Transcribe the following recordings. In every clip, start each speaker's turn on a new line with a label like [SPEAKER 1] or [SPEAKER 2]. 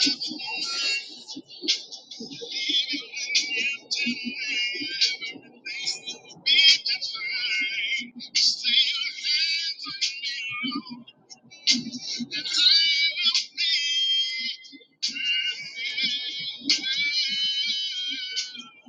[SPEAKER 1] Thank you. Thank you.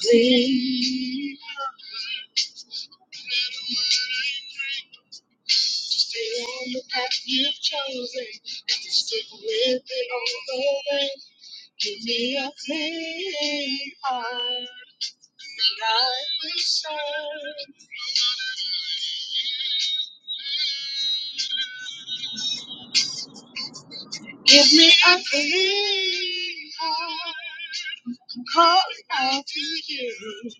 [SPEAKER 1] Clean. Stay on the path you've chosen and to stick with it all the way. Give me a clean heart and I will serve. Give me a clean heart, calling out to you.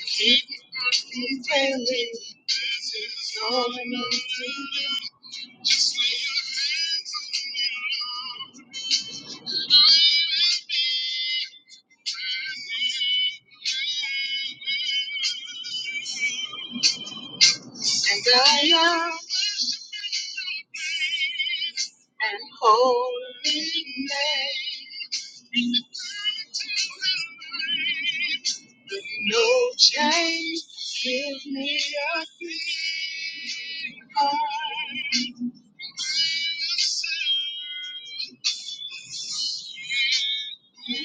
[SPEAKER 1] Keep me from failing. This is all enough to you. And I am and holy name. No change, give me a clean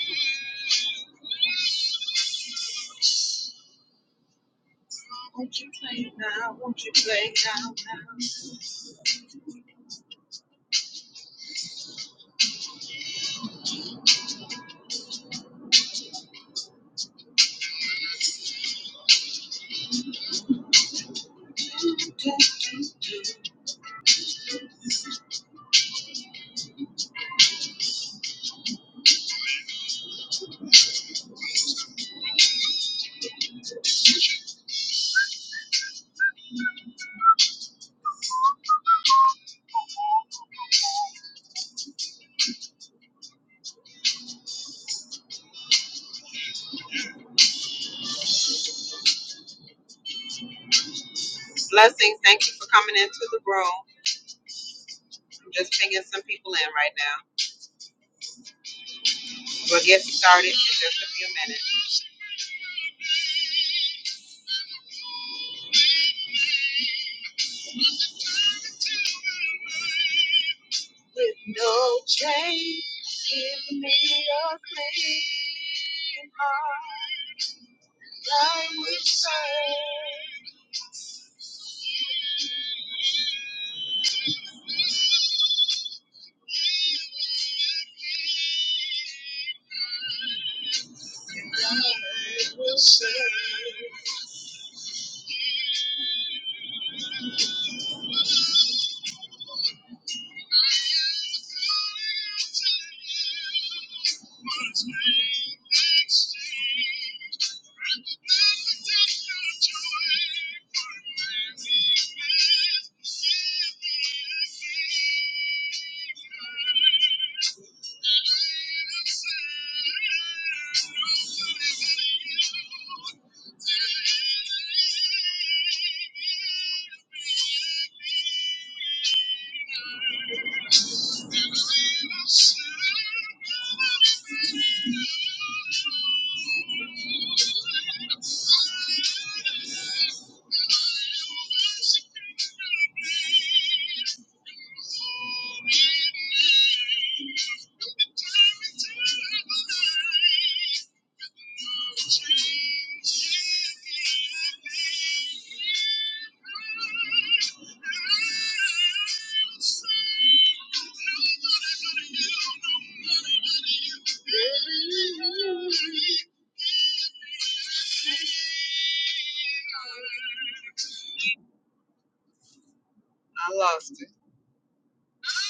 [SPEAKER 1] heart. Won't you play now? Won't you play now? now? Blessings. Thank you for coming into the room. I'm just pinging some people in right now. We'll get started in just a few minutes. With no change, give me a clean heart. I will serve. I will serve. Thank you. Thank you. I lost it. Thank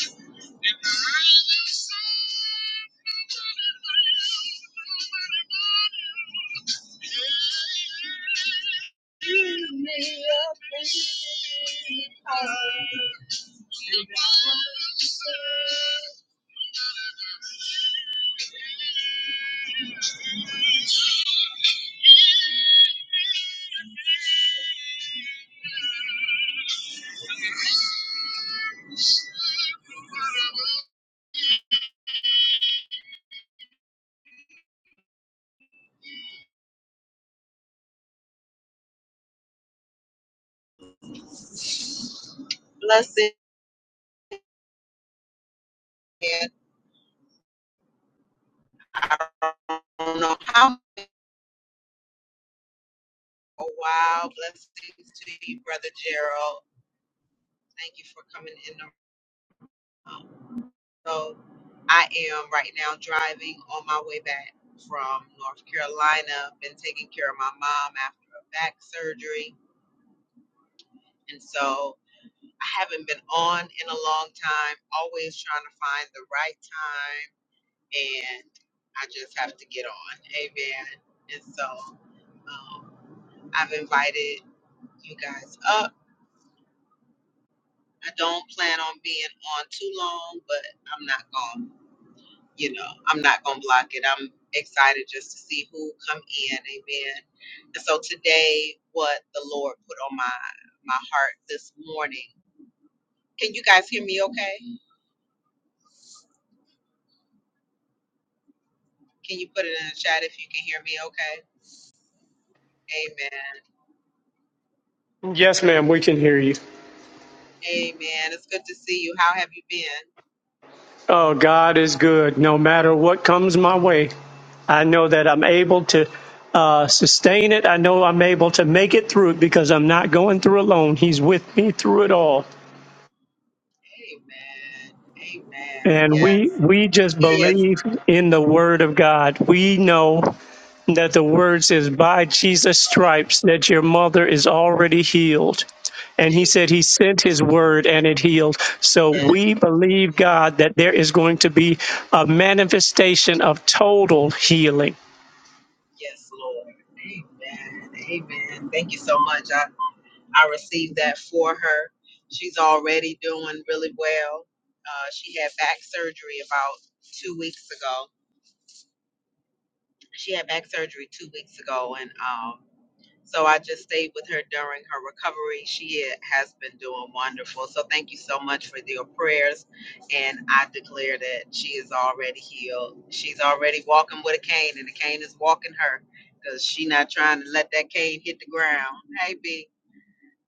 [SPEAKER 1] you. Thank you. Blessing. I don't know how. Oh, wow. Blessings to you, Brother Gerald. Thank you for coming in the room. So I am right now driving on my way back from North Carolina. Been taking care of my mom after her back surgery. And so I haven't been on in a long time, always trying to find the right time. And I just have to get on. Amen. And so um, I've invited you guys up. I don't plan on being on too long, but I'm not going, to you know, I'm not going to block it. I'm excited just to see who come in. Amen. And so today what the Lord put on my my heart this morning. Can you guys hear me okay? Can you put it in the chat if you can hear me okay? Amen.
[SPEAKER 2] Yes, ma'am, we can hear you.
[SPEAKER 1] Amen. It's good to see you. How have you been?
[SPEAKER 2] Oh, God is good. No matter what comes my way, I know that I'm able to uh, sustain it. I know I'm able to make it through it because I'm not going through alone. He's with me through it all.
[SPEAKER 1] Amen. Amen.
[SPEAKER 2] And we
[SPEAKER 1] Yes.
[SPEAKER 2] we just
[SPEAKER 1] Yes.
[SPEAKER 2] believe in the Word of God. We know. that the word says, By Jesus' stripes, that your mother is already healed. And he
[SPEAKER 1] Amen.
[SPEAKER 2] said he sent his word and it healed. So we believe, God, that there is going to be a manifestation of total healing.
[SPEAKER 1] Yes, Lord. Amen. Amen. Thank you so much. I, I received that for her. She's already doing really well. Uh, she had back surgery about two weeks ago. She had back surgery two weeks ago, and um, so I just stayed with her during her recovery. She has been doing wonderful. So thank you so much for your prayers. And I declare that she is already healed. She's already walking with a cane, and the cane is walking her because she's not trying to let that cane hit the ground. Hey, B.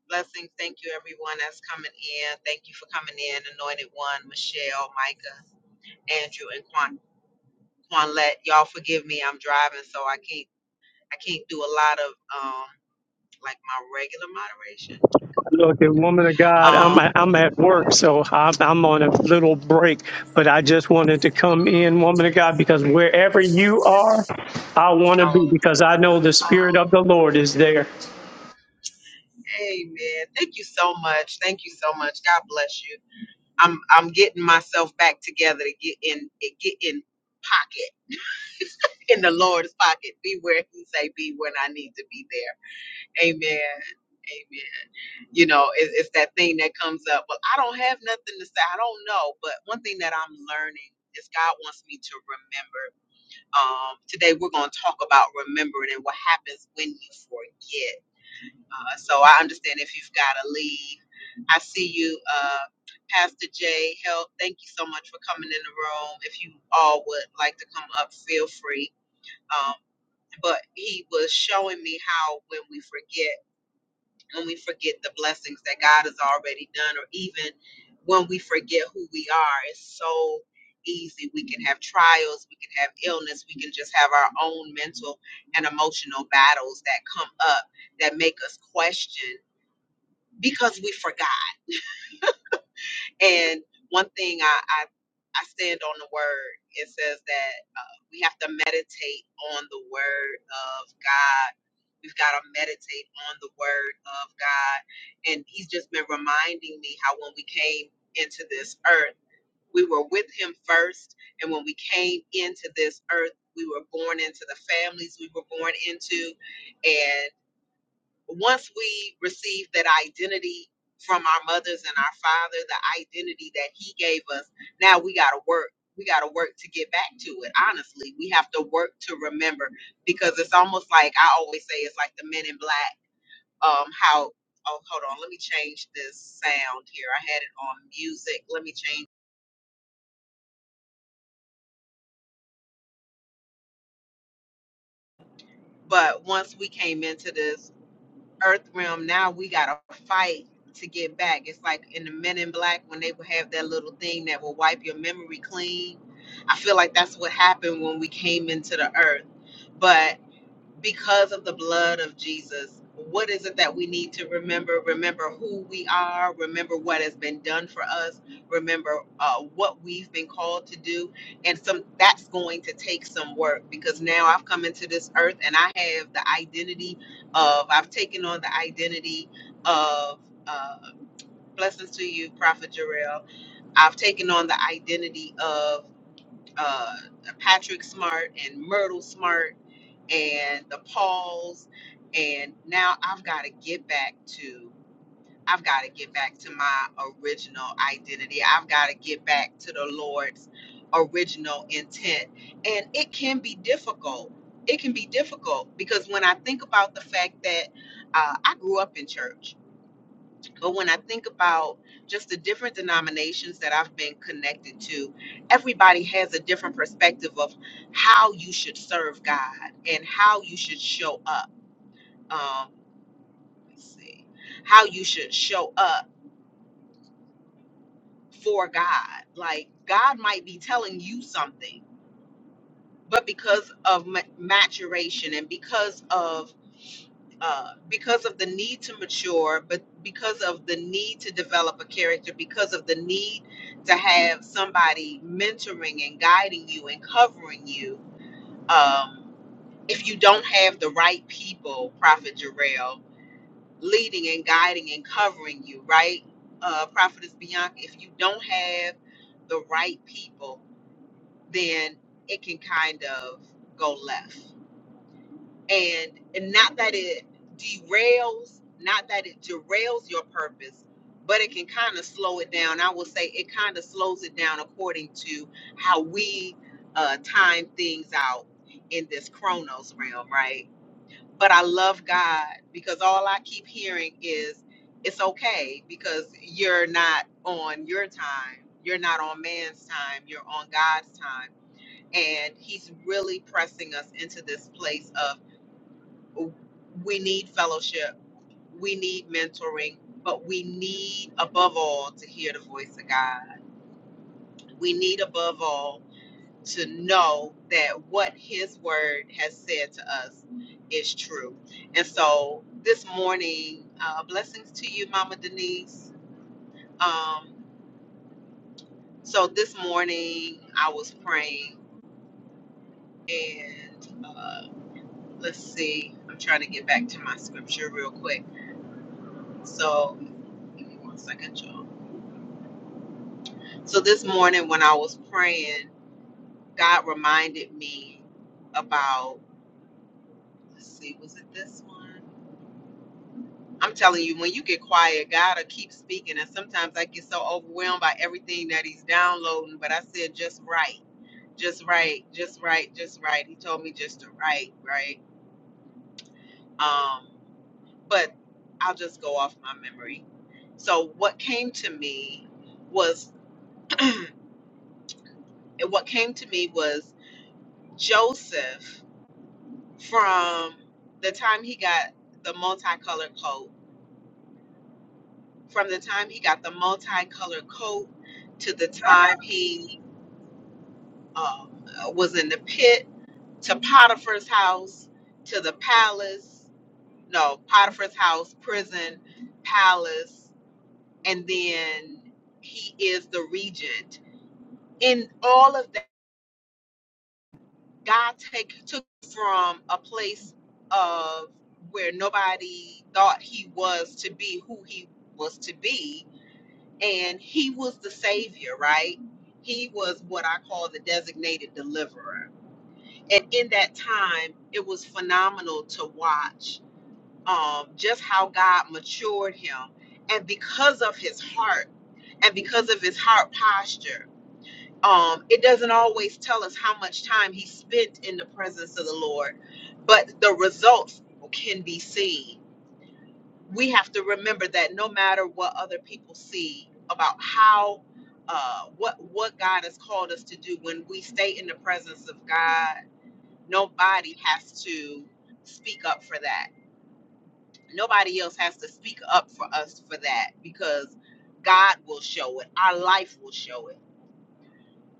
[SPEAKER 1] Blessings. Thank you, everyone that's coming in. Thank you for coming in, Anointed One, Michelle, Micah, Andrew, and Quan. Quanlette, y'all forgive me. I'm driving, so I can't. I can't do a lot of um, like my regular moderation.
[SPEAKER 2] Look, and woman of God, I'm,
[SPEAKER 1] Um,
[SPEAKER 2] I'm at work, so I'm, I'm on a little break, but I just wanted to come in, woman of God, because wherever you are, I want to
[SPEAKER 1] so,
[SPEAKER 2] be, because I know the
[SPEAKER 1] um,
[SPEAKER 2] Spirit of the Lord is there.
[SPEAKER 1] hey man, thank you so much. Thank you so much. God bless you. I'm I'm getting myself back together to get in eh, get in pocket in the Lord's pocket. Be where He say be when I need to be there. Amen. Amen. You know, it's, it's that thing that comes up. Well, I don't have nothing to say. I don't know. But one thing that I'm learning is God wants me to remember. Um, today we're going to talk about remembering and what happens when you forget Uh, so I understand if you've got to leave. I see you, uh, Pastor Jay. Help. Thank you so much for coming in the room. If you all would like to come up, feel free. Um, but he was showing me how when we forget, when we forget the blessings that God has already done, or even when we forget who we are, it's so easy. We can have trials, we can have illness, we can just have our own mental and emotional battles that come up that make us question because we forgot. And one thing I, I, I stand on the word, it says that uh, we have to meditate on the word of God. We've got to meditate on the word of God. And he's just been reminding me how when we came into this earth, we were with him first. And when we came into this earth, we were born into the families we were born into. and once we receive that identity from our mothers and our father, the identity that he gave us, now we got to work. We got to work to get back to it. Honestly, we have to work to remember because it's almost like I always say it's like the men in black. Um, how, oh, hold on, let me change this sound here. I had it on music. Let me change. But once we came into this earth realm now we gotta fight to get back it's like in the men in black when they would have that little thing that will wipe your memory clean i feel like that's what happened when we came into the earth but because of the blood of Jesus, what is it that we need to remember? Remember who we are, remember what has been done for us, remember uh, what we've been called to do. And some that's going to take some work because now I've come into this earth and I have the identity of, I've taken on the identity of, uh, blessings to you, Prophet Jarrell. I've taken on the identity of uh, Patrick Smart and Myrtle Smart and the pause and now i've got to get back to i've got to get back to my original identity i've got to get back to the lord's original intent and it can be difficult it can be difficult because when i think about the fact that uh, i grew up in church but when I think about just the different denominations that I've been connected to, everybody has a different perspective of how you should serve God and how you should show up. Um, let's see, how you should show up for God. Like God might be telling you something, but because of ma- maturation and because of uh, because of the need to mature, but because of the need to develop a character, because of the need to have somebody mentoring and guiding you and covering you, um, if you don't have the right people, Prophet Jarrell, leading and guiding and covering you, right, uh, Prophetess Bianca, if you don't have the right people, then it can kind of go left and and not that it derails not that it derails your purpose but it can kind of slow it down i will say it kind of slows it down according to how we uh, time things out in this chronos realm right but i love god because all i keep hearing is it's okay because you're not on your time you're not on man's time you're on god's time and he's really pressing us into this place of we need fellowship, we need mentoring, but we need above all to hear the voice of God. We need above all to know that what His Word has said to us is true. And so this morning, uh, blessings to you, Mama Denise. Um, so this morning, I was praying and uh, let's see, I'm trying to get back to my scripture real quick. So, give me one second, y'all. So this morning when I was praying, God reminded me about let's see, was it this one? I'm telling you, when you get quiet, God'll keep speaking. And sometimes I get so overwhelmed by everything that He's downloading, but I said just right, just right, just right, just right. He told me just to write, right. Um, but I'll just go off my memory. So what came to me was what came to me was Joseph from the time he got the multicolored coat, from the time he got the multicolored coat to the time he um, was in the pit to Potiphar's house to the palace, no, Potiphar's house, prison, palace, and then he is the regent. In all of God take took from a place of where nobody thought he was to be who he was to be, and he was the savior, right? He was what I call the designated deliverer. And in that time, it was phenomenal to watch um, just how God matured him. And because of his heart and because of his heart posture, um, it doesn't always tell us how much time he spent in the presence of the Lord, but the results can be seen. We have to remember that no matter what other people see about how uh, what what God has called us to do when we stay in the presence of God, nobody has to speak up for that. Nobody else has to speak up for us for that because God will show it. Our life will show it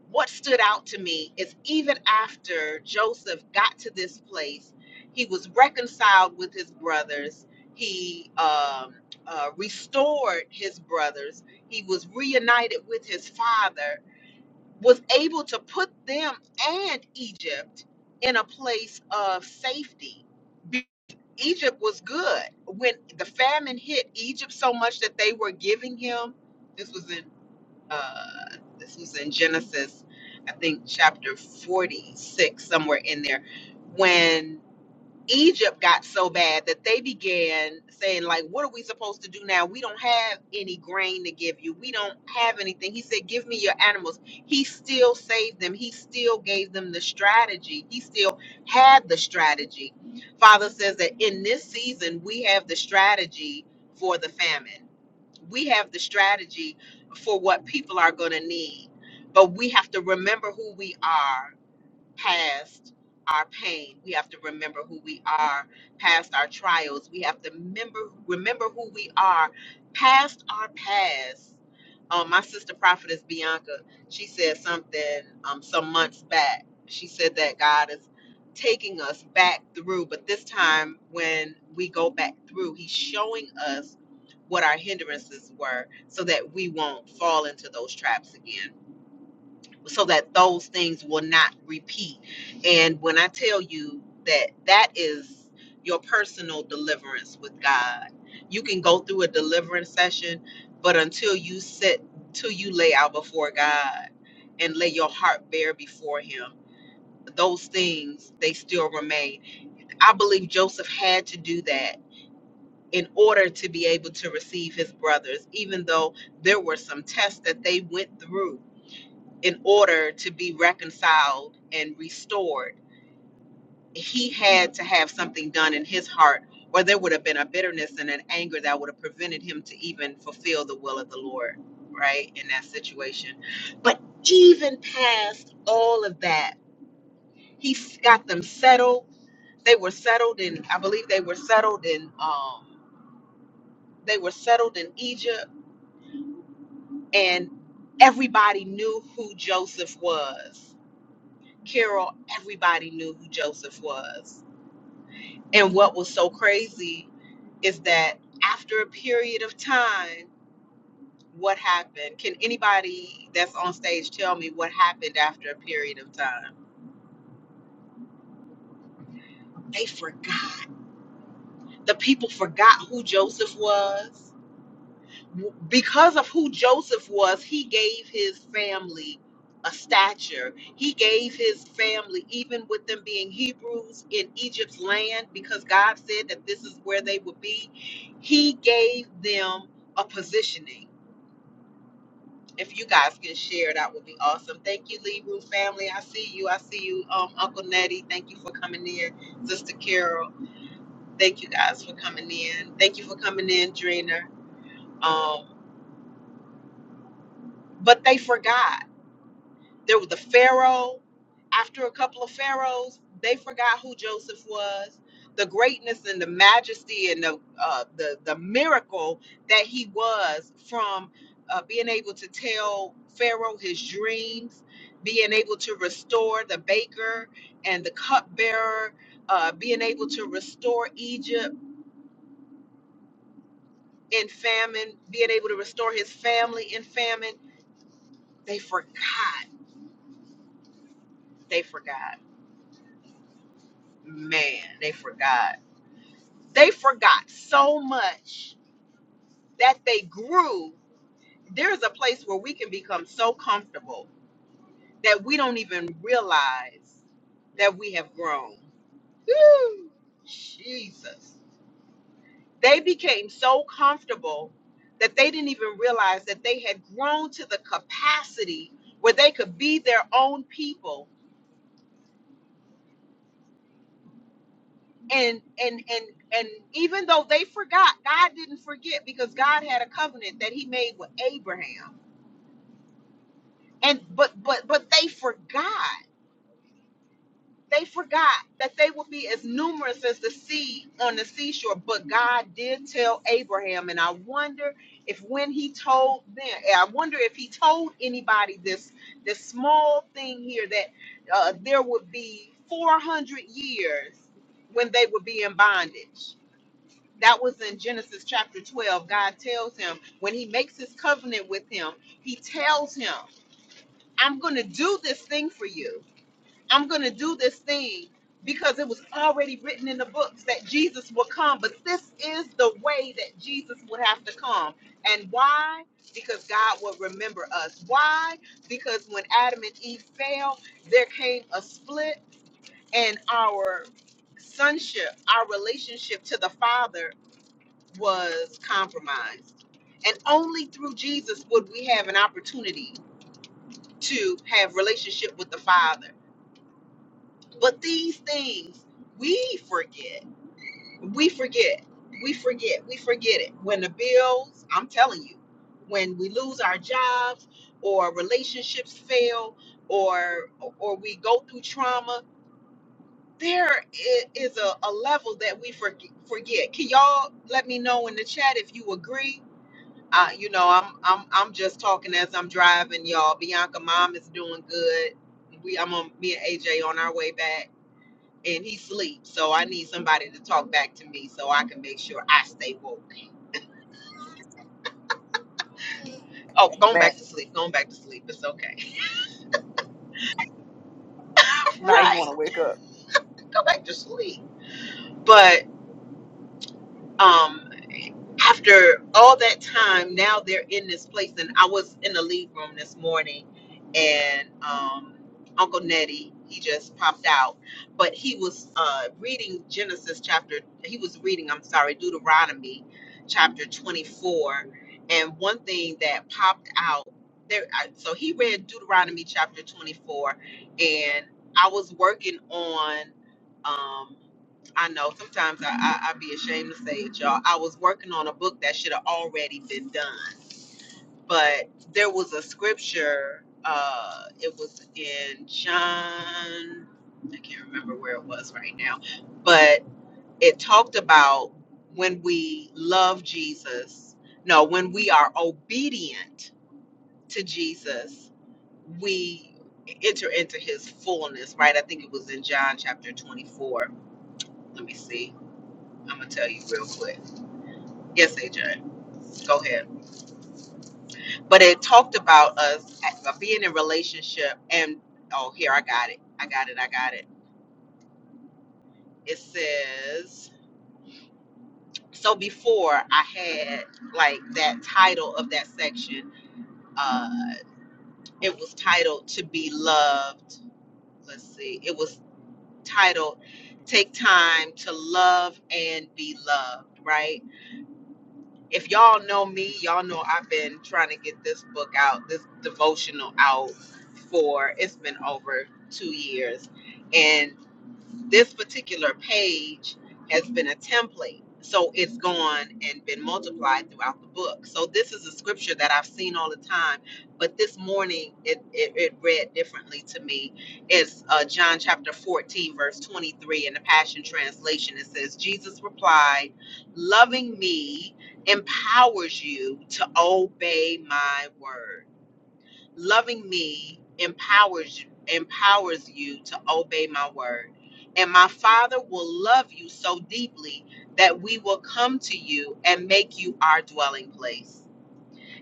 [SPEAKER 1] what stood out to me is even after Joseph got to this place, he was reconciled with his brothers. He um, uh, restored his brothers. He was reunited with his father, was able to put them and Egypt in a place of safety. Be- Egypt was good. When the famine hit Egypt so much that they were giving him, this was in uh, this was in Genesis, I think chapter 46, somewhere in there, when Egypt got so bad that they began saying, like, what are we supposed to do now? We don't have any grain to give you. We don't have anything. He said, give me your animals. He still saved them. He still gave them the strategy. He still had the strategy. Father says that in this season, we have the strategy for the famine we have the strategy for what people are going to need but we have to remember who we are past our pain. We have to remember who we are past our trials. We have to remember remember who we are past our past. Um, my sister prophetess Bianca, she said something um, some months back. She said that God is taking us back through, but this time when we go back through, He's showing us what our hindrances were so that we won't fall into those traps again so that those things will not repeat. And when I tell you that that is your personal deliverance with God, you can go through a deliverance session, but until you sit, till you lay out before God and lay your heart bare before Him, those things they still remain. I believe Joseph had to do that. In order to be able to receive his brothers, even though there were some tests that they went through in order to be reconciled and restored, he had to have something done in his heart, or there would have been a bitterness and an anger that would have prevented him to even fulfill the will of the Lord, right, in that situation. But even past all of that, he got them settled. They were settled in, I believe they were settled in, um, they were settled in Egypt, and everybody knew who Joseph was Carol, everybody knew who Joseph was. And what was so crazy is that after a period of time, what happened? Can anybody that's on stage tell me what happened after a period of time? They forgot. The people forgot who Joseph was. because of who Joseph was, he gave his family a stature. He gave his family, even with them being Hebrews in Egypt's land, because God said that this is where they would be, he gave them a positioning. If you guys can share, that would be awesome. Thank you, Lee Room family. I see you. I see you, um, Uncle Nettie. Thank you for coming in, Sister Carol. Thank you guys for coming in. Thank you for coming in, Dreener. Um, but they forgot There was the Pharaoh. After a couple of Pharaohs, they forgot who Joseph was. The greatness and the majesty and the uh, the the miracle that he was from uh, being able to tell Pharaoh his dreams, being able to restore the baker and the cupbearer, uh, being able to restore Egypt in famine, being able to restore his family in famine. They forgot. They forgot. Man, they forgot They forgot so much that they grew. There's a place where we can become so comfortable that we don't even realize that we have grown. Woo! Jesus. They became so comfortable that they didn't even realize that they had grown to the capacity where they could be their own people and and and and even though they forgot god didn't forget because god had a covenant that he made with abraham and but but but they forgot they forgot that they would be as numerous as the sea on the seashore but god did tell abraham and i wonder if when he told them eh, i wonder if he told anybody this this small thing here that uh, there would be 400 years when they would be in bondage that was in genesis chapter 12 god tells him when he makes his covenant with him he tells him i'm going to do this thing for you I'm going to do this thing because it was already written in the books that Jesus would come. But this is the way that Jesus would have to come. And why? Because God will remember us. Why? Because when Adam and Eve fell, there came a split, and our sonship, our relationship to the Father was compromised. And only through Jesus would we have an opportunity to have relationship with the Father. But these things we forget. We forget. We forget. We forget it. When the bills, I'm telling you, when we lose our jobs or relationships fail or or we go through trauma, there i- is a, a level that we forg- forget. Can y'all let me know in the chat if you agree? Uh, you know, I'm I'm I'm just talking as I'm driving, y'all. Bianca mom is doing good. We I'm on me and AJ on our way back and he sleeps. So I need somebody to talk back to me so I can make sure I stay woke. Oh, going
[SPEAKER 3] Amen.
[SPEAKER 1] back to sleep, going back to sleep. It's okay.
[SPEAKER 3] Now you want
[SPEAKER 1] right.
[SPEAKER 3] to wake up.
[SPEAKER 1] Go back to sleep. But um after all that time, now they're in this place. And I was in the lead room this morning, and um, Uncle Nettie, he just popped out, but he was uh, reading Genesis chapter, he was reading, I'm sorry, Deuteronomy chapter 24. And one thing that popped out there, I- so he read Deuteronomy chapter 24, and I was working on. Um, I know sometimes I, I, I be ashamed to say it, y'all. I was working on a book that should have already been done, but there was a scripture. Uh, it was in John, I can't remember where it was right now, but it talked about when we love Jesus. No, when we are obedient to Jesus, we enter into his fullness, right? I think it was in John chapter 24. Let me see. I'm going to tell you real quick. Yes, AJ. go ahead. But it talked about us uh, being in relationship and oh here I got it. I got it. I got it. It says so before I had like that title of that section uh it was titled to be loved. Let's see. It was titled take time to love and be loved, right? If y'all know me, y'all know I've been trying to get this book out, this devotional out for it's been over two years. and this particular page has been a template. So it's gone and been multiplied throughout the book. So this is a scripture that I've seen all the time, but this morning it, it, it read differently to me. It's uh, John chapter 14, verse 23 in the Passion Translation. It says, Jesus replied, Loving me empowers you to obey my word loving me empowers empowers you to obey my word and my father will love you so deeply that we will come to you and make you our dwelling place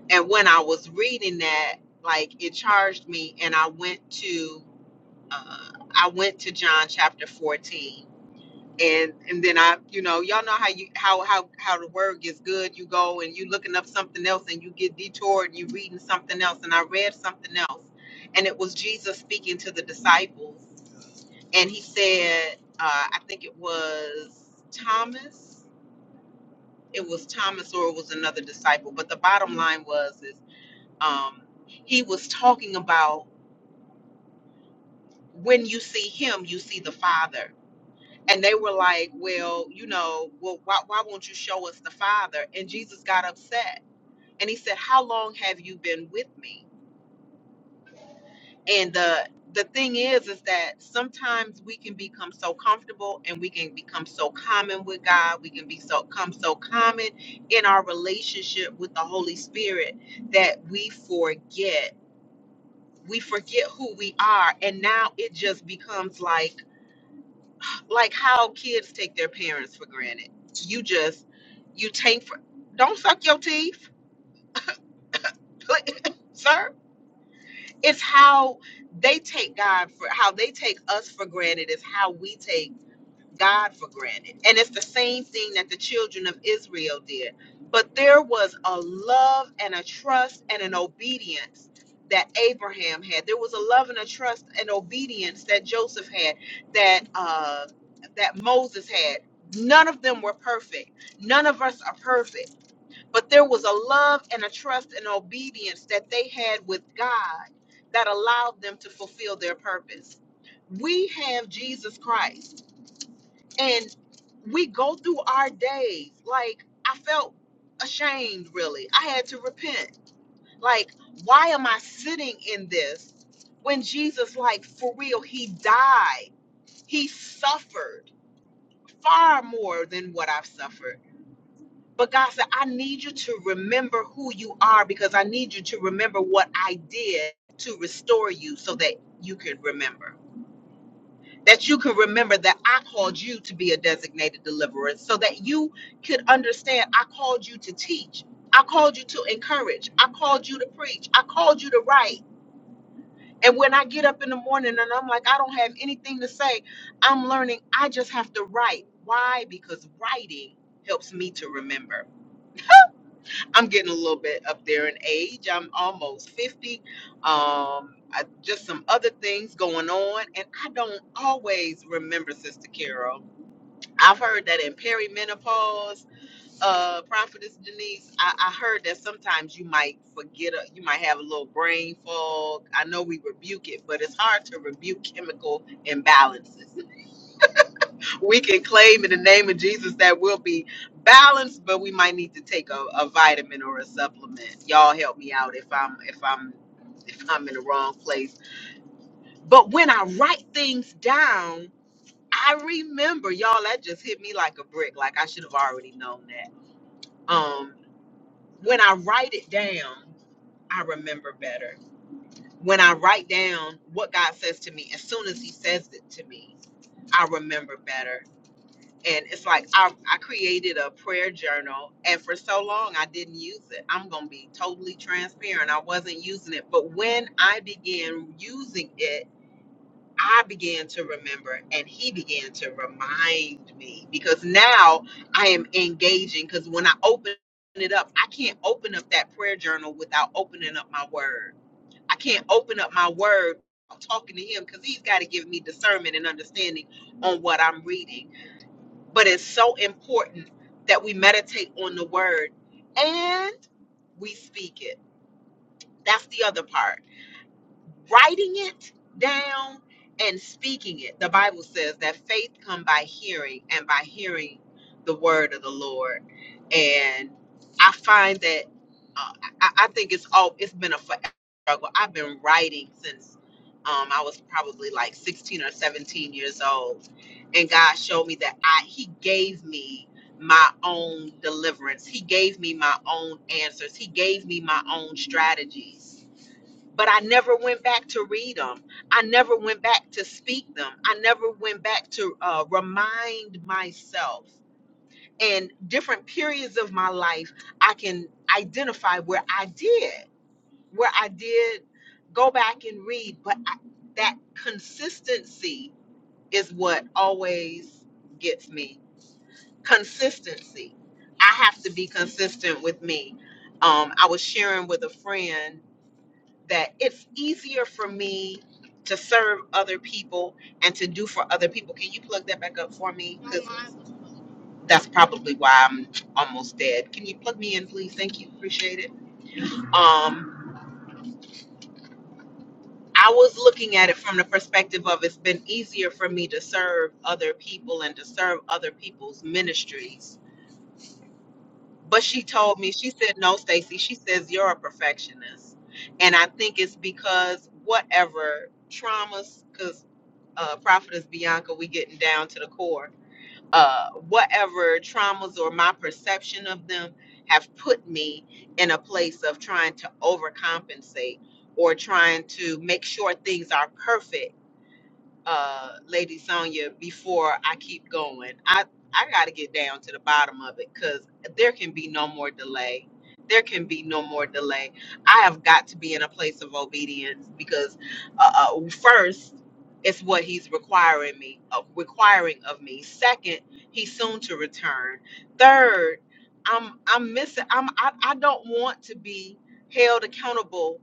[SPEAKER 1] and when i was reading that like it charged me and i went to uh, i went to john chapter 14 and and then I, you know, y'all know how you how how how the word gets good. You go and you looking up something else, and you get detoured, and you reading something else. And I read something else, and it was Jesus speaking to the disciples, and he said, uh, I think it was Thomas. It was Thomas, or it was another disciple. But the bottom line was is um, he was talking about when you see him, you see the Father And they were like, Well, you know, well, why, why won't you show us the Father? And Jesus got upset. And he said, How long have you been with me? And the the thing is, is that sometimes we can become so comfortable and we can become so common with God. We can be so come so common in our relationship with the Holy Spirit that we forget. We forget who we are. And now it just becomes like like how kids take their parents for granted. You just you take for don't suck your teeth, sir. It's how they take God for how they take us for granted is how we take God for granted. And it's the same thing that the children of Israel did. But there was a love and a trust and an obedience that Abraham had. There was a love and a trust and obedience that Joseph had, that uh, that Moses had. None of them were perfect. None of us are perfect. But there was a love and a trust and obedience that they had with God that allowed them to fulfill their purpose we have Jesus Christ and we go through our days like i felt ashamed really i had to repent like why am i sitting in this when jesus like for real he died he suffered far more than what i've suffered but god said i need you to remember who you are because i need you to remember what i did to restore you so that you could remember that you can remember that I called you to be a designated deliverer so that you could understand I called you to teach. I called you to encourage. I called you to preach. I called you to write. And when I get up in the morning and I'm like, I don't have anything to say, I'm learning I just have to write. Why? Because writing helps me to remember. I'm getting a little bit up there in age. I'm almost 50. Um, I, just some other things going on. And I don't always remember, Sister Carol I've heard that in perimenopause, uh, Prophetess Denise, I, I heard that sometimes you might forget, a, you might have a little brain fog. I know we rebuke it, but it's hard to rebuke chemical imbalances. We can claim in the name of Jesus that we'll be balanced, but we might need to take a, a vitamin or a supplement. Y'all help me out if I'm if I'm if I'm in the wrong place. But when I write things down, I remember, y'all, that just hit me like a brick. Like I should have already known that. um, when I write it down, I remember better. When I write down what God says to me, as soon as He says it to me, I remember better. And it's like I, I created a prayer journal, and for so long I didn't use it. I'm going to be totally transparent. I wasn't using it. But when I began using it, I began to remember and he began to remind me because now I am engaging because when I open it up, I can't open up that prayer journal without opening up my word. I can't open up my word without talking to him because he's got to give me discernment and understanding on what I'm reading. But it's so important that we meditate on the word and we speak it. That's the other part writing it down and speaking it. The Bible says that faith come by hearing and by hearing the word of the Lord. And I find that uh, I, I think it's all it's been a forever struggle. I've been writing since um, I was probably like 16 or 17 years old. And God showed me that I he gave me my own deliverance. He gave me my own answers. He gave me my own strategies but I never went back to read them. I never went back to speak them. I never went back to uh, remind myself. And different periods of my life, I can identify where I did, where I did go back and read. But I, that consistency is what always gets me. Consistency. I have to be consistent with me. Um, I was sharing with a friend that it's easier for me to serve other people and to do for other people. Can you plug that back up for me? 'Cause that's probably why I'm almost dead. Can you plug me in, please? Thank you. Appreciate it. Um, I was looking at it from the perspective of it's been easier for me to serve other people and to serve other people's ministries but she told me she said no stacy she says you're a perfectionist and i think it's because whatever traumas because uh prophetess bianca we getting down to the core uh whatever traumas or my perception of them have put me in a place of trying to overcompensate or trying to make sure things are perfect uh, Lady Sonya before I keep going. I I got to get down to the bottom of it because there can be no more delay. There can be no more delay. I have got to be in a place of obedience because uh, uh, first, it's what he's requiring me, uh, requiring of me. Second, he's soon to return. Third, I'm I'm missing. I'm I, I don't want to be held accountable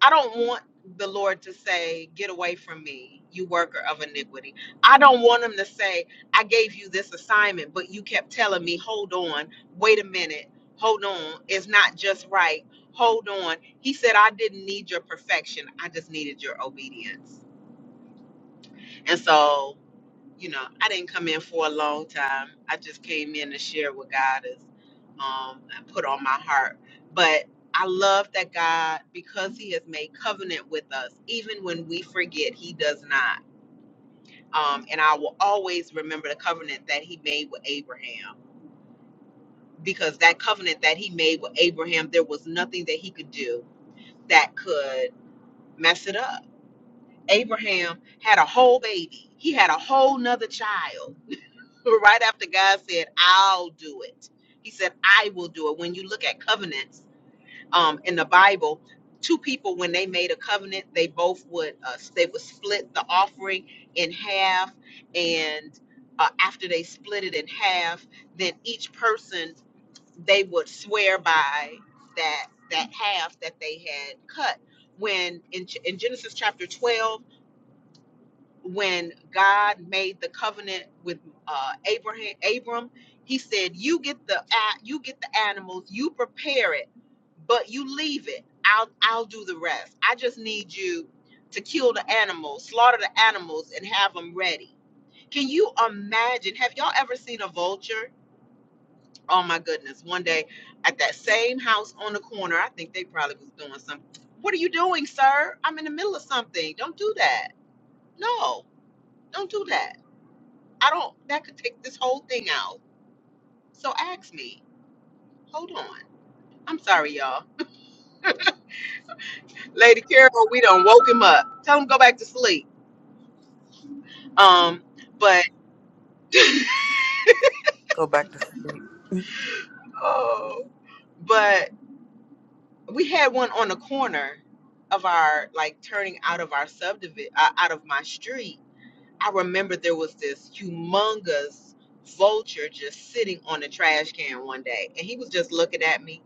[SPEAKER 1] I don't want the Lord to say, Get away from me, you worker of iniquity. I don't want him to say, I gave you this assignment, but you kept telling me, Hold on, wait a minute, hold on, it's not just right, hold on. He said, I didn't need your perfection, I just needed your obedience. And so you know, I didn't come in for a long time. I just came in to share what God has um, put on my heart. But I love that God, because He has made covenant with us, even when we forget, He does not. Um, and I will always remember the covenant that He made with Abraham, because that covenant that He made with Abraham, there was nothing that He could do that could mess it up. Abraham had a whole baby, he had a whole nother child right after God said, I'll do it. He said, I will do it. When you look at covenants um, in the Bible, two people, when they made a covenant, they both would, uh, they would split the offering in half. And uh, after they split it in half, then each person, they would swear by that, that half that they had cut. When in, in Genesis chapter 12, when God made the covenant with uh, Abraham, Abram, He said, "You get the a- you get the animals, you prepare it, but you leave it. I'll I'll do the rest. I just need you to kill the animals, slaughter the animals, and have them ready." Can you imagine? Have y'all ever seen a vulture? Oh my goodness! One day at that same house on the corner, I think they probably was doing something. What are you doing, sir? I'm in the middle of something. Don't do that. No, don't do that I don't, that could take this whole thing out. So ask me. Hold on. I'm sorry, y'all. Lady Carol, we done woke him up. Tell him go back to sleep. Um, but,
[SPEAKER 3] Go back to sleep.
[SPEAKER 1] oh, but we had one on the corner of our, like turning out of our subdivision, uh, out of my street. I remember there was this humongous vulture just sitting on a trash can one day and he was just looking at me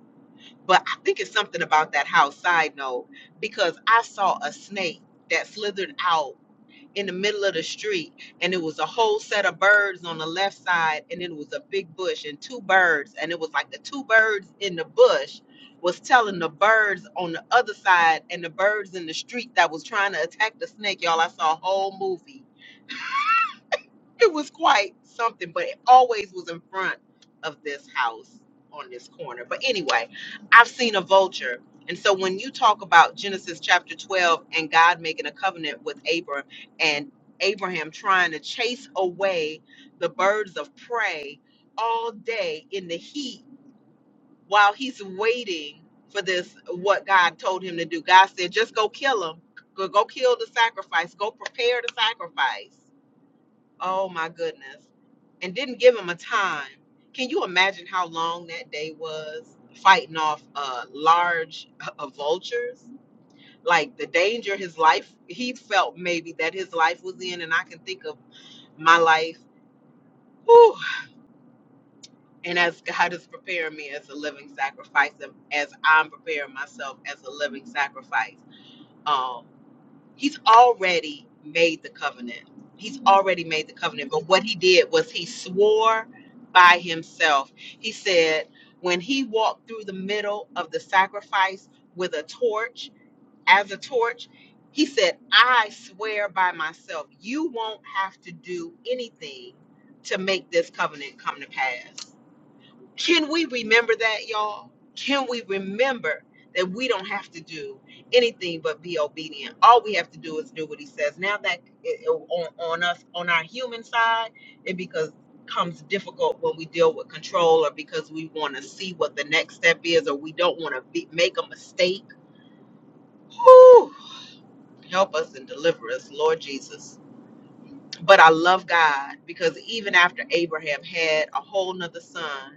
[SPEAKER 1] But I think it's something about that house, side note, because I saw a snake that slithered out in the middle of the street, and it was a whole set of birds on the left side, and then it was a big bush and two birds, and it was like the two birds in the bush was telling the birds on the other side and the birds in the street that was trying to attack the snake. Y'all, I saw a whole movie it was quite something, but it always was in front of this house on this corner. But anyway, I've seen a vulture. And so when you talk about Genesis chapter 12 and God making a covenant with Abram and Abraham trying to chase away the birds of prey all day in the heat while he's waiting for this, what God told him to do. God said, just go kill him. Go, go kill the sacrifice. Go prepare the sacrifice Oh my goodness. And didn't give him a time. Can you imagine how long that day was fighting off uh, large uh, vultures? Like the danger his life, he felt maybe that his life was in. And I can think of my life. Whew. And as God is preparing me as a living sacrifice, and as I'm preparing myself as a living sacrifice. Um. He's already made the covenant. He's already made the covenant. But what he did was he swore by himself. He said, when he walked through the middle of the sacrifice with a torch, as a torch, he said, I swear by myself, you won't have to do anything to make this covenant come to pass. Can we remember that, y'all? Can we remember that we don't have to do anything but be obedient? All we have to do is do what he says. Now that it, it- on, on us, on our human side, it because comes difficult when we deal with control or because we want to see what the next step is or we don't want to be, make a mistake. Whew. Help us and deliver us, Lord Jesus. But I love God because even after Abraham had a whole nother son,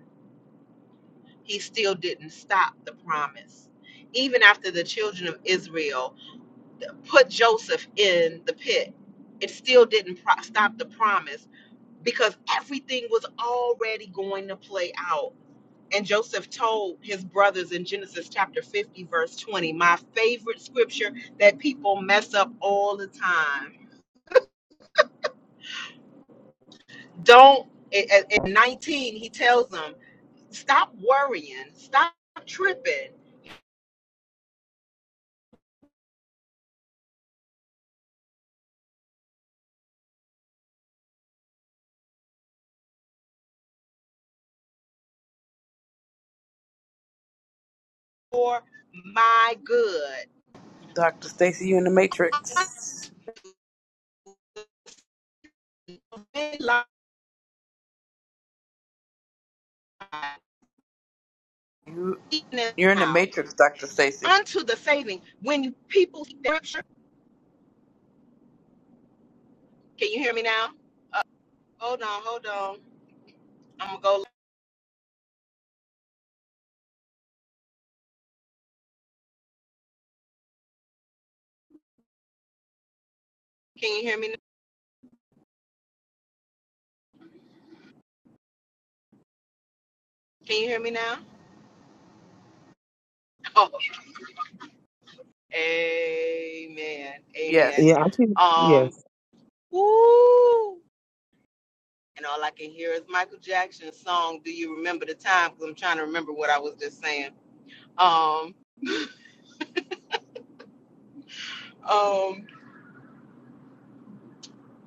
[SPEAKER 1] he still didn't stop the promise. Even after the children of Israel put Joseph in the pit, it still didn't pro- stop the promise because everything was already going to play out. And Joseph told his brothers in Genesis chapter 50, verse 20, my favorite scripture that people mess up all the time. Don't, in in 19, he tells them, stop worrying, stop tripping for my good
[SPEAKER 3] Dr. Stacy, you in the matrix.
[SPEAKER 1] been lied,
[SPEAKER 3] You,
[SPEAKER 1] even
[SPEAKER 3] you're in the
[SPEAKER 1] now,
[SPEAKER 3] matrix, Dr. Stacy.
[SPEAKER 1] unto the saving. When people scripture, can you hear me now? Hold on, hold on. I'm gonna go. Can you hear me? Can you hear me now? Oh, amen, amen.
[SPEAKER 3] Yes.
[SPEAKER 4] Yeah, I think
[SPEAKER 1] Um,
[SPEAKER 4] yes.
[SPEAKER 1] woo. And all I can hear is Michael Jackson's song. Do you remember the time? Because I'm trying to remember what I was just saying. Um, um,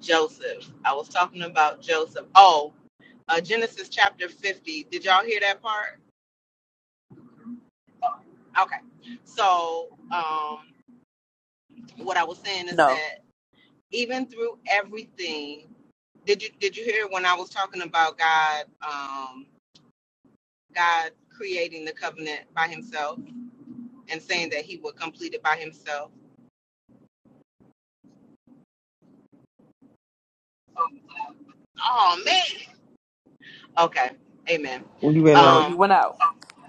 [SPEAKER 1] Joseph. I was talking about Joseph. Oh, uh, Genesis chapter 50. Did y'all hear that part? Okay. So, um, what I was saying is
[SPEAKER 3] No.
[SPEAKER 1] that even through everything, did you did you hear when I was talking about God, um, God creating the covenant by Himself and saying that He would complete it by Himself? Oh man. Okay. Amen.
[SPEAKER 4] You went
[SPEAKER 3] No,
[SPEAKER 4] out.
[SPEAKER 3] you
[SPEAKER 1] Um,
[SPEAKER 3] went out.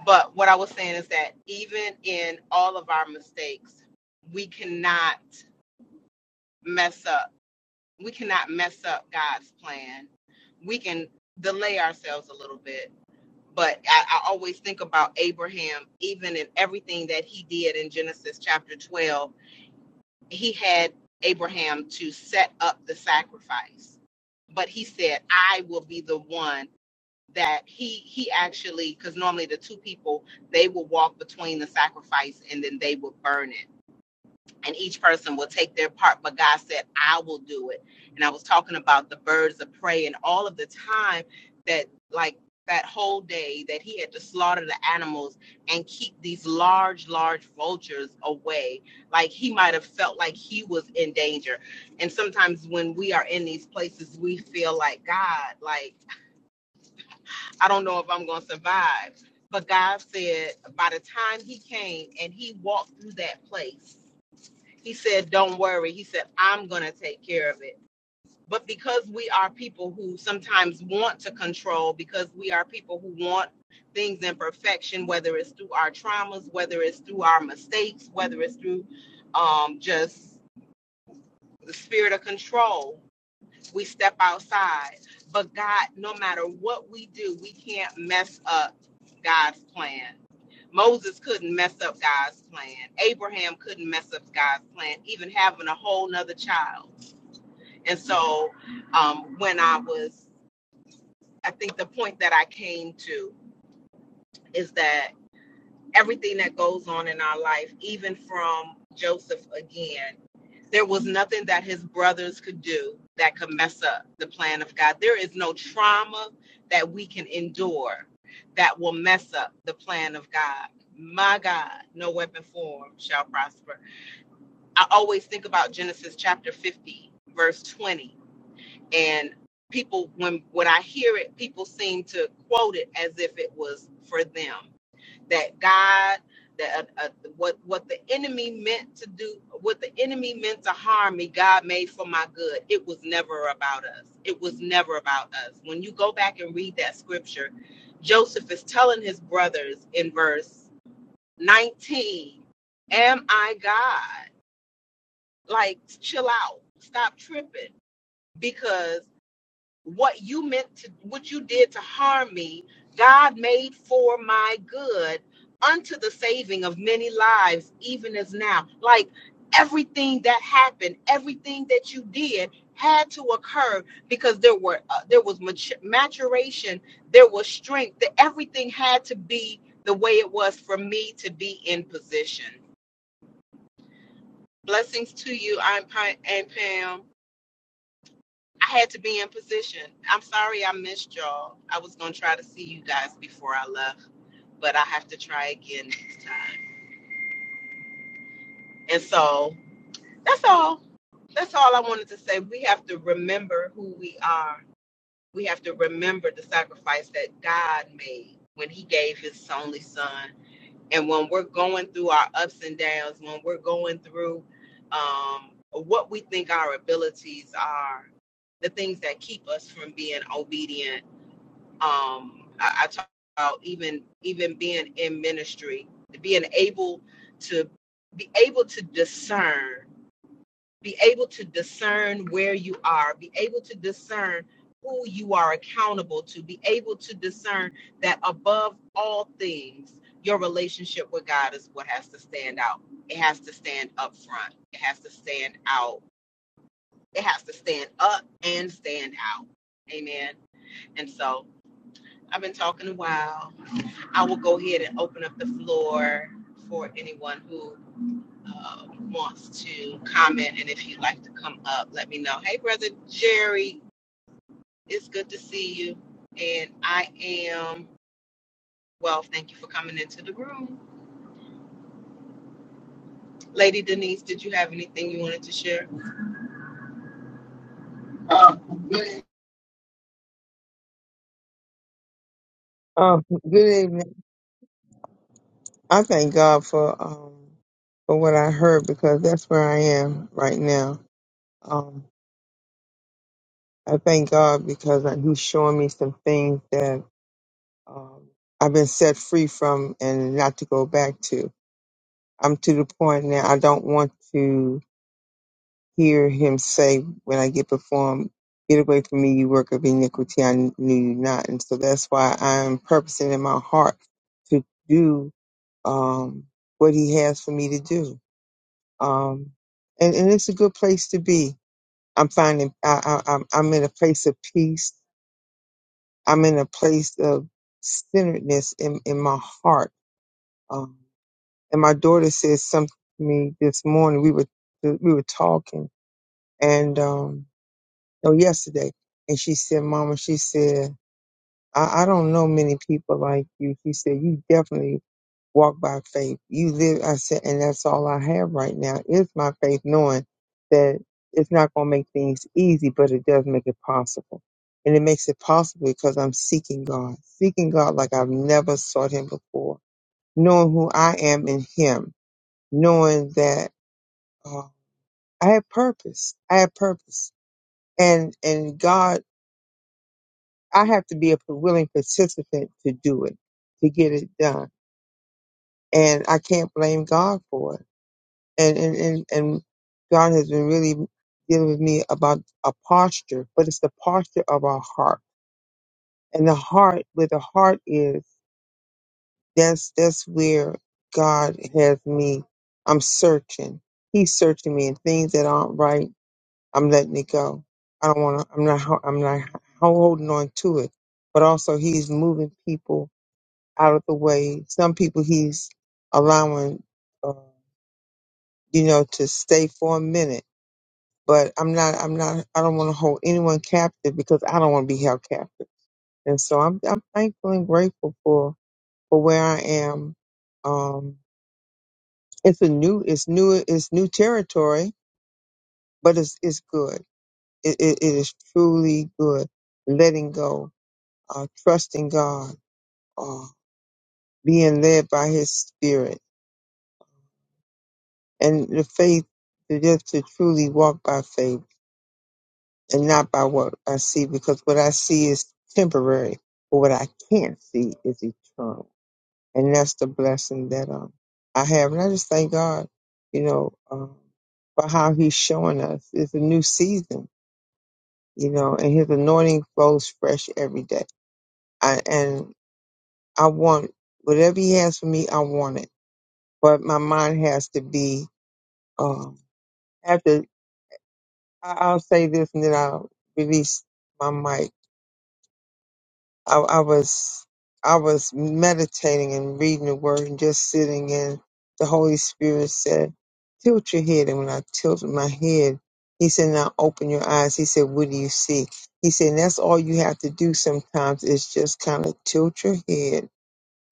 [SPEAKER 1] but what I was saying is that even in all of our mistakes, we cannot mess up. We cannot mess up God's plan. We can delay ourselves a little bit but I, I always think about Abraham, even in everything that he did in Genesis chapter 12. He had Abraham to set up the sacrifice, but he said, I will be the one that he he actually because normally the two people they will walk between the sacrifice and then they will burn it and each person will take their part but god said i will do it and i was talking about the birds of prey and all of the time that like that whole day that he had to slaughter the animals and keep these large large vultures away like he might have felt like he was in danger and sometimes when we are in these places we feel like god like i don't know if i'm going to survive but god said by the time he came and he walked through that place he said, Don't worry. He said, I'm going to take care of it. But because we are people who sometimes want to control, because we are people who want things in perfection, whether it's through our traumas, whether it's through our mistakes, whether it's through um, just the spirit of control, we step outside. But God, no matter what we do, we can't mess up God's plan. Moses couldn't mess up God's plan. Abraham couldn't mess up God's plan, even having a whole nother child. And so um, when I was, I think the point that I came to is that everything that goes on in our life, even from Joseph again, There was nothing that his brothers could do that could mess up the plan of God. There is no trauma that we can endure that will mess up the plan of God. My God, no weapon formed shall prosper. I always think about Genesis chapter 50, verse 20 and people when when i hear it people seem to quote it as if it was for them that god that uh, uh, what what the enemy meant to do what the enemy meant to harm me god made for my good it was never about us it was never about us when you go back and read that scripture joseph is telling his brothers in verse 19 am i god like chill out stop tripping because what you meant to what you did to harm me god made for my good unto the saving of many lives even as now like everything that happened everything that you did had to occur because there were uh, there was maturation there was strength that everything had to be the way it was for me to be in position blessings to you i'm Pa- and pam I had to be in position. I'm sorry I missed y'all. I was gonna try to see you guys before I left, but I have to try again next time. And so that's all. That's all I wanted to say. We have to remember who we are. We have to remember the sacrifice that God made when He gave His only Son. And when we're going through our ups and downs, when we're going through um, what we think our abilities are, the things that keep us from being obedient um I, I talk about even even being in ministry being able to be able to discern be able to discern where you are be able to discern who you are accountable to be able to discern that above all things your relationship with god is what has to stand out it has to stand up front it has to stand out it has to stand up and stand out amen and so i've been talking a while I will go ahead and open up the floor for anyone who uh, wants to comment. And if you'd like to come up, let me know. Hey, Brother Jerry, it's good to see you. And I am, well, thank you for coming into the room. Lady Denise, did you have anything you wanted to share? Uh, man.
[SPEAKER 4] Oh, good evening. I thank God for um for what I heard because that's where I am right now. Um, I thank God because I- He's showing me some things that um I've been set free from and not to go back to. I'm to the point now I don't want to hear Him say when I get before Him. Get away from me, you work of iniquity. I knew you not, and so that's why I'm purposing in my heart to do um, what he has for me to do. Um, and, and it's a good place to be. I'm finding I, I, I'm I'm in a place of peace. I'm in a place of centeredness in, in my heart. Um, and my daughter said something to me this morning. We were we were talking, and um, no, yesterday, and she said, "Mama," she said, I, "I don't know many people like you." She said, "You definitely." walk by faith. You live, I said, and that's all I have right now is my faith, knowing that it's not going to make things easy, but it does make it possible. And it makes it possible because I'm seeking God, seeking God like I've never sought Him before, knowing who I am in Him, knowing that uh, I have purpose. I have purpose, and and God, I have to be a willing participant to do it, to get it done, and I can't blame God for it and and and, and God has been really dealing with me about a posture, but it's the posture of our heart. And the heart, where the heart is, that's that's where God has me. I'm searching. He's searching me, and things that aren't right, I'm letting it go. I don't want to. I'm not. ho- I'm not ho- holding on to it. But also, He's moving people out of the way. Some people He's allowing, uh, you know, to stay for a minute but I'm not, I'm not, I don't want to hold anyone captive because I don't want to be held captive. And so I'm, I'm thankful and grateful for, for where I am. Um, it's a new, it's new, it's new territory, but it's, it's good. It, it, it is truly good. Letting go, uh, trusting God, uh, being led by his spirit and the faith to just to truly walk by faith and not by what I see, because what I see is temporary, but what I can't see is eternal. And that's the blessing that um, I have. And I just thank God, you know, um, for how He's showing us. It's a new season, you know, and His anointing flows fresh every day. I, and I want whatever He has for me, I want it. But my mind has to be, um, after, I- I'll say this and then I'll release my mic I, I was I was meditating and reading the word and just sitting in. The Holy Spirit said, "Tilt your head." And when I tilted my head, He said, "Now open your eyes." He said, "What do you see?" He said, and "That's all you have to do sometimes is just kind of tilt your head,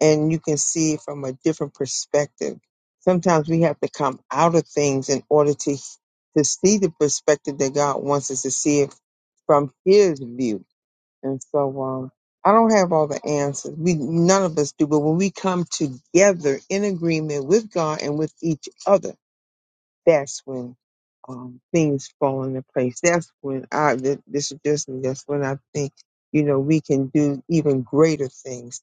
[SPEAKER 4] and you can see it from a different perspective." Sometimes we have to come out of things in order to to see the perspective that God wants us to see it from His view and so um, I don't have all the answers. We none of us do, but when we come together in agreement with God and with each other, that's when um, things fall into place. That's when I th- this is just me. That's when I think you know we can do even greater things.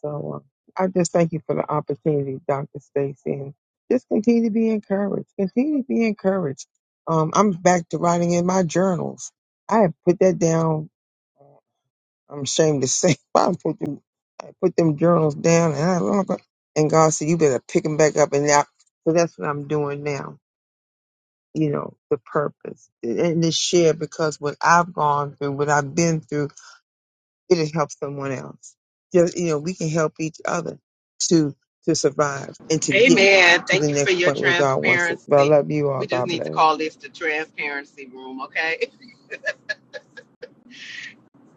[SPEAKER 4] So um, I just thank you for the opportunity, Doctor Stacy, and just continue to be encouraged. Continue to be encouraged. Um, I'm back to writing in my journals. I have put that down I'm ashamed to say, I put them, I put them journals down, and I long ago- and God said, you better pick them back up, and now, so that's what I'm doing now. You know, the purpose and to share because what I've gone through, what I've been through, it'll help someone else. Just you know, we can help each other to to survive and to get
[SPEAKER 1] Amen.
[SPEAKER 4] to
[SPEAKER 1] Thank
[SPEAKER 4] the
[SPEAKER 1] you for
[SPEAKER 4] next
[SPEAKER 1] your
[SPEAKER 4] point where God wants us. But I
[SPEAKER 1] transparency.
[SPEAKER 4] love you all.
[SPEAKER 1] We just
[SPEAKER 4] God
[SPEAKER 1] need to
[SPEAKER 4] bless.
[SPEAKER 1] call this the transparency room, okay?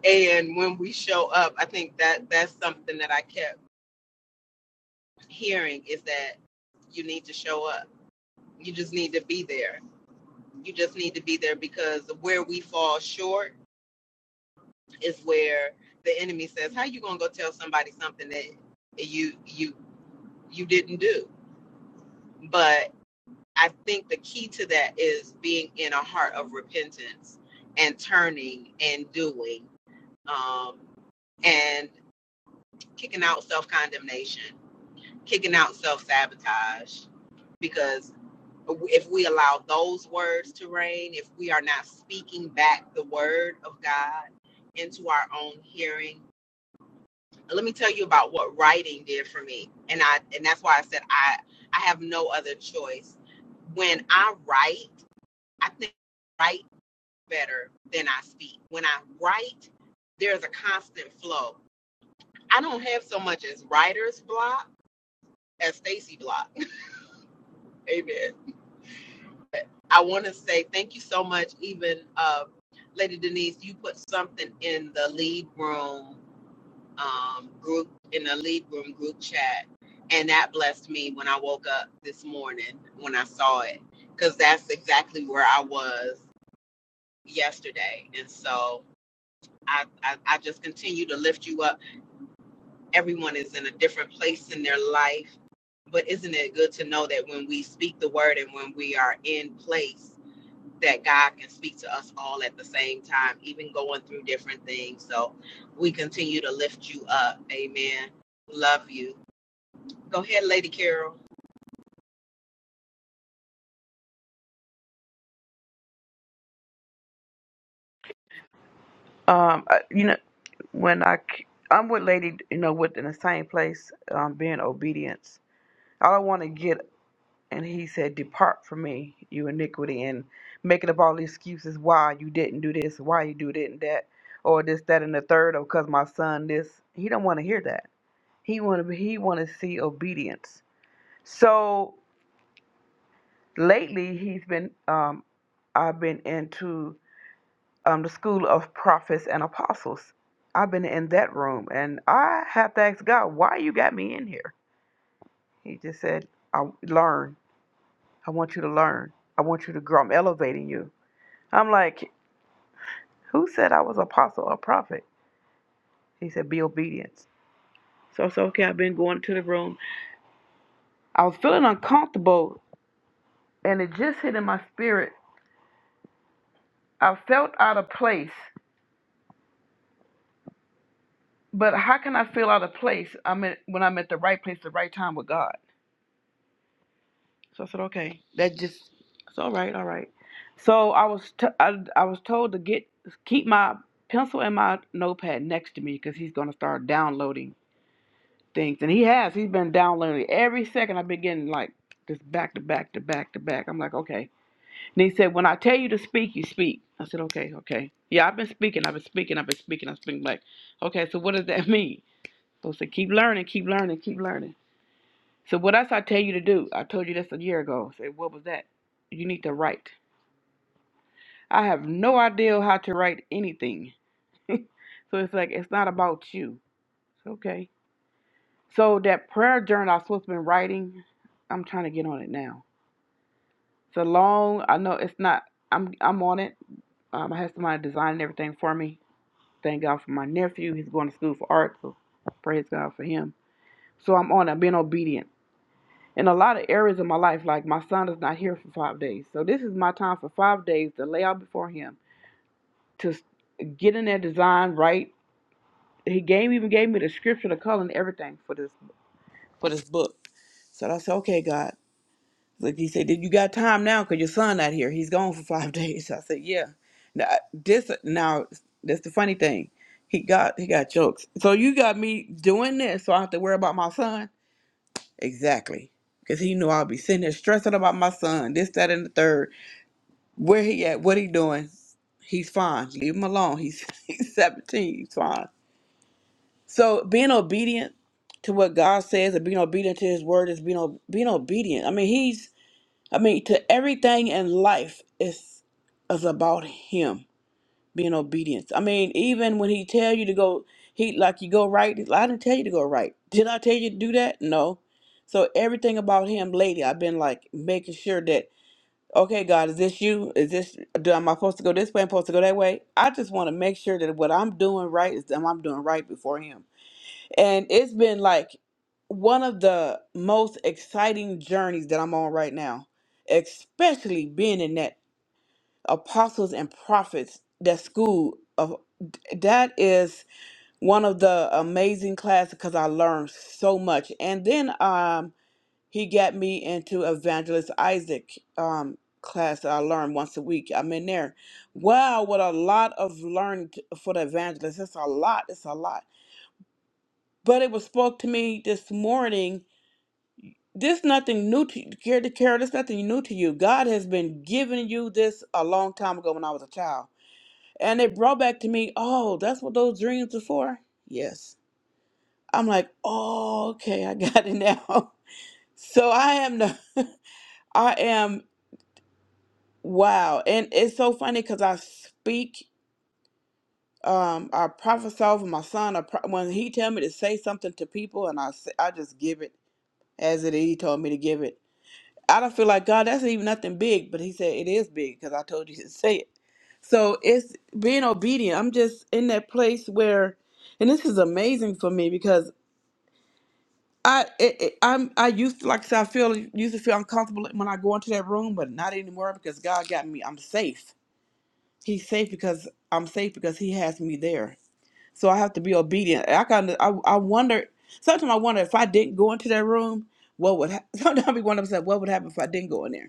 [SPEAKER 1] And when we show up, I think that that's something that I kept hearing is that you need to show up. You just need to be there. You just need to be there because where we fall short is where the enemy says, "How you gonna go tell somebody something that you you you didn't do?" But I think the key to that is being in a heart of repentance and turning and doing um, and kicking out self condemnation, kicking out self sabotage, because. if we allow those words to reign, if we are not speaking back the word of God into our own hearing. And Let me tell you about what writing did for me. And I and that's why I said I I have no other choice. When I write, I think I write better than I speak. When I write, there's a constant flow. I don't have so much as writer's block as Stacy block. Amen. I want to say thank you so much. Even uh, Lady Denise, you put something in the lead room um, group in the lead room group chat, and that blessed me when I woke up this morning when I saw it because that's exactly where I was yesterday, and so. I, I, I just continue to lift you up. Everyone is in a different place in their life, but isn't it good to know that when we speak the word and when we are in place, that God can speak to us all at the same time, even going through different things. So we continue to lift you up. Amen. Love you. Go ahead, Lady Carol.
[SPEAKER 3] Um, I, you know, when I, c- I'm with Lady, you know, with in the same place, um, being obedience. I don't want to get, and he said, depart from me, you iniquity, and making up all these excuses why you didn't do this, why you do didn't that, or this, that, and the third, or because my son this. He don't want to hear that He want to he want to see obedience. So lately, he's been um, I've been into um, the school of prophets and apostles. I've been in that room, and I have to ask God, why you got me in here? He just said, I learn. I want you to learn. I want you to grow. I'm elevating you. I'm like, who said I was an apostle or prophet? He said, be obedient. So I said, okay, I've been going to the room. I was feeling uncomfortable, and it just hit in my spirit I felt out of place, but how can I feel out of place? I'm at, when I'm at the right place, the right time with God. So I said, okay, that just it's all right, all right. So I was t- I, I was told to get keep my pencil and my notepad next to me because he's gonna start downloading things, and he has. He's been downloading every second. I've been getting like just back to back to back to back. I'm like, okay. And he said, when I tell you to speak, you speak. I said, okay, okay. Yeah, I've been speaking. I've been speaking. I've been speaking. I've been speaking. Like, okay, so what does that mean? So I said, keep learning, keep learning, keep learning. So what else I tell you to do? I told you this a year ago. I said, what was that? You need to write. I have no idea how to write anything. so it's like it's not about you. It's okay. So that prayer journal I was supposed to be writing, I'm trying to get on it now. It's a long. I know it's not. I'm I'm on it. Um, I had somebody designing everything for me. Thank God for my nephew. He's going to school for art, so praise God for him. So I'm on. it. I'm being obedient. in a lot of areas of my life, like my son is not here for five days. So this is my time for five days to lay out before him, to get in that design right. He gave even gave me the scripture, the color, and everything for this for this book. So I said, okay, God. Like he said, did you got time now? Cause your son not here. He's gone for five days. So I said, yeah. Now this now that's the funny thing. He got he got jokes. So you got me doing this, so I have to worry about my son. Exactly. Because he knew I'll be sitting there stressing about my son, this, that, and the third. Where he at? What he doing? He's fine. Leave him alone. He's he's 17. He's fine. So being obedient to what God says and being obedient to his word is being o- being obedient. I mean, he's I mean, to everything in life is is about him being obedient. I mean, even when he tell you to go, he like you go right. he's like, I didn't tell you to go right. Did I tell you to do that? No. So everything about him lately, I've been like making sure that okay, God, is this you? Is this do am I supposed to go this way? Am I supposed to go that way? I just want to make sure that what I'm doing right is am I'm doing right before Him. And it's been like one of the most exciting journeys that I'm on right now, especially being in that apostles and prophets that school of that is one of the amazing classes because I learned so much. And then um he got me into evangelist Isaac um class that I learned once a week. I'm in there. Wow, what a lot of learned for the evangelist. It's a lot. It's a lot. But it was spoke to me this morning. This nothing new to you, Carol. Carol, This nothing new to you. God has been giving you this a long time ago when I was a child And it brought back to me, oh, that's what those dreams are for? Yes. I'm like, oh, okay, I got it now. So I am the, I am, wow. And it's so funny because I speak, um, I prophesy over my son. I pro- when he tell me to say something to people and I say, I just give it as it is. He told me to give it. I don't feel like God, that's even nothing big, but he said it is big because I told you to say it. So it's being obedient. I'm just in that place where, and this is amazing for me because I it, it, I'm I used to, like I said I feel used to feel uncomfortable when I go into that room, but not anymore because God got me. I'm safe. He's safe because I'm safe because He has me there. So I have to be obedient. I kind of I, I wonder sometimes I wonder if I didn't go into that room, what would ha- sometimes I be wondering myself, what would happen if I didn't go in there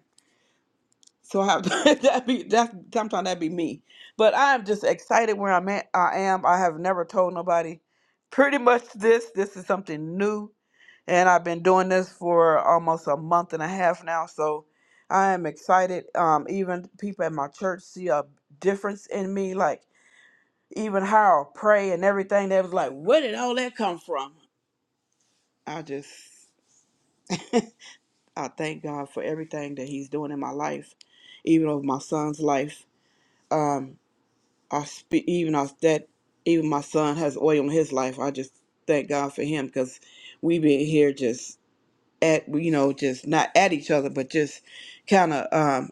[SPEAKER 3] So I have to, that be that sometimes that be me. But I am just excited where I'm at. I am. I have never told nobody. Pretty much this. This is something new, and I've been doing this for almost a month and a half now. So I am excited. Um, even people at my church see a difference in me. Like even how I pray and everything. They was like, "Where did all that come from?" I just I thank God for everything that He's doing in my life, even of my son's life. Um. I speak even as that even my son has oil in his life. I just thank God for him because we been here just at you know just not at each other, but just kind of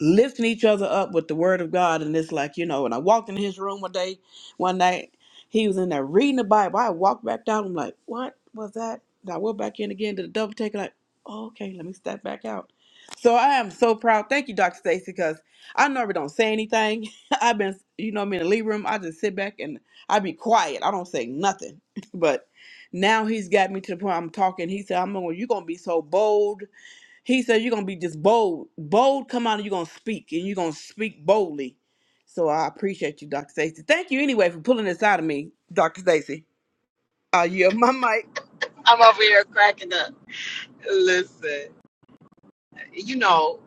[SPEAKER 3] lifting each other up with the word of God. And it's like, you know, when I walked into his room one day, one night, he was in there reading the Bible. I walked back down. I'm like, what was that? And I went back in again to the double take. Like, oh, okay, let me step back out. So I am so proud. Thank you, Dr. Stacy, because I normally don't say anything. I've been, you know, I'm in the lead room. I just sit back and I be quiet. I don't say nothing. but now he's got me to the point I'm talking. He said, I'm going, you're going to be so bold he said you're gonna be just bold. Bold come out and you're gonna speak and you're gonna speak boldly. So I appreciate you, Dr. Stacy. Thank you anyway for pulling this out of me, Dr. Stacy. Uh yeah, my mic.
[SPEAKER 1] I'm over here cracking up. Listen, you know,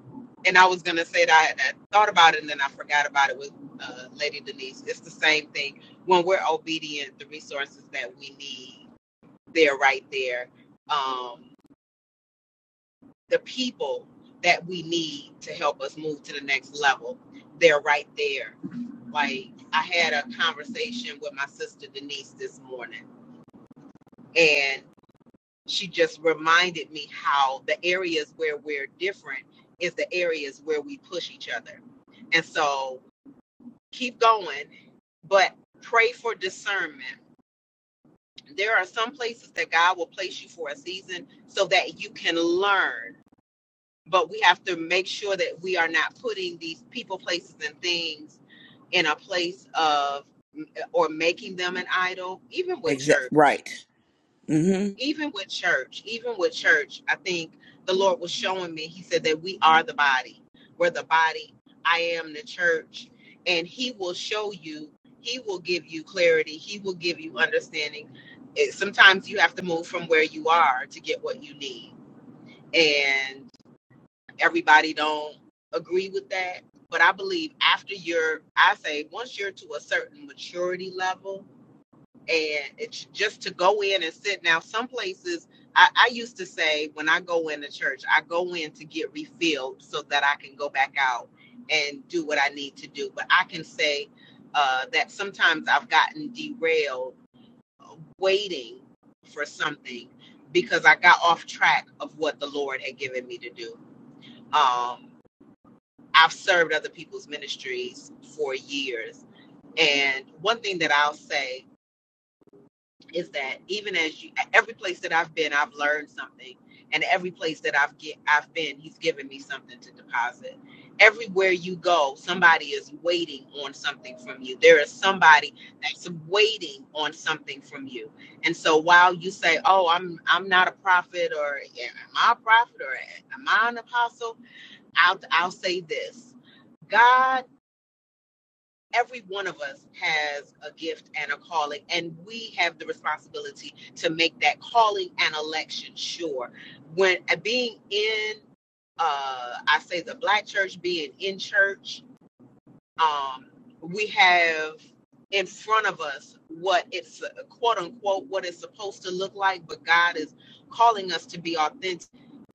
[SPEAKER 1] and I was going to say that I, I thought about it and then I forgot about it with uh, Lady Denise. It's the same thing. When we're obedient, the resources that we need, they're right there. Um, the people that we need to help us move to the next level. They're right there. Like I had a conversation with my sister Denise this morning and she just reminded me how the areas where we're different is the areas where we push each other. And so keep going, but pray for discernment. There are some places that God will place you for a season so that you can learn but we have to make sure that we are not putting these people, places, and things in a place of or making them an idol, even with
[SPEAKER 3] Exact
[SPEAKER 1] church.
[SPEAKER 3] right. Mm-hmm.
[SPEAKER 1] Even with church, even with church, I think the Lord was showing me. He said that we are the body. We're the body. I am the church. And He will show you, He will give you clarity, He will give you understanding. It, sometimes you have to move from where you are to get what you need. And everybody don't agree with that but i believe after you're i say once you're to a certain maturity level and it's just to go in and sit now some places I, I used to say when i go in the church i go in to get refilled so that i can go back out and do what i need to do but i can say uh, that sometimes i've gotten derailed waiting for something because i got off track of what the lord had given me to do Um, I've served other people's ministries for years. And one thing that I'll say is that even as you, every place that I've been, I've learned something. And every place that I've get, I've been, he's given me something to deposit. Everywhere you go, somebody is waiting on something from you. There is somebody that's waiting on something from you. And so while you say, "Oh, I'm I'm not a prophet," or yeah, "Am I a prophet?" or "Am I an apostle?" I'll I'll say this: God every one of us has a gift and a calling, and we have the responsibility to make that calling and election sure. When uh, being in, uh, I say the black church, being in church, um, we have in front of us what it's uh, quote unquote what it's supposed to look like, but God is calling us to be authentic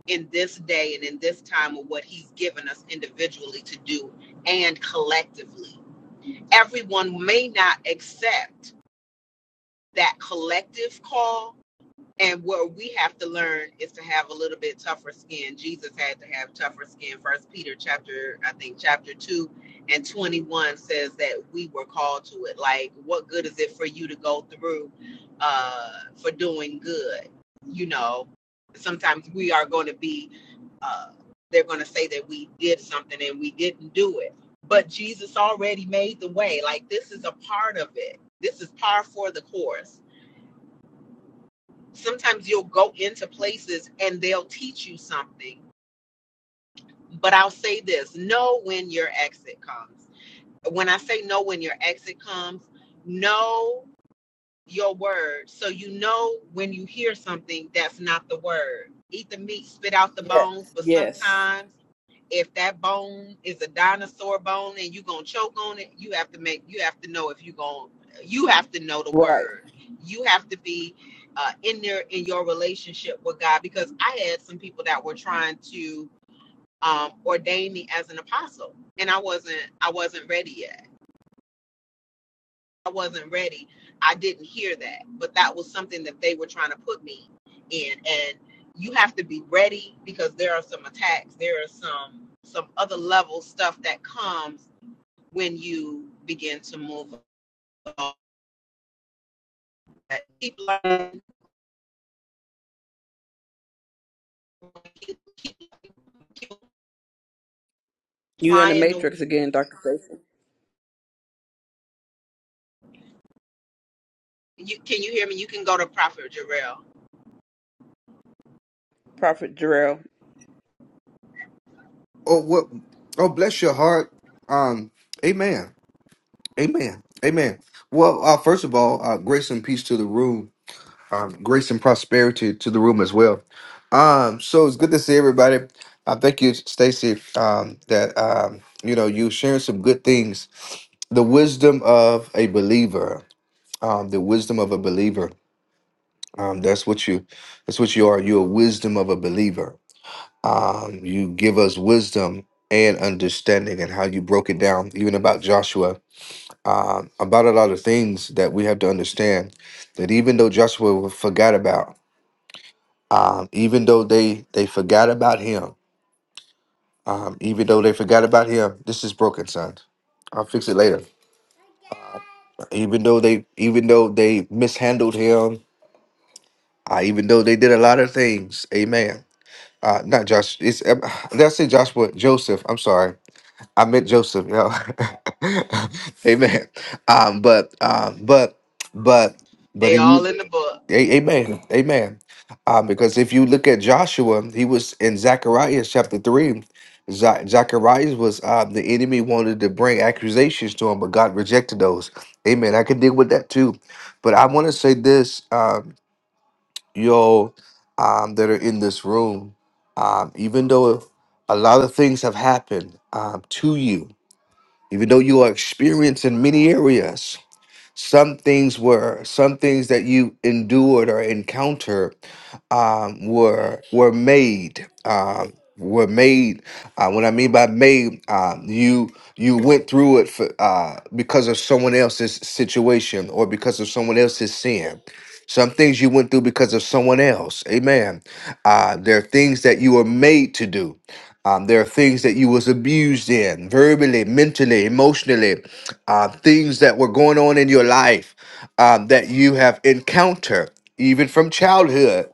[SPEAKER 1] in this day and in this time of what He's given us individually to do and collectively everyone may not accept that collective call and what we have to learn is to have a little bit tougher skin. Jesus had to have tougher skin. First Peter chapter, I think chapter two and twenty one says that we were called to it. Like, what good is it for you to go through uh for doing good? You know, sometimes we are going to be uh they're going to say that we did something and we didn't do it. But Jesus already made the way. Like this is a part of it. This is par for the course sometimes you'll go into places and they'll teach you something. But I'll say this know when your exit comes. When I say know when your exit comes, know your word. So you know when you hear something that's not the word. Eat the meat, spit out the
[SPEAKER 3] Yes.
[SPEAKER 1] bones, but
[SPEAKER 3] Yes.
[SPEAKER 1] sometimes if that bone is a dinosaur bone and you gonna choke on it, you have to make you have to know if you gonna you have to know the
[SPEAKER 3] Right.
[SPEAKER 1] word. You have to be uh, in there in your relationship with God because I had some people that were trying to um, ordain me as an apostle and I wasn't I wasn't ready yet I wasn't ready. I didn't hear that, but that was something that they were trying to put me in. And you have to be ready because there are some attacks. There are some some other level stuff that comes when you begin to move. along. Keep learning,
[SPEAKER 3] You in the
[SPEAKER 1] applying. The,
[SPEAKER 3] matrix again, Dr. Stacy.
[SPEAKER 1] you can you hear me? You can go to Prophet Jarrell.
[SPEAKER 3] Prophet Jarrell.
[SPEAKER 5] Oh what oh bless your heart. Um Amen. Amen. Amen. Well, uh, first of all, uh, grace and peace to the room. Um, grace and prosperity to the room as well. Um, so it's good to see everybody. I thank you, Stacy, um, that um, you know you sharing some good things. The wisdom of a believer. Um, the wisdom of a believer. Um, that's what you. That's what you are. You're a wisdom of a believer um, you give us wisdom and understanding, and how you broke it down, even about Joshua, um, about a lot of things that we have to understand. That even though Joshua forgot about, um, even though they they forgot about him, um, even though they forgot about him, this is broken, son. I'll fix it later. Even though they, even though they mishandled him, uh, even though they did a lot of things, Amen. Uh, not Josh. It's um, did I say Joshua? Joseph. I'm sorry. I met Joseph, yo. amen. Um, but um, but but but
[SPEAKER 1] They
[SPEAKER 5] he,
[SPEAKER 1] all in the book.
[SPEAKER 5] a- amen, amen. Um, because if you look at Joshua, he was in Zechariah chapter three. Za- Zacharias was uh, the enemy wanted to bring accusations to him, but God rejected those. Amen. I can deal with that too, but I want to say this, um, y'all um, that are in this room. Um, even though a lot of things have happened um, to you, even though you are experienced in many areas some things were some things that you endured or encountered um, were were made. Um, were made. Uh, what I mean by made, um, you you went through it for uh, because of someone else's situation or because of someone else's sin. Some things you went through because of someone else. Amen. Uh, there are things that you were made to do. Um, there are things that you was abused in, verbally, mentally, emotionally, uh, things that were going on in your life um, that you have encountered, even from childhood.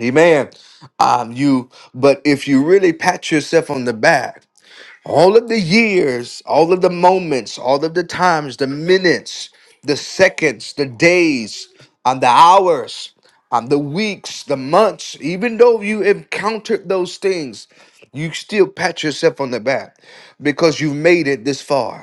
[SPEAKER 5] Amen. Um, you, but if you really pat yourself on the back, all of the years, all of the moments, all of the times, the minutes, the seconds, the days, and the hours, and the weeks, the months, even though you encountered those things, you still pat yourself on the back because you've made it this far.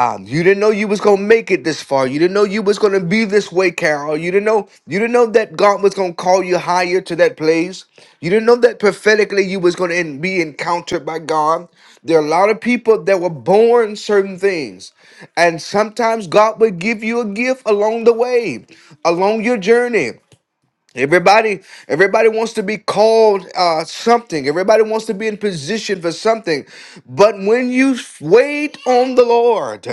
[SPEAKER 5] Um, you didn't know you was gonna make it this far. You didn't know you was gonna be this way, Carol. You didn't know you didn't know that God was gonna call you higher to that place. You didn't know that prophetically you was gonna en- be encountered by God. There are a lot of people that were born certain things, and sometimes God will give you a gift along the way, along your journey. Everybody, everybody wants to be called uh, something. Everybody wants to be in position for something. But when you wait on the Lord,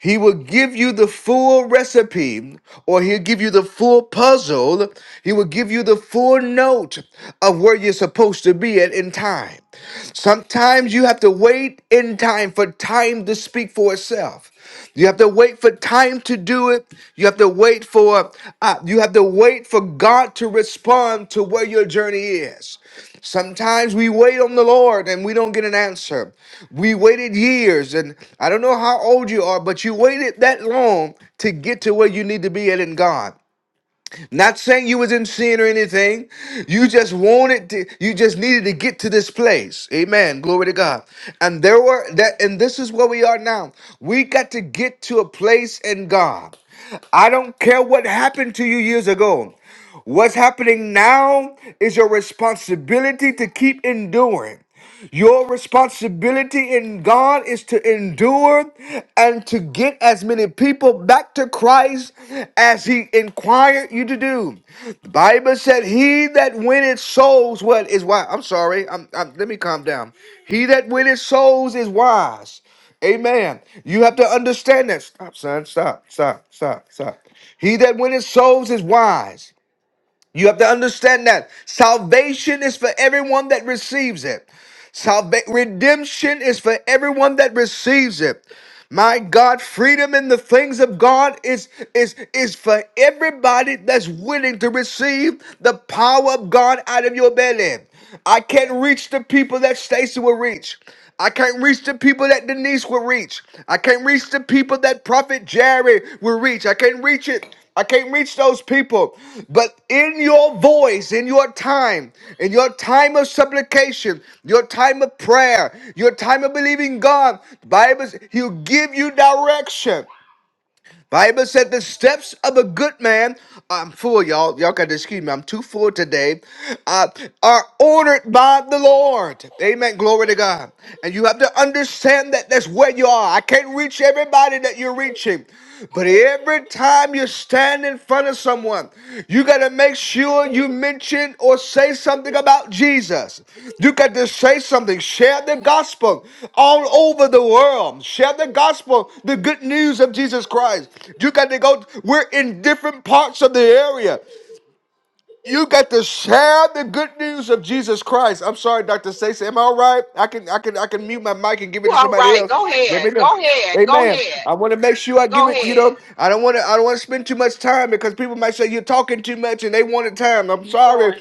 [SPEAKER 5] He will give you the full recipe, or He'll give you the full puzzle. He will give you the full note of where you're supposed to be at in time. Sometimes you have to wait in time for time to speak for itself. You have to wait for time to do it. You have to wait for uh, you have to wait for God to respond to where your journey is. Sometimes we wait on the Lord and we don't get an answer. We waited years, and I don't know how old you are, but you waited that long to get to where you need to be at in God. Not saying you was in sin or anything. You just wanted to, you just needed to get to this place. Amen. Glory to God. And there were that, and this is where we are now. We got to get to a place in God. I don't care what happened to you years ago. What's happening now is your responsibility to keep enduring. Your responsibility in God is to endure and to get as many people back to Christ as He inquired you to do. The Bible said, He that winneth souls, what is wise? I'm sorry, I'm, I'm- let me calm down. He that winneth souls is wise. Amen. You have to understand that. Stop, son. Stop, stop, stop, stop. He that winneth souls is wise. You have to understand that salvation is for everyone that receives it. Salva- redemption is for everyone that receives it. My God, freedom in the things of God is is is for everybody that's willing to receive the power of God out of your belly. I can't reach the people that Stacy will reach. I can't reach the people that Denise will reach. I can't reach the people that Prophet Jerry will reach. I can't reach it. I can't reach those people. But in your voice, in your time, in your time of supplication, your time of prayer, your time of believing God, the Bible, says He'll give you direction. Bible said the steps of a good man. I'm full, y'all. Y'all got to excuse me. I'm too full today. Uh, are ordered by the Lord. Amen. Glory to God. And you have to understand that that's where you are. I can't reach everybody that you're reaching, but every time you stand stand in front of someone, you got to make sure you mention or say something about Jesus. You got to say something. Share the gospel all over the world. Share the gospel, the good news of Jesus Christ. You got to go. We're in different parts of the area. You got to share the good news of Jesus Christ. I'm sorry, Dr. Stacey. Am I all right? I can I can I can mute my mic and give it to
[SPEAKER 1] all
[SPEAKER 5] somebody
[SPEAKER 1] right?
[SPEAKER 5] else.
[SPEAKER 1] Go
[SPEAKER 5] Let me
[SPEAKER 1] ahead.
[SPEAKER 5] know.
[SPEAKER 1] Go ahead. Go
[SPEAKER 5] Amen.
[SPEAKER 1] ahead.
[SPEAKER 5] I want to make sure I give
[SPEAKER 1] Go
[SPEAKER 5] it, you know,
[SPEAKER 1] ahead.
[SPEAKER 5] I don't want to I don't want to spend too much time because people might say you're talking too much and they wanted time. I'm
[SPEAKER 3] Keep
[SPEAKER 5] sorry.
[SPEAKER 3] going.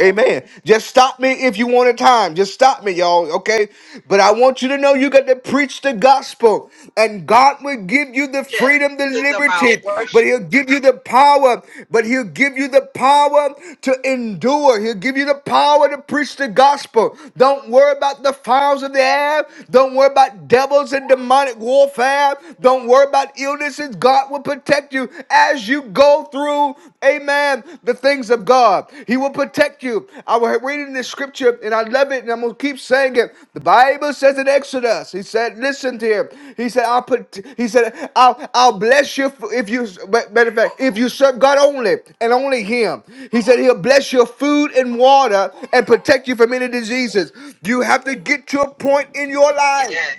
[SPEAKER 5] Amen. Just stop me if you want a time. Just stop me, y'all. Okay. But I want you to know you got to preach the gospel, and God will give you the
[SPEAKER 1] Yes,
[SPEAKER 5] freedom, the
[SPEAKER 1] It's about
[SPEAKER 5] liberty, but
[SPEAKER 1] worship.
[SPEAKER 5] He'll give you the power. But He'll give you the power to endure. He'll give you the power to preach the gospel. Don't worry about the files of the air. Don't worry about devils and demonic warfare. Don't worry about illnesses. God will protect you you as you go through, amen, the things of God. He will protect you. I was reading this scripture and I love it and I'm going to keep saying it. The Bible says in Exodus, he said, listen to him. He said, I'll put, he said, I'll, I'll bless you if you, matter of fact, if you serve God only and only him. He said, he'll bless your food and water and protect you from any diseases. You have to get to a point in your life.
[SPEAKER 1] Yes.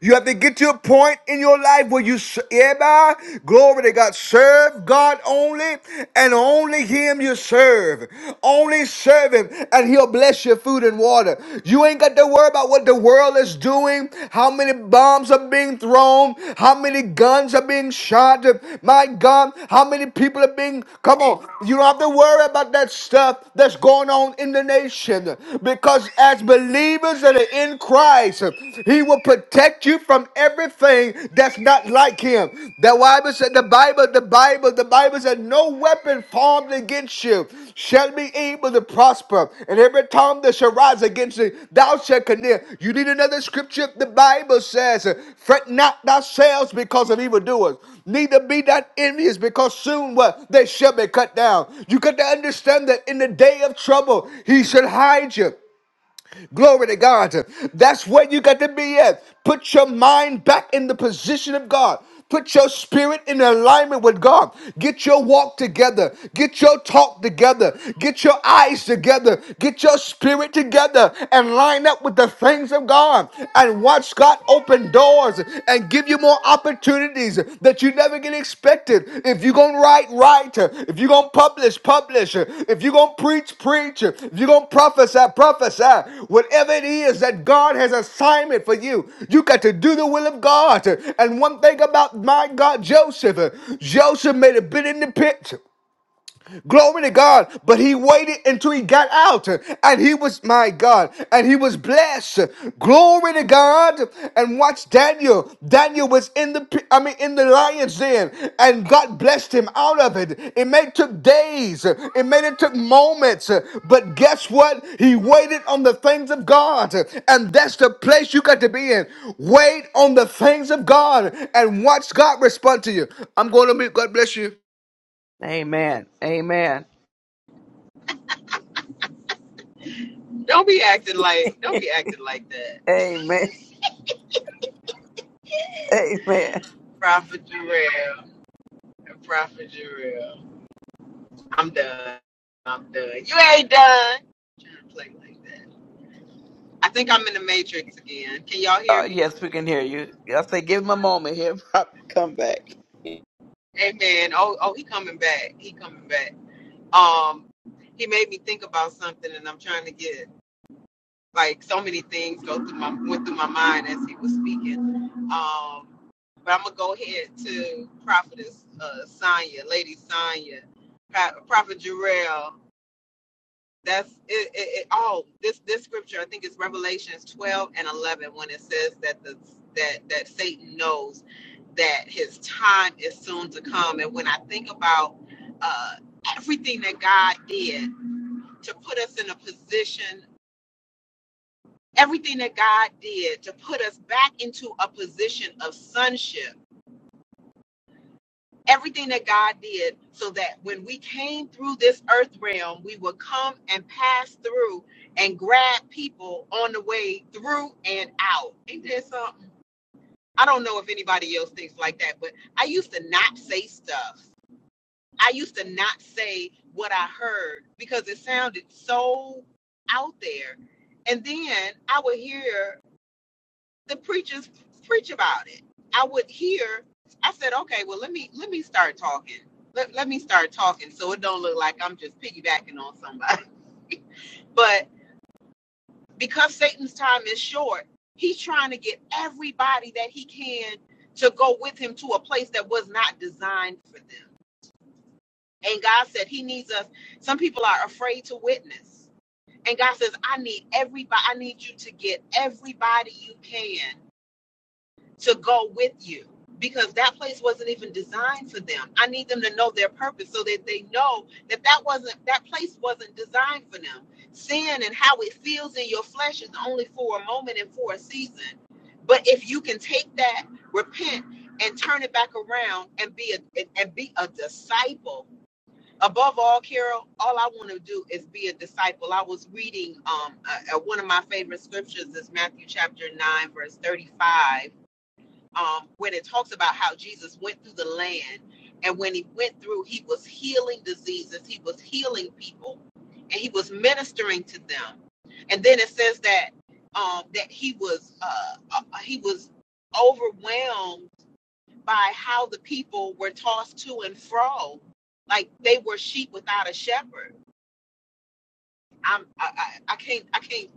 [SPEAKER 5] You have to get to a point in your life where you, yeah, bah, glory to God, serve God only and only Him you serve. Only serve Him and He'll bless your food and water. You ain't got to worry about what the world is doing, how many bombs are being thrown, how many guns are being shot. My God, how many people are being, come on, you don't have to worry about that stuff that's going on in the nation because as believers that are in in Christ. He will protect you from everything that's not like him. The Bible said, the Bible, the Bible, the Bible said, no weapon formed against you shall be able to prosper. And every tongue that shall rise against thee, thou shalt condemn. You need another scripture? The Bible says, fret not thyself because of evildoers. Neither be not envious because soon what? They shall be cut down. You got to understand that in the day of trouble, he shall hide you. Glory to God. That's where you got to be at. Put your mind back in the position of God. Put your spirit in alignment with God. Get your walk together. Get your talk together. Get your eyes together. Get your spirit together and line up with the things of God and watch God open doors and give give you more opportunities that you never get expected. If you're going to write, write. If you're going to publish, publish. If you're going to preach, preach. If you're going to prophesy, prophesy. Whatever it is that God has assignment for you, you got to do the will of God. And one thing about my God, Joseph, Joseph made a bit in the pit. Glory to God. But he waited until he got out. And he was, my God, and he was blessed. Glory to God. And watch Daniel. Daniel was in the, pi- I mean, in the lion's den. And God blessed him out of it. It may took days. It may have took moments. But guess what? He waited on the things of God. And that's the place you got to be in. Wait on the things of God and watch God respond to you. I'm going to be, God bless you.
[SPEAKER 3] Amen. Amen.
[SPEAKER 1] Don't be acting like. Don't be acting like that.
[SPEAKER 3] Amen. Amen.
[SPEAKER 1] Prophet Jarrell and Prophet Jarrell. I'm done. I'm done. You ain't done. Trying to play like that. I think I'm in the Matrix again. Can y'all
[SPEAKER 3] Uh,
[SPEAKER 1] hear me?
[SPEAKER 3] yes, we can hear you. I say give him a moment here. Pop, Come back.
[SPEAKER 1] Amen. Oh, oh, he coming back. He coming back. Um, he made me think about something, and I'm trying to get like so many things go through my went through my mind as he was speaking. Um, but I'm gonna go ahead to Prophetess uh, Sonya, Lady Sonya, Prophet Jarrell. that's it, it, it all this this scripture i think it's revelations 12 and 11 when it says that the that that satan knows that his time is soon to come and when i think about uh everything that god did to put us in a position everything that god did to put us back into a position of sonship everything that God did so that when we came through this earth realm, we would come and pass through and grab people on the way through and out. Ain't that something? I don't know if anybody else thinks like that, but I used to not say stuff. I used to not say what I heard because it sounded so out there. And then I would hear the preachers preach about it. I would hear. I said, okay, well, let me let me start talking. Let, let me start talking so it don't look like I'm just piggybacking on somebody. But because Satan's time is short, he's trying to get everybody that he can to go with him to a place that was not designed for them. And God said he needs us. Some people are afraid to witness. And God says, I need everybody, I need you to get everybody you can to go with you because that place wasn't even designed for them. I need them to know their purpose so that they know that that wasn't that place wasn't designed for them. Sin and how it feels in your flesh is only for a moment and for a season. But if you can take that, repent and turn it back around and be a and be a disciple. Above all, Carol, all I want to do is be a disciple. I was reading um uh uh one of my favorite scriptures is Matthew chapter 9 verse 35 um, when it talks about how Jesus went through the land, and when he went through, he was healing diseases, he was healing people, and he was ministering to them. And then it says that um, that he was uh, uh, he was overwhelmed by how the people were tossed to and fro, like they were sheep without a shepherd. I'm I, I, I can't I can't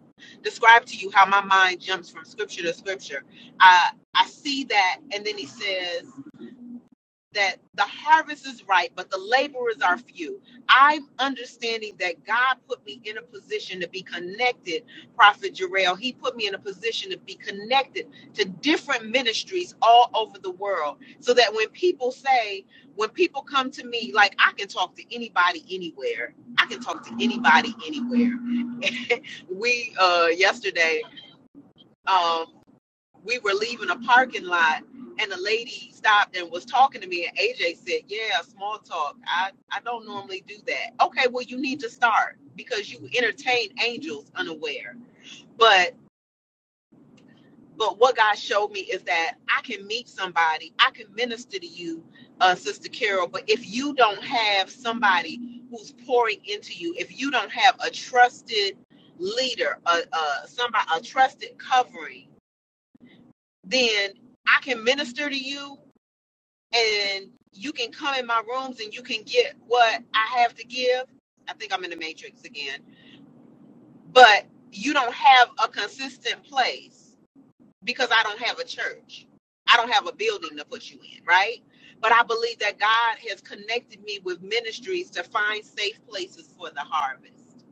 [SPEAKER 1] describe to you how my mind jumps from scripture to scripture. I I see that, and then he says that the harvest is ripe, but the laborers are few. I'm understanding that God put me in a position to be connected, Prophet Jarrell. He put me in a position to be connected to different ministries all over the world. So that when people say, when people come to me, like I can talk to anybody anywhere. I can talk to anybody anywhere. We uh yesterday um, we were leaving a parking lot and the lady stopped and was talking to me and AJ said, Yeah, small talk. I, I don't normally do that. Okay, well you need to start because you entertain angels unaware. But but what God showed me is that I can meet somebody, I can minister to you, uh, Sister Carol, but if you don't have somebody who's pouring into you, if you don't have a trusted leader, a, a somebody a trusted covering, then I can minister to you and you can come in my rooms and you can get what I have to give. I think I'm in the matrix again, but you don't have a consistent place because I don't have a church. I don't have a building to put you in, right? But I believe that God has connected me with ministries to find safe places for the harvest.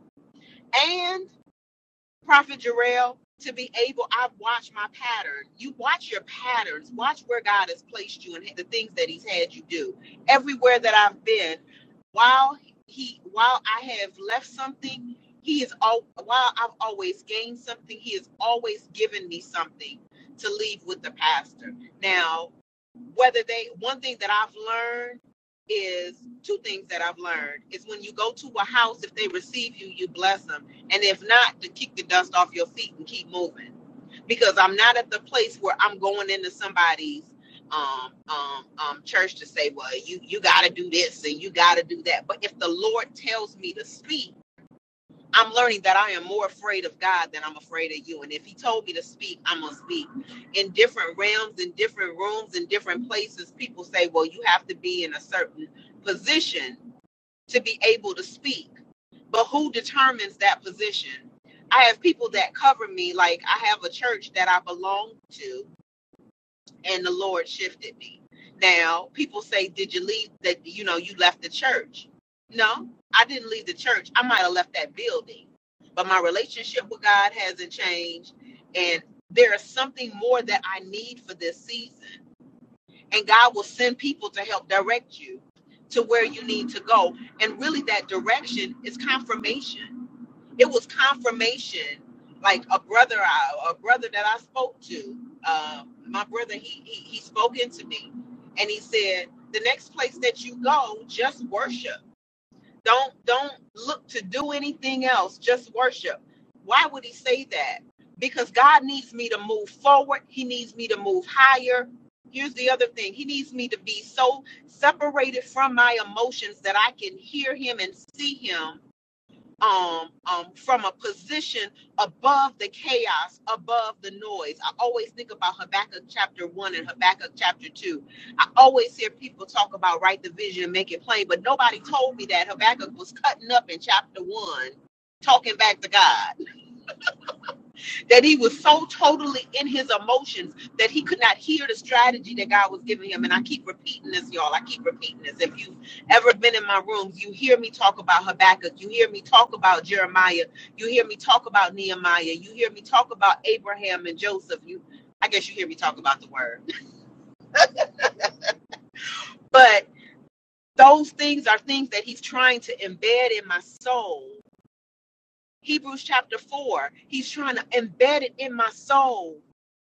[SPEAKER 1] Prophet Jarrell, to be able, I've watched my pattern. You watch your patterns, watch where God has placed you and the things that He's had you do. Everywhere that I've been, while He, while I have left something, He is all. While I've always gained something, He has always given me something to leave with the pastor. Now, whether they, one thing that I've learned is two things that I've learned is when you go to a house, if they receive you, you bless 'em and if not, to kick the dust off your feet and keep moving. Because I'm not at the place where I'm going into somebody's um, um, um, church to say, well, you, you got to do this and you got to do that. But if the Lord tells me to speak, I'm learning that I am more afraid of God than I'm afraid of you. And if He told me to speak, I'm going to speak. In different realms, in different rooms, in different places, people say, well, you have to be in a certain position to be able to speak. But who determines that position? I have people that cover me, like I have a church that I belong to, and the Lord shifted me. Now, people say, Did you leave that? You know, you left the church. No, I didn't leave the church. I might have left that building, but my relationship with God hasn't changed. And there is something more that I need for this season and God will send people to help direct you to where you need to go. And really, that direction is confirmation. It was confirmation, like a brother, I, a brother that I spoke to. Um, my brother, he, he he spoke into me, and he said, "The next place that you go, just worship." Don't don't look to do anything else, just worship. Why would he say that? Because God needs me to move forward. He needs me to move higher. Here's the other thing. He needs me to be so separated from my emotions that I can hear him and see him um, um, from a position above the chaos, above the noise. I always think about Habakkuk chapter 1 and Habakkuk chapter 2. I always hear people talk about write the vision, and make it plain, but nobody told me that Habakkuk was cutting up in chapter 1, talking back to God that he was so totally in his emotions that he could not hear the strategy that God was giving him. And I keep repeating this, y'all. I keep repeating this. If you've ever been in my rooms, you hear me talk about Habakkuk. You hear me talk about Jeremiah. You hear me talk about Nehemiah. You hear me talk about Abraham and Joseph. You, I guess you hear me talk about the word. But those things are things that he's trying to embed in my soul. Hebrews chapter 4, he's trying to embed it in my soul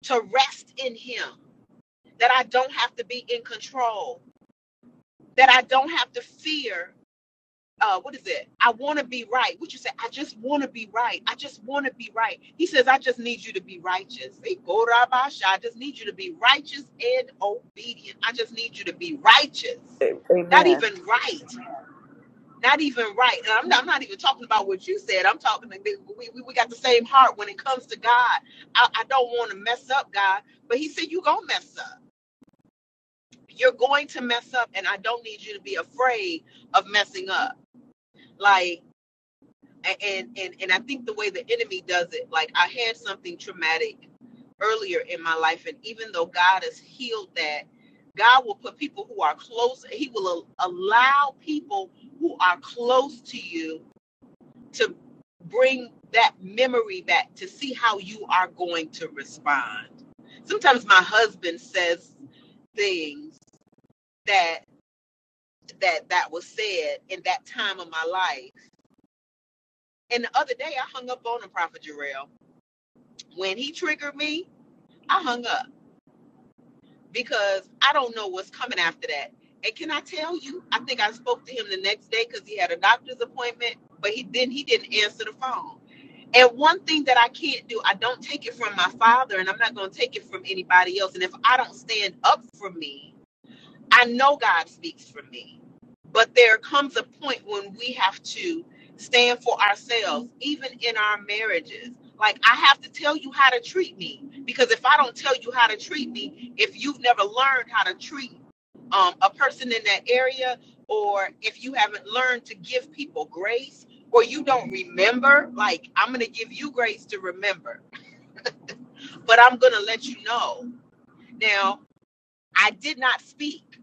[SPEAKER 1] to rest in him that I don't have to be in control, that I don't have to fear. Uh, what is it? I want to be right. What you say? I just want to be right. I just want to be right. He says, I just need you to be righteous. Hey, go rabasha. I just need you to be righteous and obedient. I just need you to be righteous.
[SPEAKER 3] A-
[SPEAKER 1] Not
[SPEAKER 3] Amen.
[SPEAKER 1] even right. Not even right. And I'm not, I'm not even talking about what you said. I'm talking, we, we, we got the same heart when it comes to God. I, I don't want to mess up, God. But he said, you going to mess up. you're going to mess up and i don't need you to be afraid of messing up like and and and i think the way the enemy does it like i had something traumatic earlier in my life and even though god has healed that god will put people who are close he will allow people who are close to you to bring that memory back to see how you are going to respond sometimes my husband says things that. that that was said in that time of my life. And the other day, I hung up on the Prophet Jarrell. When he triggered me, I hung up because I don't know what's coming after that. And can I tell you? I think I spoke to him the next day because he had a doctor's appointment, but he then he didn't answer the phone. And one thing that I can't do, I don't take it from my father, and I'm not going to take it from anybody else. And if I don't stand up for me, I know God speaks for me, but there comes a point when we have to stand for ourselves, even in our marriages. Like, I have to tell you how to treat me because if I don't tell you how to treat me, if you've never learned how to treat um, a person in that area, or if you haven't learned to give people grace, or you don't remember, like, I'm going to give you grace to remember, but I'm going to let you know. Now, I did not speak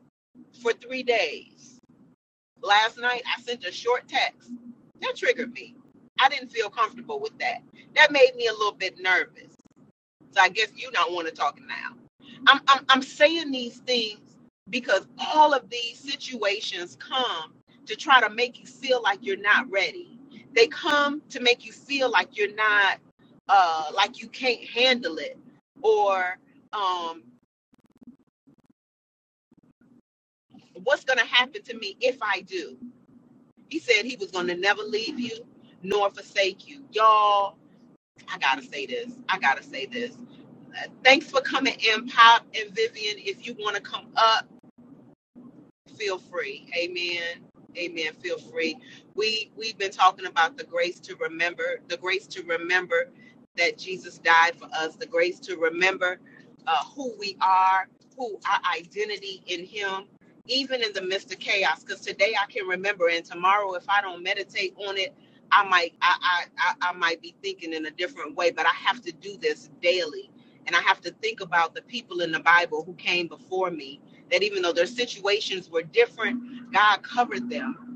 [SPEAKER 1] for three days last night i sent a short text that triggered me i didn't feel comfortable with that that made me a little bit nervous so i guess you don't want to talk now I'm, I'm i'm saying these things because all of these situations come to try to make you feel like you're not ready they come to make you feel like you're not uh like you can't handle it or um what's gonna happen to me if i do He said he was going to never leave you nor forsake you. Y'all, I got to say this. I got to say this. Uh, Thanks for coming in, Pop and Vivian. If you want to come up, feel free amen amen feel free we we've been talking about the grace to remember the grace to remember that jesus died for us the grace to remember uh, who we are who our identity in him even in the midst of chaos because today i can remember and tomorrow if i don't meditate on it i might I, I i i might be thinking in a different way but i have to do this daily and i have to think about the people in the bible who came before me that even though their situations were different, God covered them.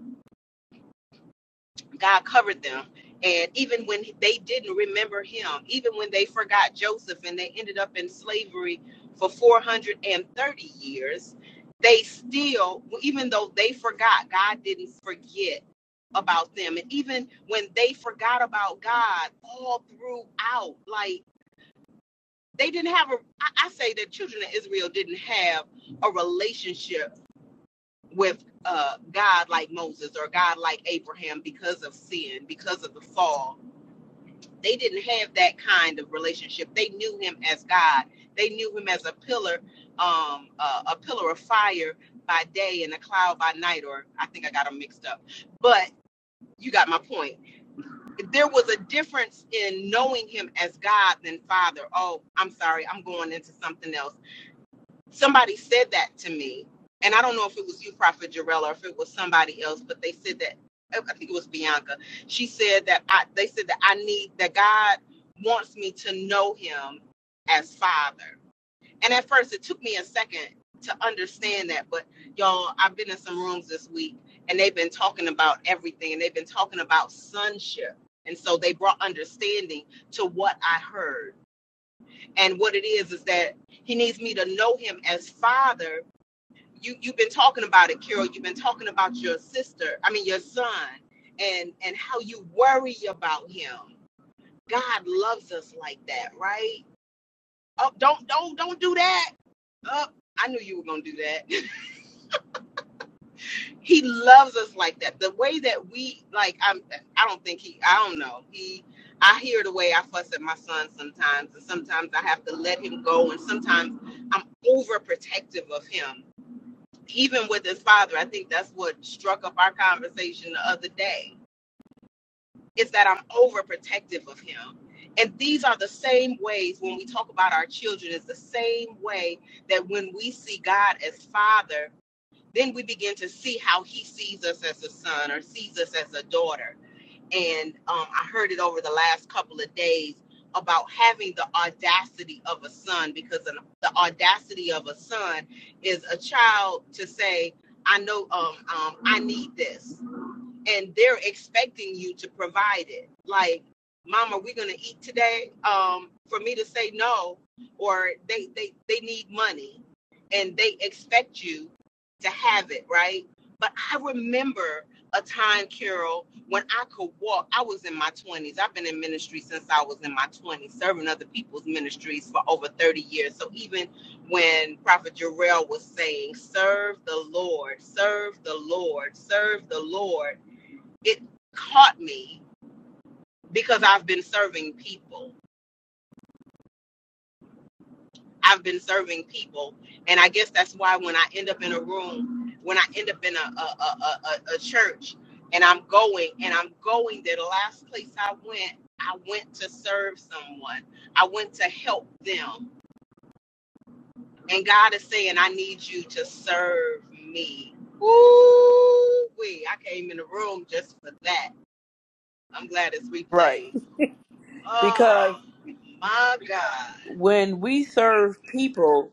[SPEAKER 1] God covered them. And even when they didn't remember him, even when they forgot Joseph and they ended up in slavery for 430 years, they still, even though they forgot, God didn't forget about them. And even when they forgot about God all throughout, like they didn't have a, I say that children of Israel didn't have a relationship with uh, God like Moses or God like Abraham because of sin, because of the fall. They didn't have that kind of relationship. They knew him as God. They knew him as a pillar, um, uh, a pillar of fire by day and a cloud by night. Or I think I got them mixed up, but you got my point. There was a difference in knowing him as God than Father. Oh, I'm sorry, I'm going into something else somebody said that to me, and I don't know if it was you, Prophet Jarrell, or if it was somebody else, but they said that I I think it was Bianca. She said that I they said that I need that God wants me to know Him as Father. And at first, it took me a second to understand that, but y'all, I've been in some rooms this week, and they've been talking about everything, and they've been talking about sonship. And so they brought understanding to what I heard. And what it is is that he needs me to know him as father you you've been talking about it, Carol. You've been talking about your sister, I mean your son, and and how you worry about him. God loves us like that, right? Oh, don't don't don't do that. Oh, I knew you were gonna do that. he loves us like that. The way that we like, I'm I don't think he I don't know. He I hear the way I fuss at my son sometimes, and sometimes I have to let him go, and sometimes I'm overprotective of him even with his father, I think that's what struck up our conversation the other day, is that I'm overprotective of him. And these are the same ways when we talk about our children, it's the same way that when we see God as father, then we begin to see how he sees us as a son or sees us as a daughter and um, I heard it over the last couple of days about having the audacity of a son because an, the audacity of a son is a child to say, "I know, um, um, I need this," and they're expecting you to provide it. Like, mom, are we gonna eat today? Um, for me to say no, or they they they need money, and they expect you to have it, right? But I remember a time, Carol, when I could walk. I was in my twenties. I've been in ministry since I was in my twenties, serving other people's ministries for over thirty years. So even when Prophet Jarrell was saying, "Serve the Lord, serve the Lord, serve the Lord," it caught me because I've been serving people. I've been serving people, and I guess that's why when I end up in a room, when I end up in a a, a, a, a church, and I'm going and I'm going there, the last place I went, I went to serve someone. I went to help them, and God is saying, I need you to serve me. Ooh, wee! I came in the room just for that. I'm glad it's
[SPEAKER 3] Right.
[SPEAKER 1] replays.
[SPEAKER 3] Because
[SPEAKER 1] Oh my God.
[SPEAKER 3] when we serve people,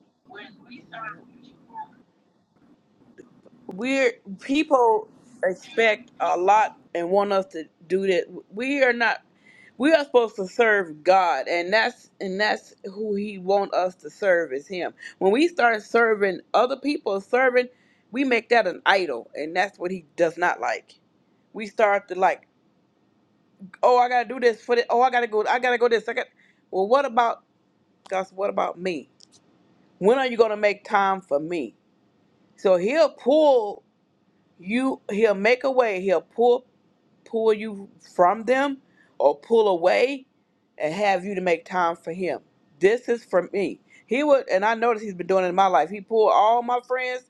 [SPEAKER 3] we're people expect a lot and want us to do that. We are not. We are supposed to serve God, and that's and that's who He want us to serve is Him. When we start serving other people, serving, we make that an idol, and that's what He does not like. We start to like, oh, I gotta do this for this. Oh, I gotta go. I gotta go this. I got. Well, what about God? What about me? When are you gonna make time for me? So He'll pull. you he'll make a way he'll pull pull you from them or pull away and have you to make time for him this is for me he would and i noticed he's been doing it in my life he pulled all my friends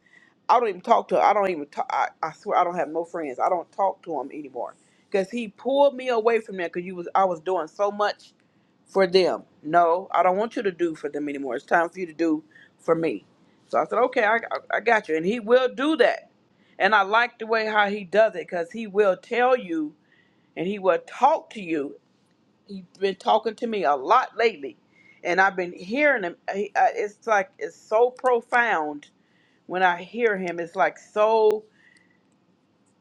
[SPEAKER 3] i don't even talk to i don't even talk I, I swear i don't have no friends i don't talk to him anymore because he pulled me away from them. because you was i was doing so much for them no i don't want you to do for them anymore it's time for you to do for me so i said okay i, I I got you and he will do that and I like the way how he does it because he will tell you and he will talk to you. He's been talking to me a lot lately, and I've been hearing him. He, I, it's like it's so profound when I hear him. It's like so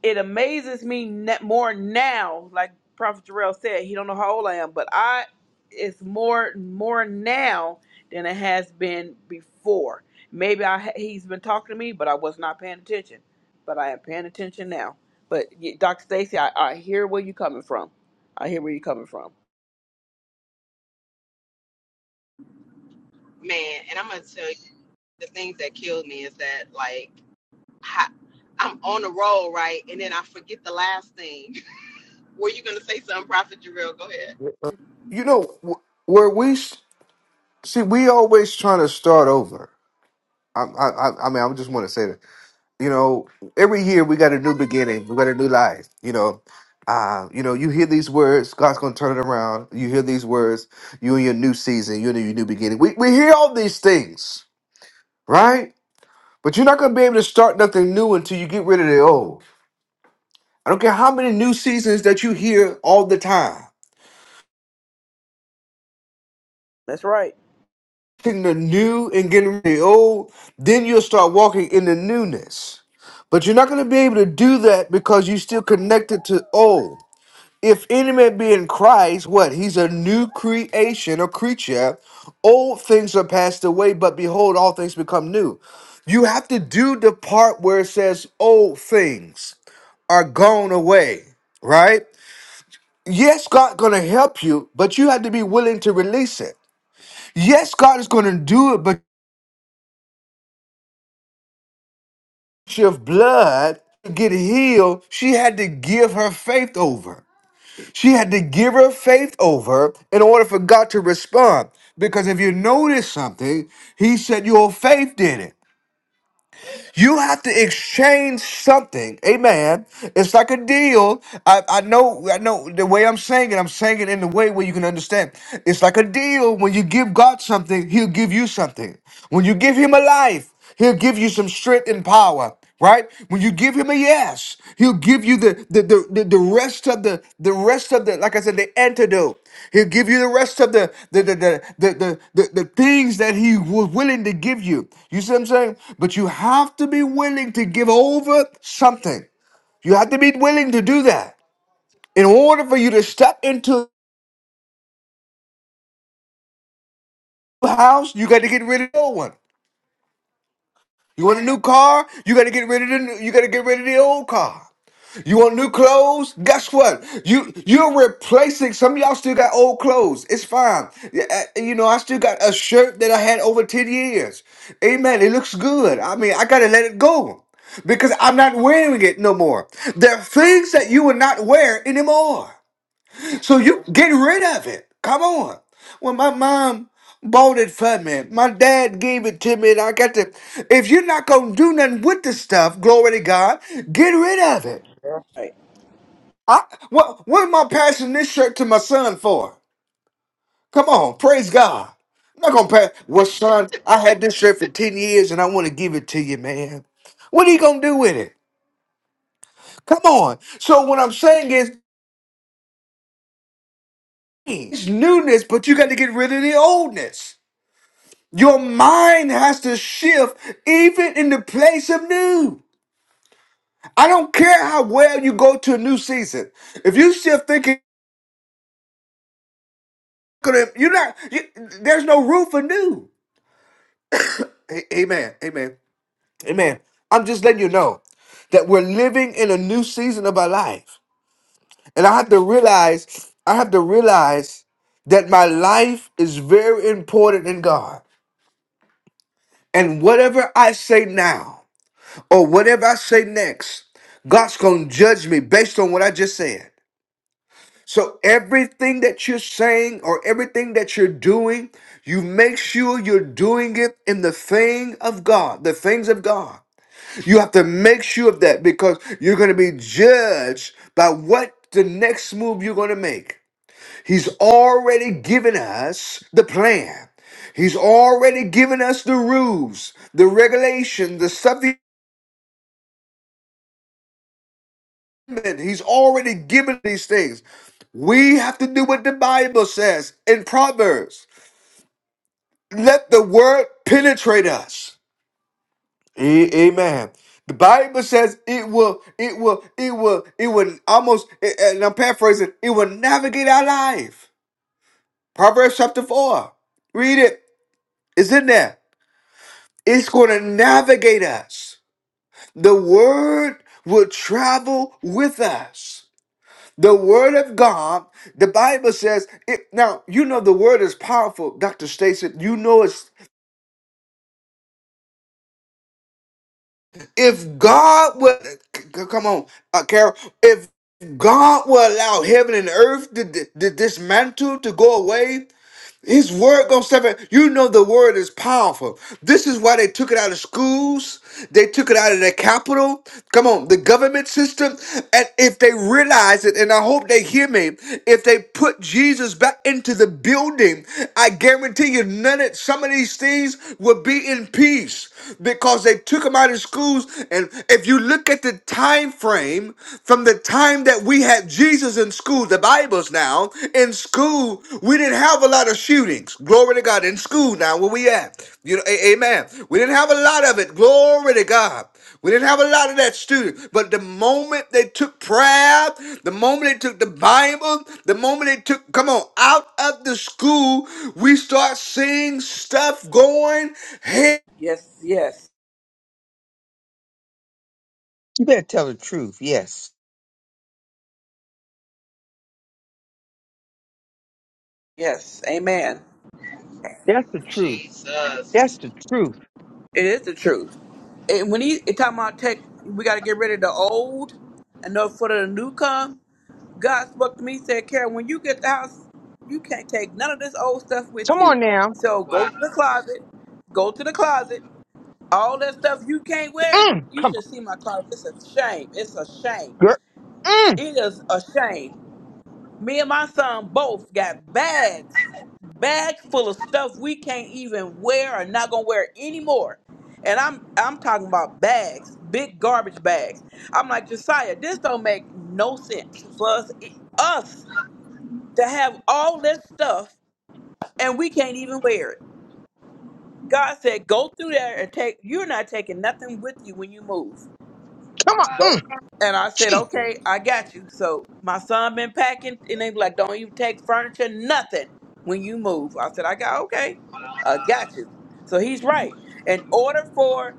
[SPEAKER 3] it amazes me ne- more now. Like Prophet Jarrell said, he don't know how old I am, but I it's more more now than it has been before. Maybe I ha- he's been talking to me, but I was not paying attention. But I am paying attention now. But y Dr. Stacy, I, I hear where you're coming from. I hear where you're coming from.
[SPEAKER 1] Man, and I'm gonna tell you the things that killed me is that like I, I'm on the roll, right? And then I forget the last thing. Were you gonna say something, Prophet Jarrell? Go ahead.
[SPEAKER 5] You know wh- where we s- see we always trying to start over. I I I I mean I just want to say that you know every year we got a new beginning, we got a new life. You know, uh, you know you hear these words, God's gonna turn it around. You hear these words, you in your new season, you in your new beginning. We we hear all these things, right? But you're not gonna be able to start nothing new until you get rid of the old. I don't care how many new seasons that you hear all the time.
[SPEAKER 3] That's right.
[SPEAKER 5] taking the new and getting rid of the old, then you'll start walking in the newness. But you're not going to be able to do that because you're still connected to old. If any man be in Christ, what? He's a new creation or creature. Old things are passed away, but behold, all things become new. You have to do the part where it says old things are gone away, right? Yes, God's gonna help you, but you have to be willing to release it. Yes, God is gonna do it, but of blood to get healed, she had to give her faith over. She had to give her faith over in order for God to respond. Because if you notice something, he said your faith did it. You have to exchange something. Amen. It's like a deal. I, I know I know the way I'm saying it, I'm saying it in the way where you can understand. It's like a deal. When you give God something, he'll give you something. When you give him a life, he'll give you some strength and power right when you give him a yes he'll give you the the, the the the rest of the the rest of the like i said the antidote he'll give you the rest of the the the the the, the, the, the things that he was willing to give you you see what i'm saying but you have to be willing to give over something you have to be willing to do that in order for you to step into the house you got to get rid of the old one You want a new car? You gotta get rid of the you gotta get rid of the old car. You want new clothes? Guess what? You you're replacing some of y'all still got old clothes. It's fine. Yeah, uh, You know, I still got a shirt that I had over 10 years. Amen. It looks good. I mean, I gotta let it go. Because I'm not wearing it no more. There are things that you will not wear anymore. So you get rid of it. Come on. When my mom bought it for me, my dad gave it to me, and I got to. If you're not gonna do nothing with the stuff, glory to God, get rid of it.
[SPEAKER 3] That's right.
[SPEAKER 5] I what what am I passing this shirt to my son for? Come on, praise God. I'm not gonna pass. Well, son, I had this shirt for ten years, and I want to give it to you, man. What are you gonna do with it? Come on. So what I'm saying is, it's newness, but you got to get rid of the oldness. Your mind has to shift even in the place of new. I don't care how well you go to a new season. If you shift thinking, you're not, you, there's no room for new. A- Amen. Amen. Amen. I'm just letting you know that we're living in a new season of our life. And I have to realize, I have to realize that my life is very important in God. And whatever I say now, or whatever I say next, God's going to judge me based on what I just said. So everything that you're saying or everything that you're doing, you make sure you're doing it in the thing of God, the things of God. You have to make sure of that because you're going to be judged by what the next move you're going to make. He's already given us the plan. He's already given us the rules, the regulations, the stuff He's already given these things. We have to do what the Bible says in Proverbs. Let the word penetrate us. A- Amen. The Bible says it will, it will, it will, it will almost, and I'm paraphrasing, it will navigate our life. Proverbs chapter 4. Read it. It's in there. It's going to navigate us. The word will travel with us. The word of God, the Bible says, it, now you know the word is powerful, Dr. Stacy. You know it's if God would c- c- come on, uh, Carol, if God will allow heaven and earth to, to dismantle to go away, His word goes seven. You know the word is powerful. This is why they took it out of schools. They took it out of the capital. Come on, the government system. And if they realize it, and I hope they hear me, if they put Jesus back into the building, I guarantee you none of some of these things will be in peace because they took him out of schools. And if you look at the time frame from the time that we had Jesus in school, the Bible's now in school, we didn't have a lot of shootings. Glory to God in school now where we at. You know, a- amen. We didn't have a lot of it. Glory to God. We didn't have a lot of that student, but the moment they took prayer, the moment they took the Bible, the moment they took, come on, out of the school, we start seeing stuff going. Hey,
[SPEAKER 3] Yes, yes,
[SPEAKER 4] You better tell the truth. Yes.
[SPEAKER 3] yes. Amen.
[SPEAKER 4] That's the truth.
[SPEAKER 1] Jesus.
[SPEAKER 4] That's the truth.
[SPEAKER 3] It is the truth. And when he it talking about tech, we got to get rid of the old and no for the new come. God spoke to me, said, Karen, when you get the house, you can't take none of this old stuff with
[SPEAKER 4] Come on
[SPEAKER 3] you.
[SPEAKER 4] now.
[SPEAKER 3] So go to
[SPEAKER 1] Wow.
[SPEAKER 3] the closet, go to the closet. All that stuff you can't wear,
[SPEAKER 4] Mm,
[SPEAKER 3] you
[SPEAKER 4] come
[SPEAKER 3] should see my closet. It's a shame. It's a shame.
[SPEAKER 4] on, girl.
[SPEAKER 3] It is a shame. Me and my son both got bags, bags full of stuff we can't even wear or not gonna wear anymore. And I'm I'm talking about bags, big garbage bags. I'm like Josiah, this don't make no sense for us e, us to have all this stuff and we can't even wear it. God said, go through there and take. You're not taking nothing with you when you move.
[SPEAKER 4] Come
[SPEAKER 1] Wow.
[SPEAKER 4] on,
[SPEAKER 3] go
[SPEAKER 4] mm,
[SPEAKER 3] and I said,
[SPEAKER 4] Jesus.
[SPEAKER 3] Okay, I got you. So my son been packing and they be like, Don't you take furniture, nothing when you move. I said, I got okay, I got you. So he's right. In order for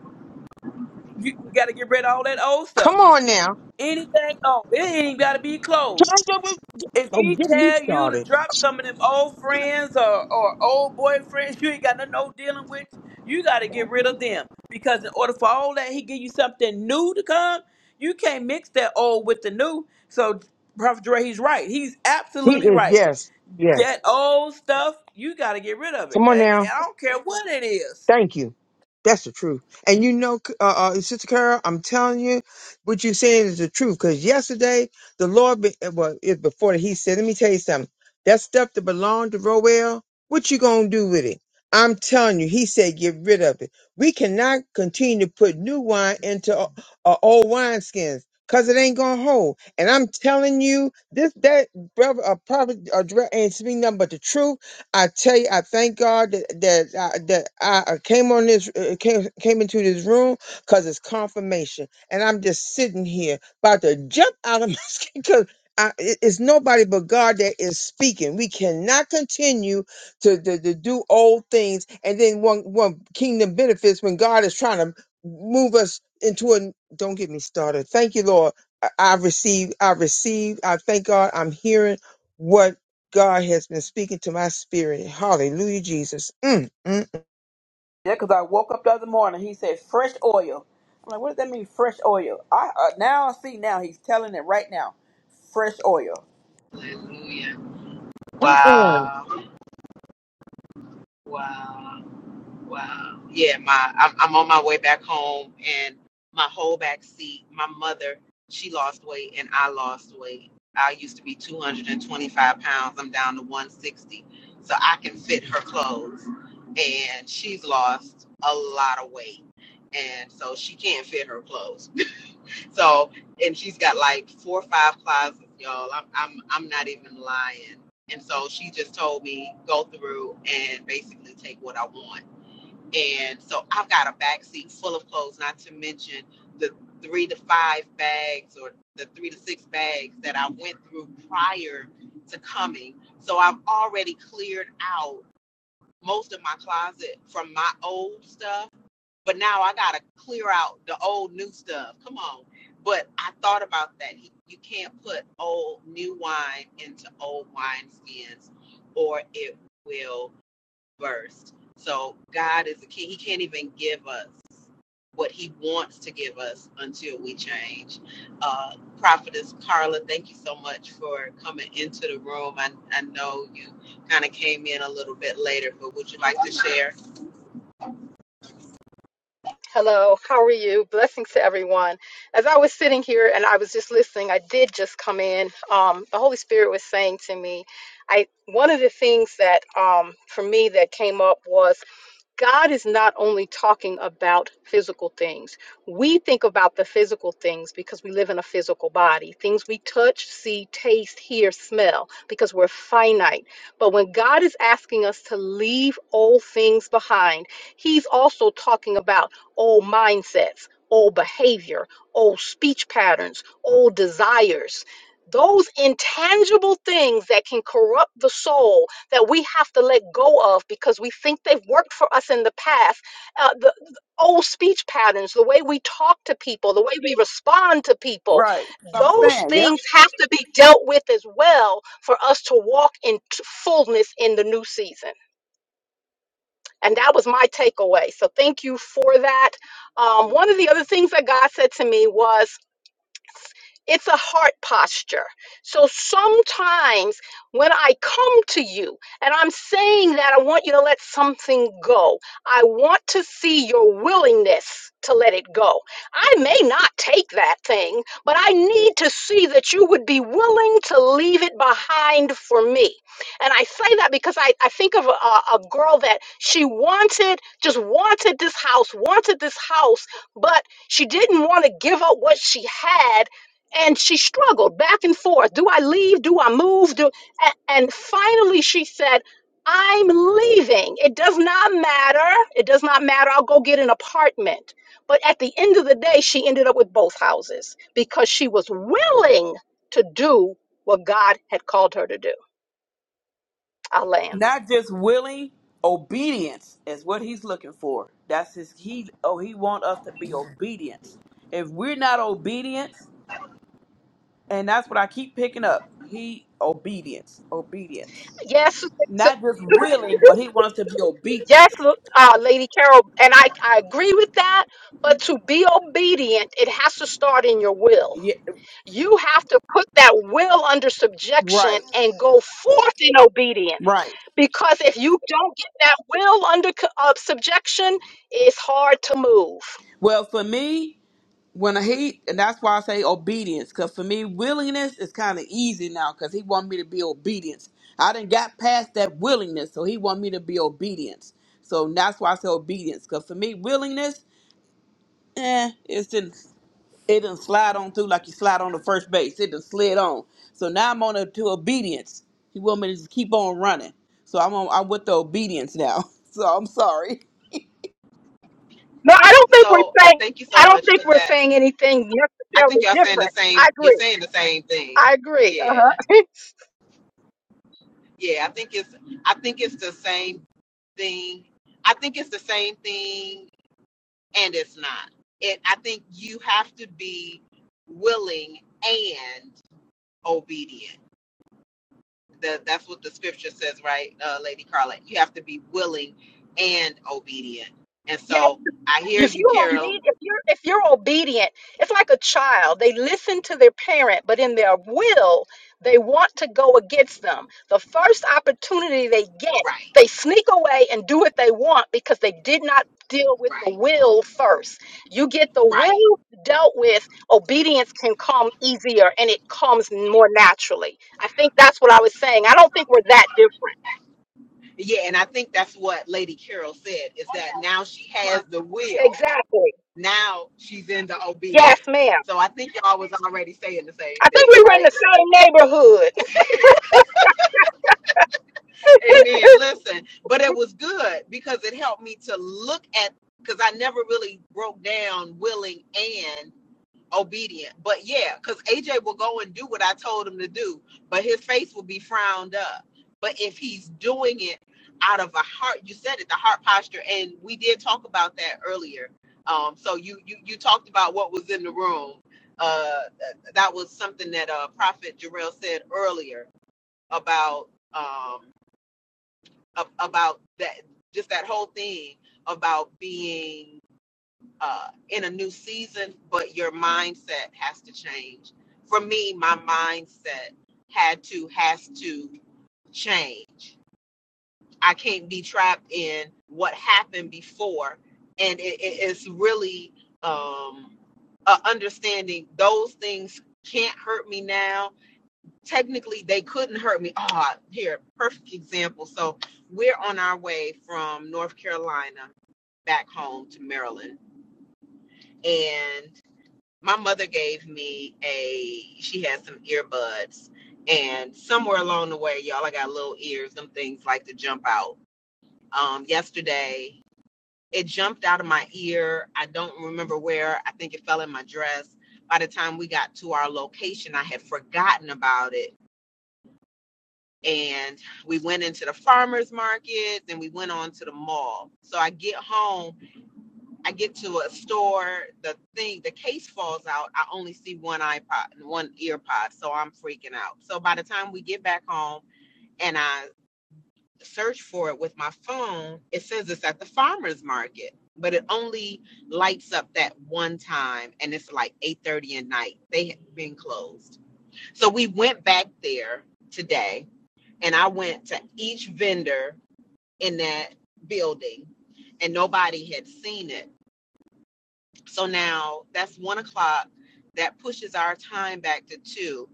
[SPEAKER 3] you, you gotta get rid of all that old
[SPEAKER 4] Come
[SPEAKER 3] stuff.
[SPEAKER 4] on now.
[SPEAKER 3] Anything old. It ain't gotta be
[SPEAKER 4] Can
[SPEAKER 3] clothes.
[SPEAKER 4] I get with-
[SPEAKER 3] If
[SPEAKER 4] Oh,
[SPEAKER 3] he
[SPEAKER 4] get me
[SPEAKER 3] tell you to
[SPEAKER 4] started.
[SPEAKER 3] drop some of them old friends or, or old boyfriends you ain't got no no dealing with, you got to get rid of them. Because in order for all that, he give you something new to come. You can't mix that old with the new. So Prophet Dre, he's right. He's
[SPEAKER 4] He
[SPEAKER 3] absolutely
[SPEAKER 4] is,
[SPEAKER 3] right.
[SPEAKER 4] yes, yes.
[SPEAKER 3] That old stuff, you got to get rid of it.
[SPEAKER 4] Come on
[SPEAKER 3] And, and
[SPEAKER 4] now.
[SPEAKER 3] I don't care what it is.
[SPEAKER 4] Thank you. That's the truth. And you know, uh, uh, Sister Carol, I'm telling you, what you're saying is the truth. Because yesterday, the Lord, be, uh, well, it, before he said, let me tell you something. That stuff that belonged to Roel, what you going to do with it? I'm telling you, he said, get rid of it. We cannot continue to put new wine into uh, uh, old wineskins because it ain't going to hold. And I'm telling you, this, that, brother, uh, prophet, uh, Jarrell ain't speaking nothing but the truth I tell you, I thank God that that I, that I uh, came on this uh, uh, came came into this room because it's confirmation, and I'm just sitting here about to jump out of my skin because. it's nobody but God that is speaking. We cannot continue to, to, to do old things and then one one kingdom benefits when God is trying to move us into a. Don't get me started. Thank you, Lord. I, I receive. I receive. I thank God. I'm hearing what God has been speaking to my spirit. Hallelujah, Jesus. Mm, mm, mm.
[SPEAKER 3] Yeah, because I woke up the other morning. He said fresh oil. I'm like, what does that mean, fresh oil? I uh, now I see. Now he's telling it right now, fresh oil.
[SPEAKER 1] Hallelujah.
[SPEAKER 4] Come on.
[SPEAKER 1] Wow. Wow. Wow. Yeah, my I'm, I'm on my way back home, and my whole back seat. My mother, she lost weight, and I lost weight. I used to be 225 pounds. I'm down to 160, so I can fit her clothes. And she's lost a lot of weight, and so she can't fit her clothes. so, and she's got like four or five closets, y'all. I'm I'm I'm not even lying. And so she just told me go through and basically take what I want and so I've got a backseat full of clothes, not to mention the three to five bags or the three to six bags that I went through prior to coming. So I've already cleared out most of my closet from my old stuff, but now I got to clear out the old new stuff. Come on. But I thought about that. You can't put old new wine into old wineskins or it will first. So God is a king. He can't even give us what he wants to give us until we change. Uh, Prophetess Carla, thank you so much for coming into the room. I, I know you kind of came in a little bit later, but would you like to share?
[SPEAKER 6] Hello, how are you? Blessings to everyone. As I was sitting here and I was just listening, I did just come in. Um, the Holy Spirit was saying to me, I one of the things that um, for me that came up was God is not only talking about physical things. We think about the physical things because we live in a physical body, things we touch, see, taste, hear, smell, because we're finite. But when God is asking us to leave old things behind, He's also talking about old mindsets, old behavior, old speech patterns, old desires. Those intangible things that can corrupt the soul that we have to let go of because we think they've worked for us in the past. Uh, the, the old speech patterns, the way we talk to people, the way we respond to people,
[SPEAKER 3] Right. That's what I'm
[SPEAKER 6] those
[SPEAKER 3] saying. Yep.
[SPEAKER 6] things have to be dealt with as well for us to walk in t- fullness in the new season. And that was my takeaway. So thank you for that. Um, one of the other things that God said to me was, it's a heart posture. So sometimes when I come to you and I'm saying that I want you to let something go, I want to see your willingness to let it go. I may not take that thing, but I need to see that you would be willing to leave it behind for me. And I say that because I, I think of a, a girl that she wanted, just wanted this house, wanted this house, but she didn't want to give up what she had and she struggled back and forth do i leave do i move do and, and finally she said i'm leaving it does not matter it does not matter i'll go get an apartment but at the end of the day she ended up with both houses because she was willing to do what god had called her to do i land
[SPEAKER 3] Not just willing obedience is what he's looking for. That's his he oh he want us to be obedient. If we're not obedient, and that's what I keep picking up. He obedience. Obedience.
[SPEAKER 6] yes s-
[SPEAKER 3] Not just willing, but he wants to be
[SPEAKER 6] yes
[SPEAKER 3] obedient.
[SPEAKER 6] uh, lady carol and I, I agree with that but to be obedient it has to start in your will
[SPEAKER 3] Yeah,
[SPEAKER 6] You have to put that will under subjection
[SPEAKER 3] right.
[SPEAKER 6] and go forth in obedience.
[SPEAKER 3] Right.
[SPEAKER 6] Because if you don't get that will under co- uh, subjection, it's hard to move.
[SPEAKER 3] Well, for me, when I he and that's why I say obedience because for me willingness is kind of easy now because he want me to be obedience. I didn't got past that willingness, so he want me to be obedience. So that's why I say obedience because for me willingness, eh, it's didn't it didn't slide on through like you slide on the first base. It didn't slid on. So now I'm on a, to obedience. He want me to just keep on running. So I'm on, I'm with the obedience now. So I'm sorry.
[SPEAKER 6] No, I don't think
[SPEAKER 1] So
[SPEAKER 6] we're
[SPEAKER 1] I
[SPEAKER 6] saying.
[SPEAKER 1] thank you so
[SPEAKER 6] I don't
[SPEAKER 1] much
[SPEAKER 6] think
[SPEAKER 1] for
[SPEAKER 6] we're
[SPEAKER 1] that.
[SPEAKER 6] saying anything
[SPEAKER 1] I think
[SPEAKER 6] necessarily
[SPEAKER 1] y'all saying the
[SPEAKER 6] different.
[SPEAKER 1] same.
[SPEAKER 6] I
[SPEAKER 1] You're
[SPEAKER 6] agree.
[SPEAKER 1] saying the same thing.
[SPEAKER 6] I agree. Uh
[SPEAKER 1] Yeah,
[SPEAKER 6] huh.
[SPEAKER 1] yeah. I think it's. I think it's the same thing. I think it's the same thing and it's not. It I think you have to be willing and obedient. That that's what the scripture says, right, uh, Lady Carla? You have to be willing and obedient. And
[SPEAKER 6] Yeah,
[SPEAKER 1] so I hear
[SPEAKER 6] If
[SPEAKER 1] you,
[SPEAKER 6] you're
[SPEAKER 1] Carol.
[SPEAKER 6] obedient, if you're if you're obedient, it's like a child. They listen to their parent, but in their will, they want to go against them. The first opportunity they get,
[SPEAKER 1] Right,
[SPEAKER 6] they sneak away and do what they want because they did not deal with the
[SPEAKER 1] right,
[SPEAKER 6] will first. You get the
[SPEAKER 1] right.
[SPEAKER 6] will dealt with, obedience can come easier and it comes more naturally. I think that's what I was saying. I don't think we're that different.
[SPEAKER 1] Yeah, and I think that's what Lady Carol said is that now she has the will.
[SPEAKER 6] Exactly.
[SPEAKER 1] Now she's in the
[SPEAKER 6] Yes,
[SPEAKER 1] obedience.
[SPEAKER 6] ma'am.
[SPEAKER 1] So I think y'all was already saying the same
[SPEAKER 6] I think
[SPEAKER 1] thing,
[SPEAKER 6] we were in
[SPEAKER 1] right?
[SPEAKER 6] the same neighborhood.
[SPEAKER 1] Amen. Listen, but it was good because it helped me to look at because I never really broke down willing and obedient. But yeah, because AJ will go and do what I told him to do, but his face will be frowned up. But if he's doing it out of a heart, you said it, the heart posture, and we did talk about that earlier. Um, so you you you talked about what was in the room. Uh, that was something that uh, Prophet Jarrell said earlier about. um, about that just that whole thing about being uh, in a new season but your mindset has to change for me my mindset had to has to change i can't be trapped in what happened before and it, it- it's really um, uh, understanding those things can't hurt me now technically they couldn't hurt me. Oh, here, perfect example. So we're on our way from North Carolina back home to Maryland. And my mother gave me a she had some earbuds and somewhere along the way, y'all I got little ears, them things like to jump out. Um yesterday it jumped out of my ear. I don't remember where. I think it fell in my dress. By the time we got to our location, I had forgotten about it and we went into the farmers market then we went on to the mall so i get home i get to a store the thing the case falls out i only see one ipod and one ear pod so i'm freaking out so by the time we get back home and i search for it with my phone it says it's at the farmers market but it only lights up that one time and it's like 8.30 at night they have been closed so we went back there today and I went to each vendor in that building, and nobody had seen it. So now that's one o'clock. That pushes our time back to two.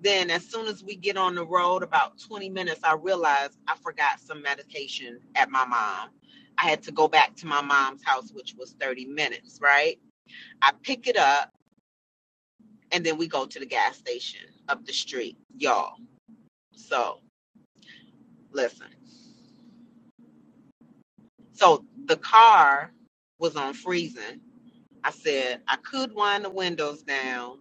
[SPEAKER 1] Then, as soon as we get on the road, about 20 minutes, I realized I forgot some medication at my mom. I had to go back to my mom's house, which was 30 minutes, right? I pick it up, and then we go to the gas station up the street, y'all. So, listen. So the car was on freezing. I said I could wind the windows down,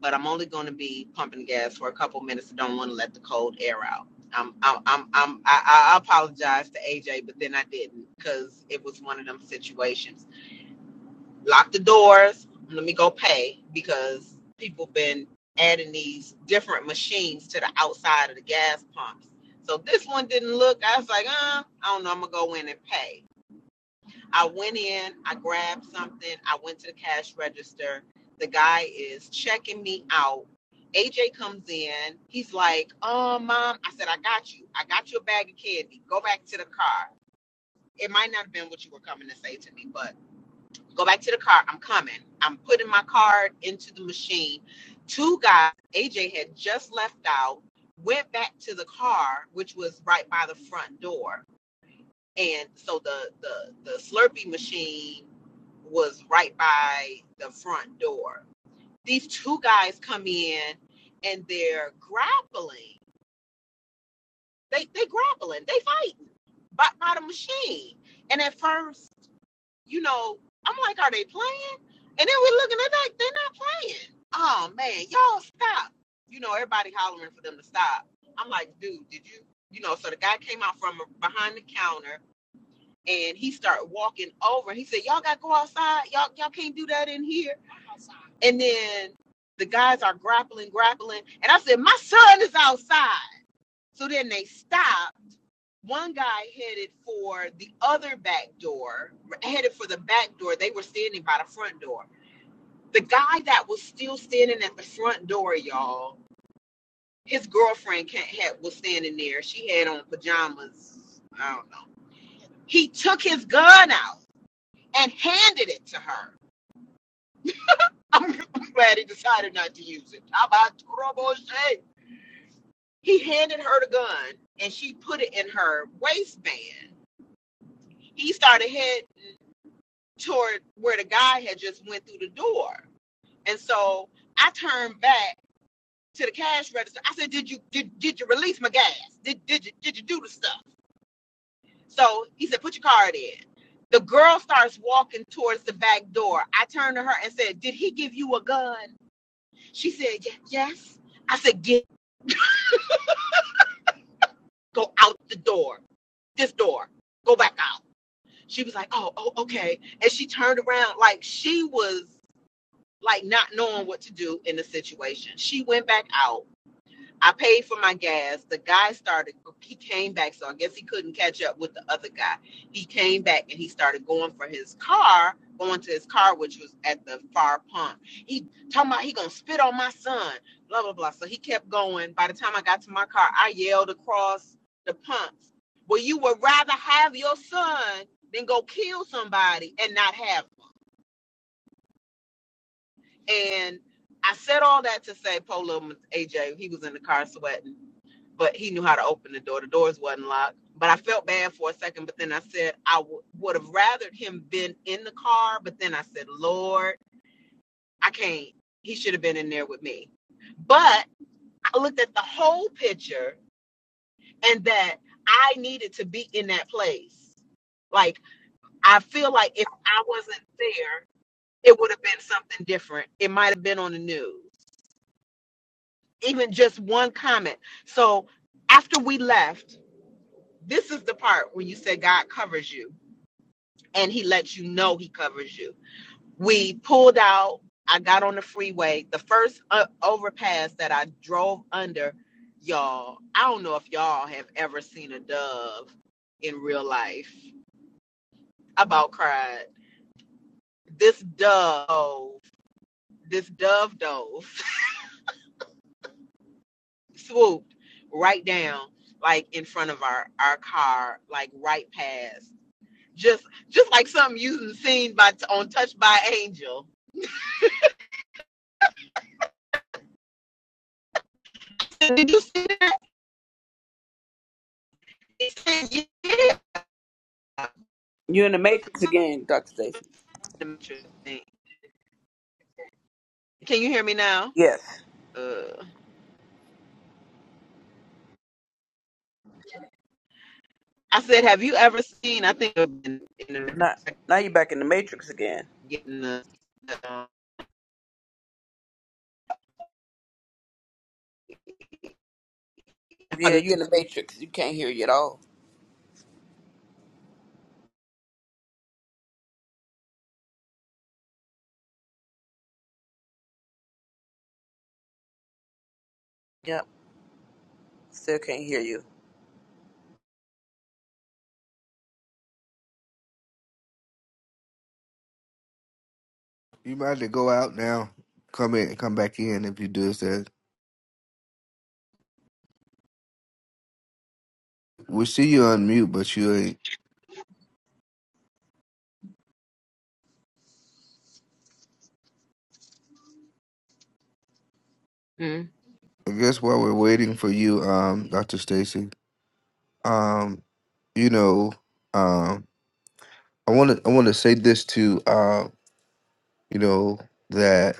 [SPEAKER 1] but I'm only going to be pumping gas for a couple minutes. I don't want to let the cold air out. I'm, I'm, I'm, I'm I, I apologize to AJ, but then I didn't because it was one of them situations. Lock the doors. Let me go pay because people been adding these different machines to the outside of the gas pumps. So this one didn't look. I was like, uh, I don't know. I'm gonna go in and pay I went in, I grabbed something, I went to the cash register. The guy is checking me out. AJ comes in. He's like, "Oh, mom," I said, "I got you. I got you a bag of candy. Go back to the car." It might not have been what you were coming to say to me, but go back to the car. I'm coming. I'm putting my card into the machine. Two guys, AJ had just left out, went back to the car, which was right by the front door. And so the the the Slurpee machine was right by the front door. These two guys come in and they're grappling. They they grappling. They fighting by, by the machine. And at first, you know, I'm like, are they playing? And then we're looking at like they're not playing. Oh man, y'all stop. You know, everybody hollering for them to stop. I'm like, dude, did you? You know, so the guy came out from behind the counter and he started walking over. He said, "Y'all got to go outside. Y'all y'all can't do that in here." And then the guys are grappling, grappling, and I said, "My son is outside." So then they stopped. One guy headed for the other back door, headed for the back door. They were standing by the front door. The guy that was still standing at the front door, y'all, his girlfriend ca- had, was standing there. She had on pajamas. I don't know. He took his gun out and handed it to her. I'm glad he decided not to use it. How about Trouble-Shay? He handed her the gun and she put it in her waistband. He started head toward where the guy had just went through the door. And so I turned back to the cash register. I said, Did you did, did you release my gas? Did did you did you do the stuff? So he said, Put your card in. The girl starts walking towards the back door. I turned to her and said, Did he give you a gun? She said, "Ye- Yes. I said, Get, go out the door, this door, go back out. She was like, Oh, oh, okay. And she turned around like she was like not knowing what to do in the situation. She went back out I paid for my gas. The guy started, he came back. So I guess he couldn't catch up with the other guy. He came back and he started going for his car, going to his car, which was at the far pump. He talking about he gonna spit on my son, blah, blah, blah. So he kept going. By the time I got to my car, I yelled across the pumps. Well, you would rather have your son than go kill somebody and not have. him." And I said all that to say Polo AJ, he was in the car sweating but he knew how to open the door. The doors wasn't locked. But I felt bad for a second, but then I said I w- would have rathered him been in the car, but then I said, Lord, I can't. He should have been in there with me. But I looked at the whole picture and that I needed to be in that place. Like I feel like if I wasn't there, it would have been something different. It might have been on the news. Even just one comment. So after we left, This is the part when you say God covers you and he lets you know he covers you. We pulled out. I got on the freeway. The first uh, overpass that I drove under, y'all, I don't know if y'all have ever seen a dove in real life. I about cried. This dove, this dove dove swooped right down, like in front of our, our car, like right past. Just just like something you've seen by on Touched by Angel. Did you see that? He said, yeah.
[SPEAKER 3] You're in the matrix again, Doctor Stacy.
[SPEAKER 1] Can you hear me now?
[SPEAKER 3] Yes.
[SPEAKER 1] Uh, I said, have you ever seen? I think I've been in America
[SPEAKER 3] Now now you're back in the matrix again.
[SPEAKER 1] getting the. the,
[SPEAKER 3] Yeah,
[SPEAKER 1] uh,
[SPEAKER 3] you in the matrix. You can't hear you at all. Yep, still can't hear you.
[SPEAKER 5] You might have to go out now, come in, come back in if you do that. We see you on mute, but you ain't.
[SPEAKER 1] Mm.
[SPEAKER 5] I guess while we're waiting for you, um, Dr. Stacy, um, you know, um, I want to I want to say this to uh, you know, that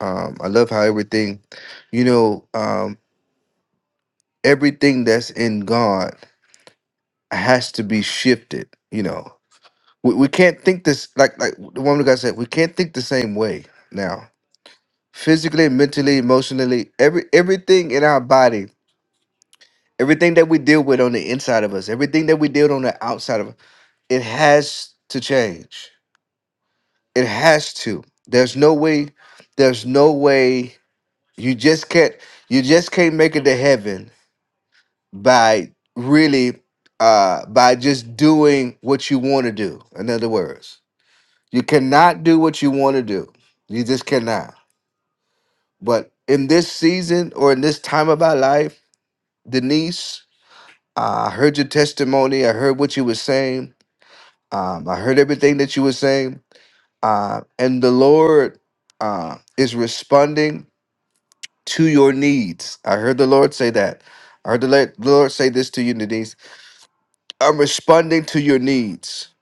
[SPEAKER 5] um, I love how everything, you know, um, everything that's in God has to be shifted. You know, we, we can't think this like like the woman of God said. We can't think the same way now. Physically, mentally, emotionally, every everything in our body Everything that we deal with on the inside of us, everything that we deal on the outside of us, it has to change. It has to. There's no way, there's no way you just can't you just can't make it to heaven by really uh by just doing what you want to do. In other words, you cannot do what you want to do. You just cannot. But in this season or in this time of our life, Denise, uh, I heard your testimony. I heard what you were saying Um, I heard everything that you were saying, uh, and the Lord uh, is responding to your needs. I heard the Lord say that. I heard the la- the Lord say this to you, Denise. I'm responding to your needs,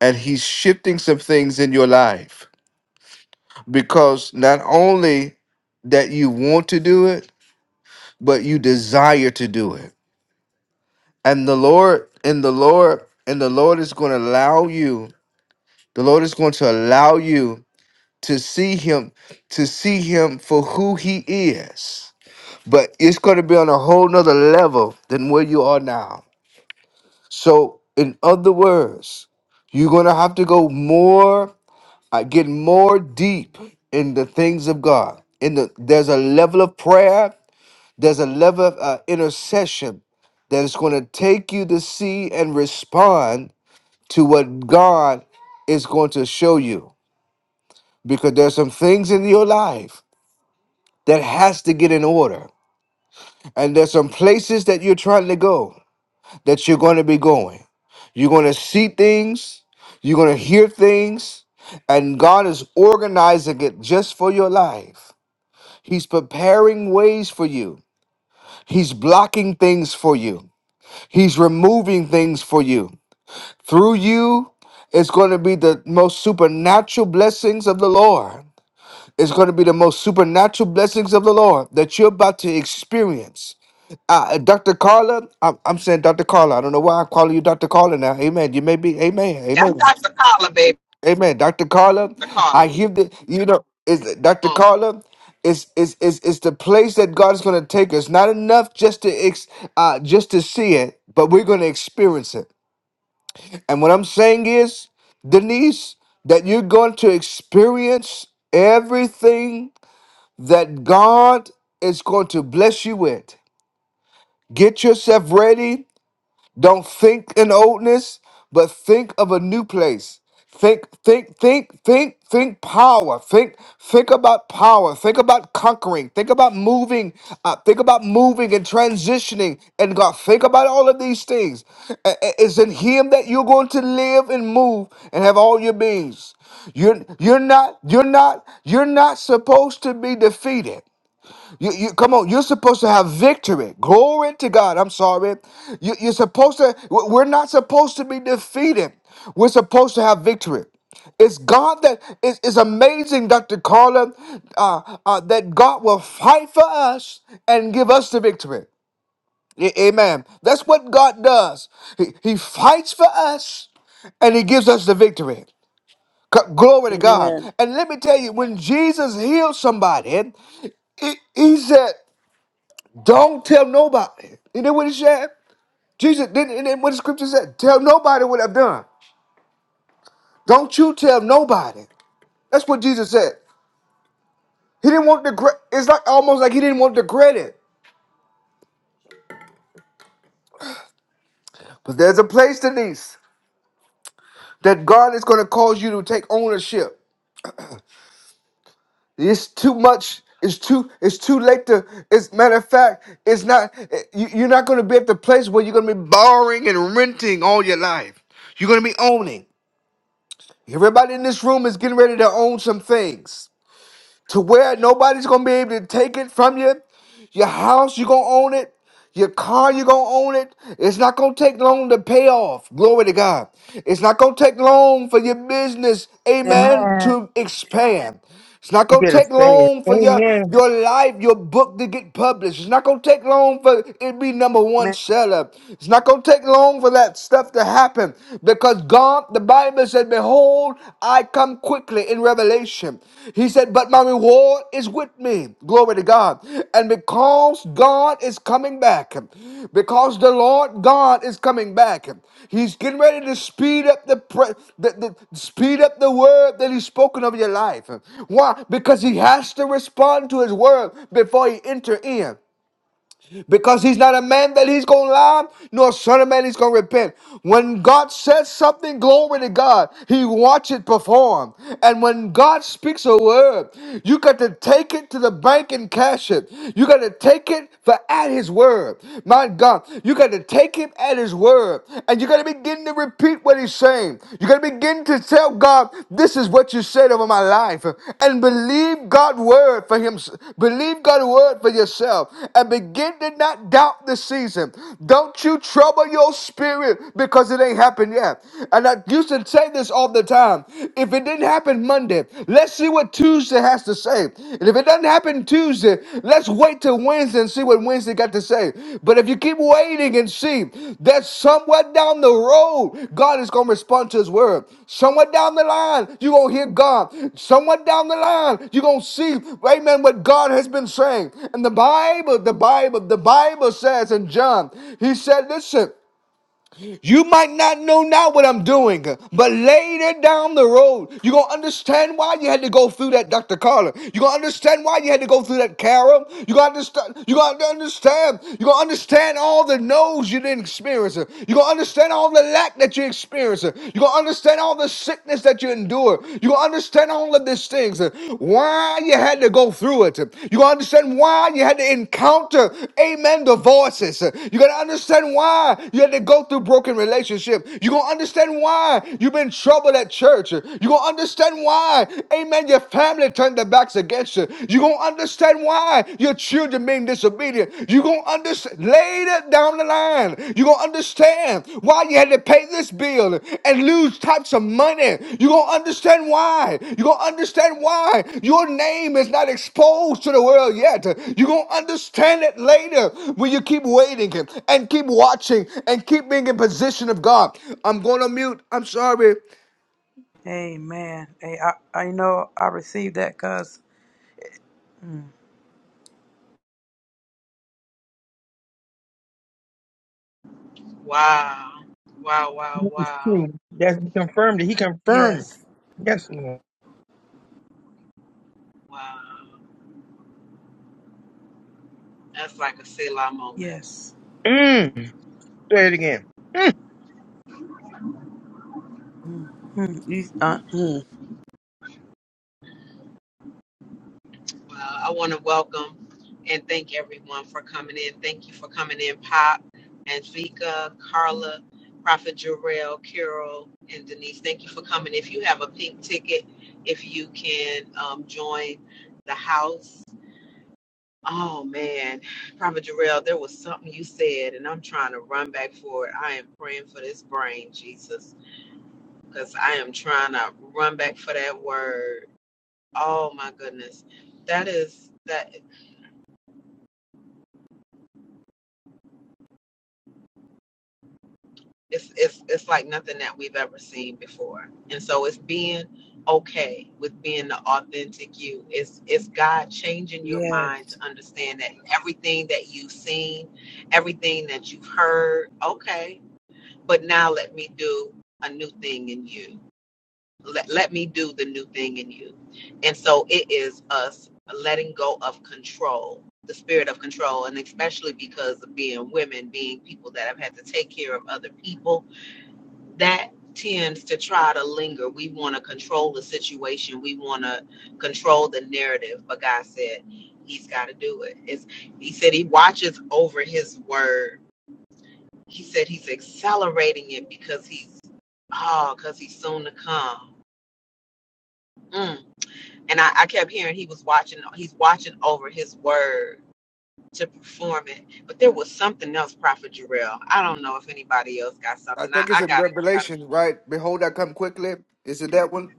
[SPEAKER 5] and He's shifting some things in your life because not only that you want to do it, but you desire to do it. And the Lord, and the Lord, and the Lord is going to allow you. The Lord is going to allow you to see him to see him for who he is but it's going to be on a whole nother level than where you are now so in other words you're going to have to go more uh, get more deep in the things of god in the there's a level of prayer there's a level of uh, intercession that is going to take you to see and respond to what god is going to show you because there's some things in your life that has to get in order. And there's some places that you're trying to go that you're going to be going. You're going to see things, you're going to hear things, and God is organizing it just for your life. He's preparing ways for you, He's blocking things for you, He's removing things for you. Through you, it's going to be the most supernatural blessings of the Lord. It's going to be the most supernatural blessings of the Lord that you're about to experience Uh, Dr. Carla, I'm, I'm saying Dr. Carla. I don't know why I call you Dr. Carla now. Amen. You may be, amen,
[SPEAKER 1] that's
[SPEAKER 5] amen,
[SPEAKER 1] Dr. Carla, baby.
[SPEAKER 5] amen. Dr. Carla,
[SPEAKER 1] Dr.
[SPEAKER 5] I
[SPEAKER 1] Carla.
[SPEAKER 5] hear the, you know, is Dr.
[SPEAKER 1] Oh,
[SPEAKER 5] Carla, it's, is is is the place that God is going to take us. Not enough just to, ex, uh, just to see it, but we're going to experience it. And what I'm saying is, Denise, that you're going to experience everything that God is going to bless you with. Get yourself ready Don't think in oldness, but think of a new place. Think, think, think, think, think power. Think, think about power. Think about conquering. Think about moving. Uh, think about moving and transitioning. And God, think about all of these things. A- a- It's in Him that you're going to live and move and have all your beings. You're you're not you're not you're not supposed to be defeated. You, you come on. You're supposed to have victory. Glory to God. I'm sorry. You, you're supposed to. w- We're not supposed to be defeated. We're supposed to have victory. It's God that is it's amazing, Dr. Carla, uh, uh, that God will fight for us and give us the victory. A- amen. That's what God does. He, he fights for us and he gives us the victory. C- Glory to God.
[SPEAKER 3] Amen.
[SPEAKER 5] And let me tell you, when Jesus healed somebody, he, he said. Don't tell nobody. Isn't that what he said? Jesus, didn't isn't that what the scripture said? Tell nobody what I've done. Don't you tell nobody. That's what Jesus said. He didn't want the credit. It's like almost like he didn't want the credit. But there's a place, Denise, that God is going to cause you to take ownership. It's too much. It's too. It's too late to. As matter of fact, it's not. eh, You, you're not going to be at the place where you're going to be borrowing and renting all your life. You're going to be owning. Everybody in this room is getting ready to own some things. to where nobody's gonna be able to take it from you. Your house, you're gonna own it. Your car, you're gonna own it. It's not gonna take long to pay off. Glory to God. It's not gonna take long for your business, amen,
[SPEAKER 3] Amen.
[SPEAKER 5] to expand. It's not
[SPEAKER 4] You
[SPEAKER 5] gonna
[SPEAKER 4] better
[SPEAKER 5] take
[SPEAKER 4] say it.
[SPEAKER 5] long for your
[SPEAKER 4] Amen.
[SPEAKER 5] your life, your book to get published. It's not gonna take long for it be number one
[SPEAKER 3] Amen.
[SPEAKER 5] seller. It's not gonna take long for that stuff to happen. Because God, the Bible said, Behold, I come quickly in Revelation. He said, But my reward is with me. Glory to God. And because God is coming back, because the Lord God is coming back, He's getting ready to speed up the, pre- the, the speed up the word that He's spoken over your life. Why? Because He has to respond to His word before He enter in because he's not a man that he's going to lie, nor a son of man he's going to repent. When God says something, glory to God, he watch it perform. And when God speaks a word, you got to take it to the bank and cash it. You got to take it for at his word. My God, you got to take him at his word. And you got to begin to repeat what he's saying. You got to begin to tell God, this is what you said over my life. And believe God's word for him. Believe God's word for yourself. And begin to not doubt the season. Don't you trouble your spirit because it ain't happened yet. And I used to say this all the time. If it didn't happen Monday, let's see what Tuesday has to say. And if it doesn't happen, happened Tuesday. Let's wait till Wednesday and see what Wednesday got to say. But if you keep waiting and see that somewhere down the road, God is going to respond to his word. Somewhere down the line, you're going to hear God. Somewhere down the line, you're going to see, amen, what God has been saying. And the Bible, the Bible, the Bible says in John, he said, listen. You might not know now what I'm doing, but later down the road, you're gonna understand why you had to go through that, Dr. Carla. You're gonna understand why you had to go through that, Carol. You're gonna understand, you're gonna understand, you're gonna understand all the no's you didn't experience. You're gonna understand all the lack that you experienced. You're gonna understand all the sickness that you endure. You're gonna understand all of this things, and why you had to go through it. You're going to understand why you had to encounter, amen, the voices. You're going to understand why you had to go through broken relationship. You're going to understand why you've been troubled at church. You're going to understand why, amen, your family turned their backs against you. You're going to understand why your children being disobedient. You're going to understand Later down the line, you're gonna understand why you had to pay this bill and lose types of money. You're gonna understand why. You're gonna understand why your name is not exposed to the world yet. You're gonna understand it later when you keep waiting and keep watching and keep being in position of God. I'm gonna mute. I'm sorry.
[SPEAKER 3] Amen. Hey, I, I you know I received that cause mm,
[SPEAKER 1] wow. Wow, wow,
[SPEAKER 4] It's
[SPEAKER 1] wow,
[SPEAKER 4] true. That's confirmed. it. He confirmed.
[SPEAKER 3] yes,
[SPEAKER 4] Yes, Lord.
[SPEAKER 1] wow. That's like a Selah moment.
[SPEAKER 3] yes.
[SPEAKER 4] Mm. Say it again. Mm.
[SPEAKER 3] Mm, mm, you- uh, mm,
[SPEAKER 1] Well, I want to welcome and thank everyone for coming in. Thank you for coming in, Pop and Vika, Carla, Prophet Jarrell, Carol, and Denise. Thank you for coming. If you have a pink ticket, if you can um, join the house. Oh man, Prophet Jarrell, there was something you said, and I'm trying to run back for it. I am praying for this brain, Jesus, because I am trying to run back for that word. Oh my goodness, that is that. It's it's it's like nothing that we've ever seen before. And so it's being okay with being the authentic you. It's it's God changing your mind
[SPEAKER 3] yes.
[SPEAKER 1] to understand that everything that you've seen, everything that you've heard, okay, but now let me do a new thing in you. Let let me do the new thing in you. And so it is us letting go of control, the spirit of control, and especially because of being women, being people that have had to take care of other people that tends to try to linger. We want to control the situation. We want to control the narrative. But God said He's got to do it. It's, he said He watches over His word. He said He's accelerating it because He's oh, because He's soon to come. Mm. And I, I kept hearing He was watching. He's watching over His word to perform it. But there was something else, Prophet Jarrell. I don't know if anybody else got
[SPEAKER 5] I
[SPEAKER 1] something. I,
[SPEAKER 5] think it's
[SPEAKER 1] I
[SPEAKER 5] in
[SPEAKER 1] got it.
[SPEAKER 5] Revelation, right? Behold, I come quickly. Is it that one?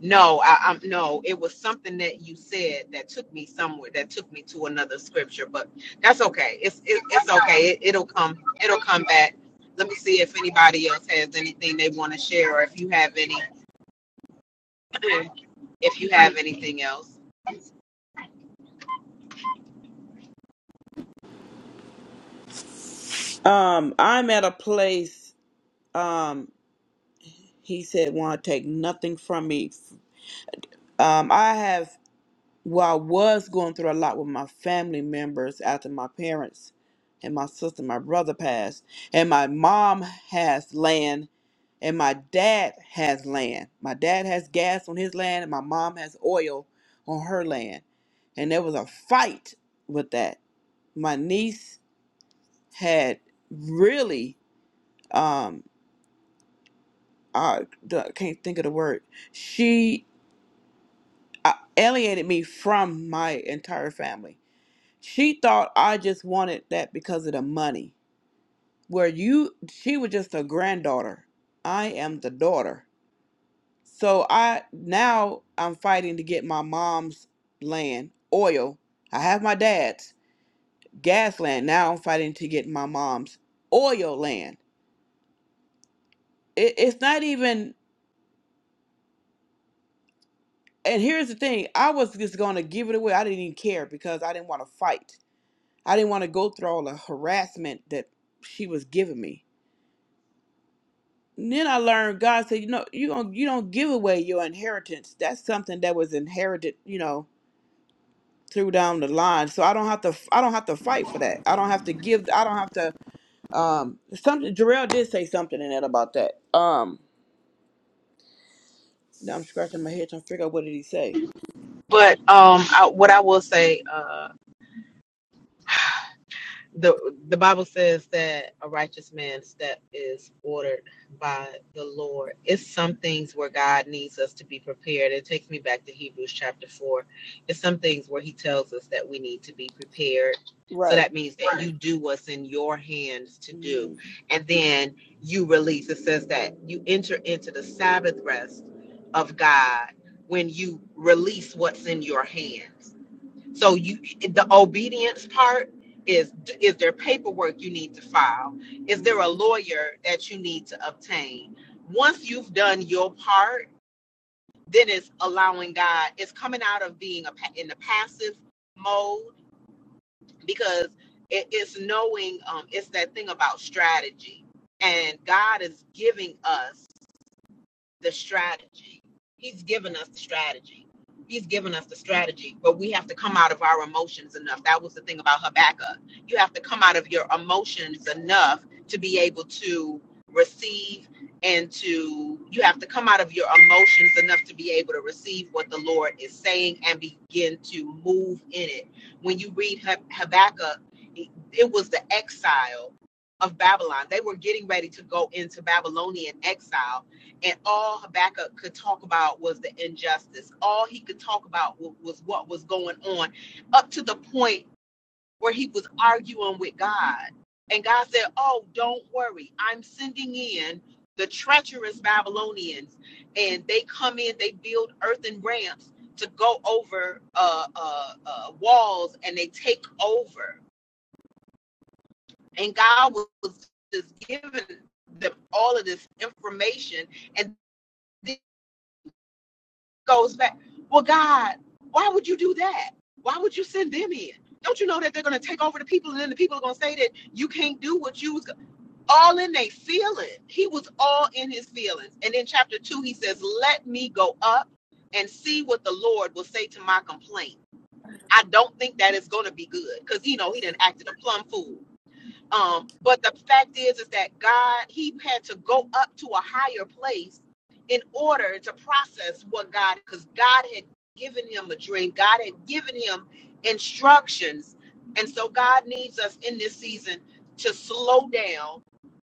[SPEAKER 1] No, I, I'm no. It was something that you said that took me somewhere. That took me to another scripture, but that's okay. It's it, it's okay. It, it'll come. It'll come back. Let me see if anybody else has anything they want to share, or if you have any, if you have anything else.
[SPEAKER 3] Um, I'm at a place. Um, he said, "Want to take nothing from me." Um, I have. Well, I was going through a lot with my family members after my parents and my sister, my brother passed, and my mom has land, and my dad has land. My dad has gas on his land, and my mom has oil on her land. And there was a fight with that. My niece had really, um, I d- can't think of the word. She uh, alienated me from my entire family She thought I just wanted that because of the money. Where you, she was just a granddaughter. I am the daughter. So I now I'm fighting to get my mom's land, oil. I have my dad's gas land. Now I'm fighting to get my mom's oil land. It, it's not even. And here's the thing: I was just gonna give it away. I didn't even care because I didn't want to fight. I didn't want to go through all the harassment that she was giving me. then I learned God said, you know, you don't you don't give away your inheritance. That's something that was inherited, you know, through down the line. So I don't have to I don't have to fight for that. I don't have to give. I don't have to. Um, something. Jarrell did say something in it about that. Um, now I'm scratching my head trying to figure out what did he say.
[SPEAKER 1] But um, I, what I will say, uh. the the Bible says that a righteous man's step is ordered by the Lord. It's some things where God needs us to be prepared. It takes me back to Hebrews chapter four. It's some things where He tells us that we need to be prepared. So
[SPEAKER 3] Right.
[SPEAKER 1] that means that you do what's in your hands to do,
[SPEAKER 3] hmm
[SPEAKER 1] and then you release. It says that you enter into the Sabbath rest of God when you release what's in your hands so you, the obedience part is: is there paperwork you need to file? Is there a
[SPEAKER 3] Mm-hmm.
[SPEAKER 1] lawyer that you need to obtain? Once you've done your part, then it's allowing God. It's coming out of being a, pa- in the passive mode because it, it's knowing. Um, it's that thing about strategy, and God is giving us the strategy. He's given us the strategy. He's given us the strategy, but we have to come out of our emotions enough. That was the thing about Habakkuk. You have to come out of your emotions enough to be able to receive and to, you have to come out of your emotions enough to be able to receive what the Lord is saying and begin to move in it. When you read Hab- Habakkuk, it it was the exile of Babylon. They were getting ready to go into Babylonian exile and all Habakkuk could talk about was the injustice. All he could talk about wa- was what was going on, up to the point where he was arguing with God. And God said, Oh, don't worry. I'm sending in the treacherous Babylonians, and they come in, they build earthen ramps to go over uh, uh, uh, walls and they take over. And God was just giving them all of this information. And then goes back, well, God, why would you do that? Why would you send them in? Don't you know that they're going to take over the people and then the people are going to say that you can't do what you was all in they feeling. He was all in his feelings. And in chapter two, he says, let me go up and see what the Lord will say to my complaint. I don't think that is going to be good because, you know, he didn't acted a plum fool. Um, but the fact is, is that God, he had to go up to a higher place in order to process what God, because God had given him a dream. God had given him instructions. And so God needs us in this season to slow down,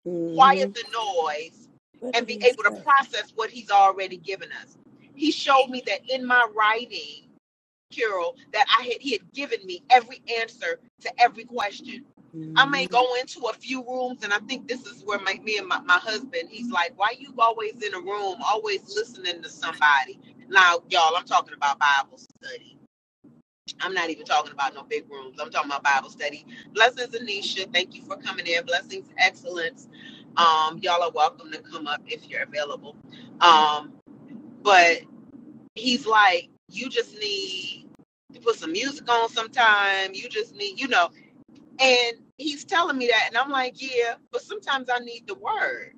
[SPEAKER 3] mm-hmm.
[SPEAKER 1] quiet the noise,
[SPEAKER 3] What
[SPEAKER 1] and
[SPEAKER 3] did
[SPEAKER 1] be
[SPEAKER 3] he
[SPEAKER 1] able to
[SPEAKER 3] say?
[SPEAKER 1] process what he's already given us. He showed me that in my writing, Carol that I had he had given me every answer to every question. I may
[SPEAKER 3] Mm-hmm.
[SPEAKER 1] go into a few rooms, and I think this is where my, me and my, my husband, he's like, Why you always in a room, always listening to somebody? Now, y'all, I'm talking about Bible study. I'm not even talking about no big rooms. I'm talking about Bible study. Blessings, Anisha. Thank you for coming in. Blessings, excellence. Um, y'all are welcome to come up if you're available. Um, but he's like, you just need to put some music on sometime. You just need, you know. And he's telling me that, and I'm like, yeah, but sometimes I need the word.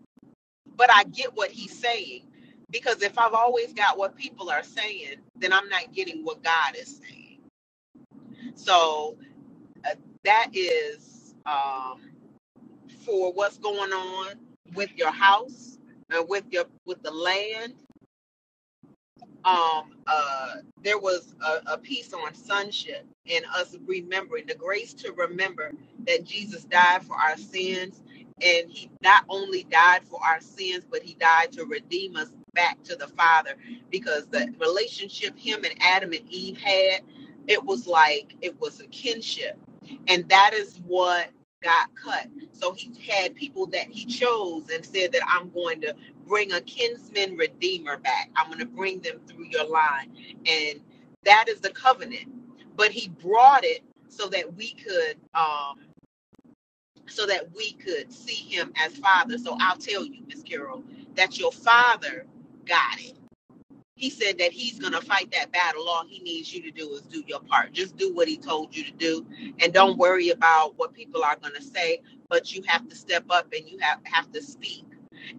[SPEAKER 1] But I get what he's saying because if I've always got what people are saying, then I'm not getting what God is saying. So uh, that is um, for what's going on with your house and with your with the land um, uh, there was a, a piece on sonship and us remembering the grace to remember that Jesus died for our sins. And he not only died for our sins, but he died to redeem us back to the Father because the relationship him and Adam and Eve had, it was like it was a kinship. And that is what got cut. So he had people that he chose and said that I'm going to bring a kinsman redeemer back. I'm going to bring them through your line. And that is the covenant. But he brought it so that we could um so that we could see him as father. So I'll tell you, Miss Carol, that your father got it he said that he's going to fight that battle. All he needs you to do is do your part. Just do what he told you to do and don't worry about what people are going to say, but you have to step up and you have, have to speak.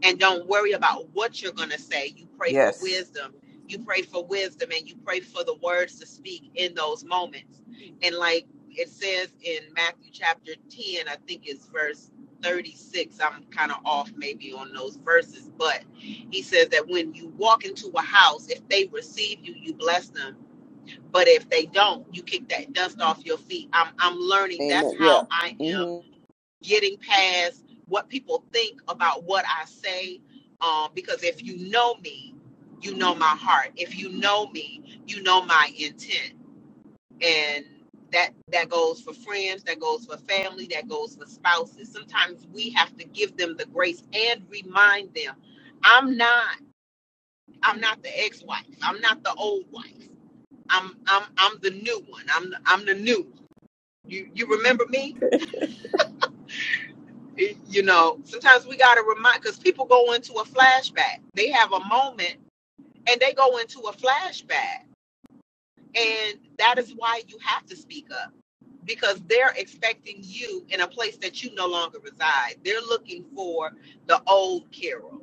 [SPEAKER 1] And don't worry about what you're going to say. You pray for
[SPEAKER 3] Yes.
[SPEAKER 1] wisdom. You pray for wisdom and you pray for the words to speak in those moments. And like it says in Matthew chapter 10, I think it's verse 36. I'm kind of off maybe on those verses, but he says that when you walk into a house, if they receive you, you bless them. But if they don't, you kick that dust off your feet. I'm I'm learning that's
[SPEAKER 3] Amen. Yeah.
[SPEAKER 1] how I am
[SPEAKER 3] Mm-hmm.
[SPEAKER 1] getting past what people think about what I say. Um, because if you know me, you know my heart. If you know me, you know my intent. And that that goes for friends, that goes for family, that goes for spouses. Sometimes we have to give them the grace and remind them, I'm not. I'm not the ex-wife. I'm not the old wife. I'm I'm I'm the new one. I'm the, I'm the new. One. You you remember me? Y- You know, sometimes we gotta remind because people go into a flashback. They have a moment and they go into a flashback, and that is why you have to speak up because they're expecting you in a place that you no longer reside. They're looking for the old Carol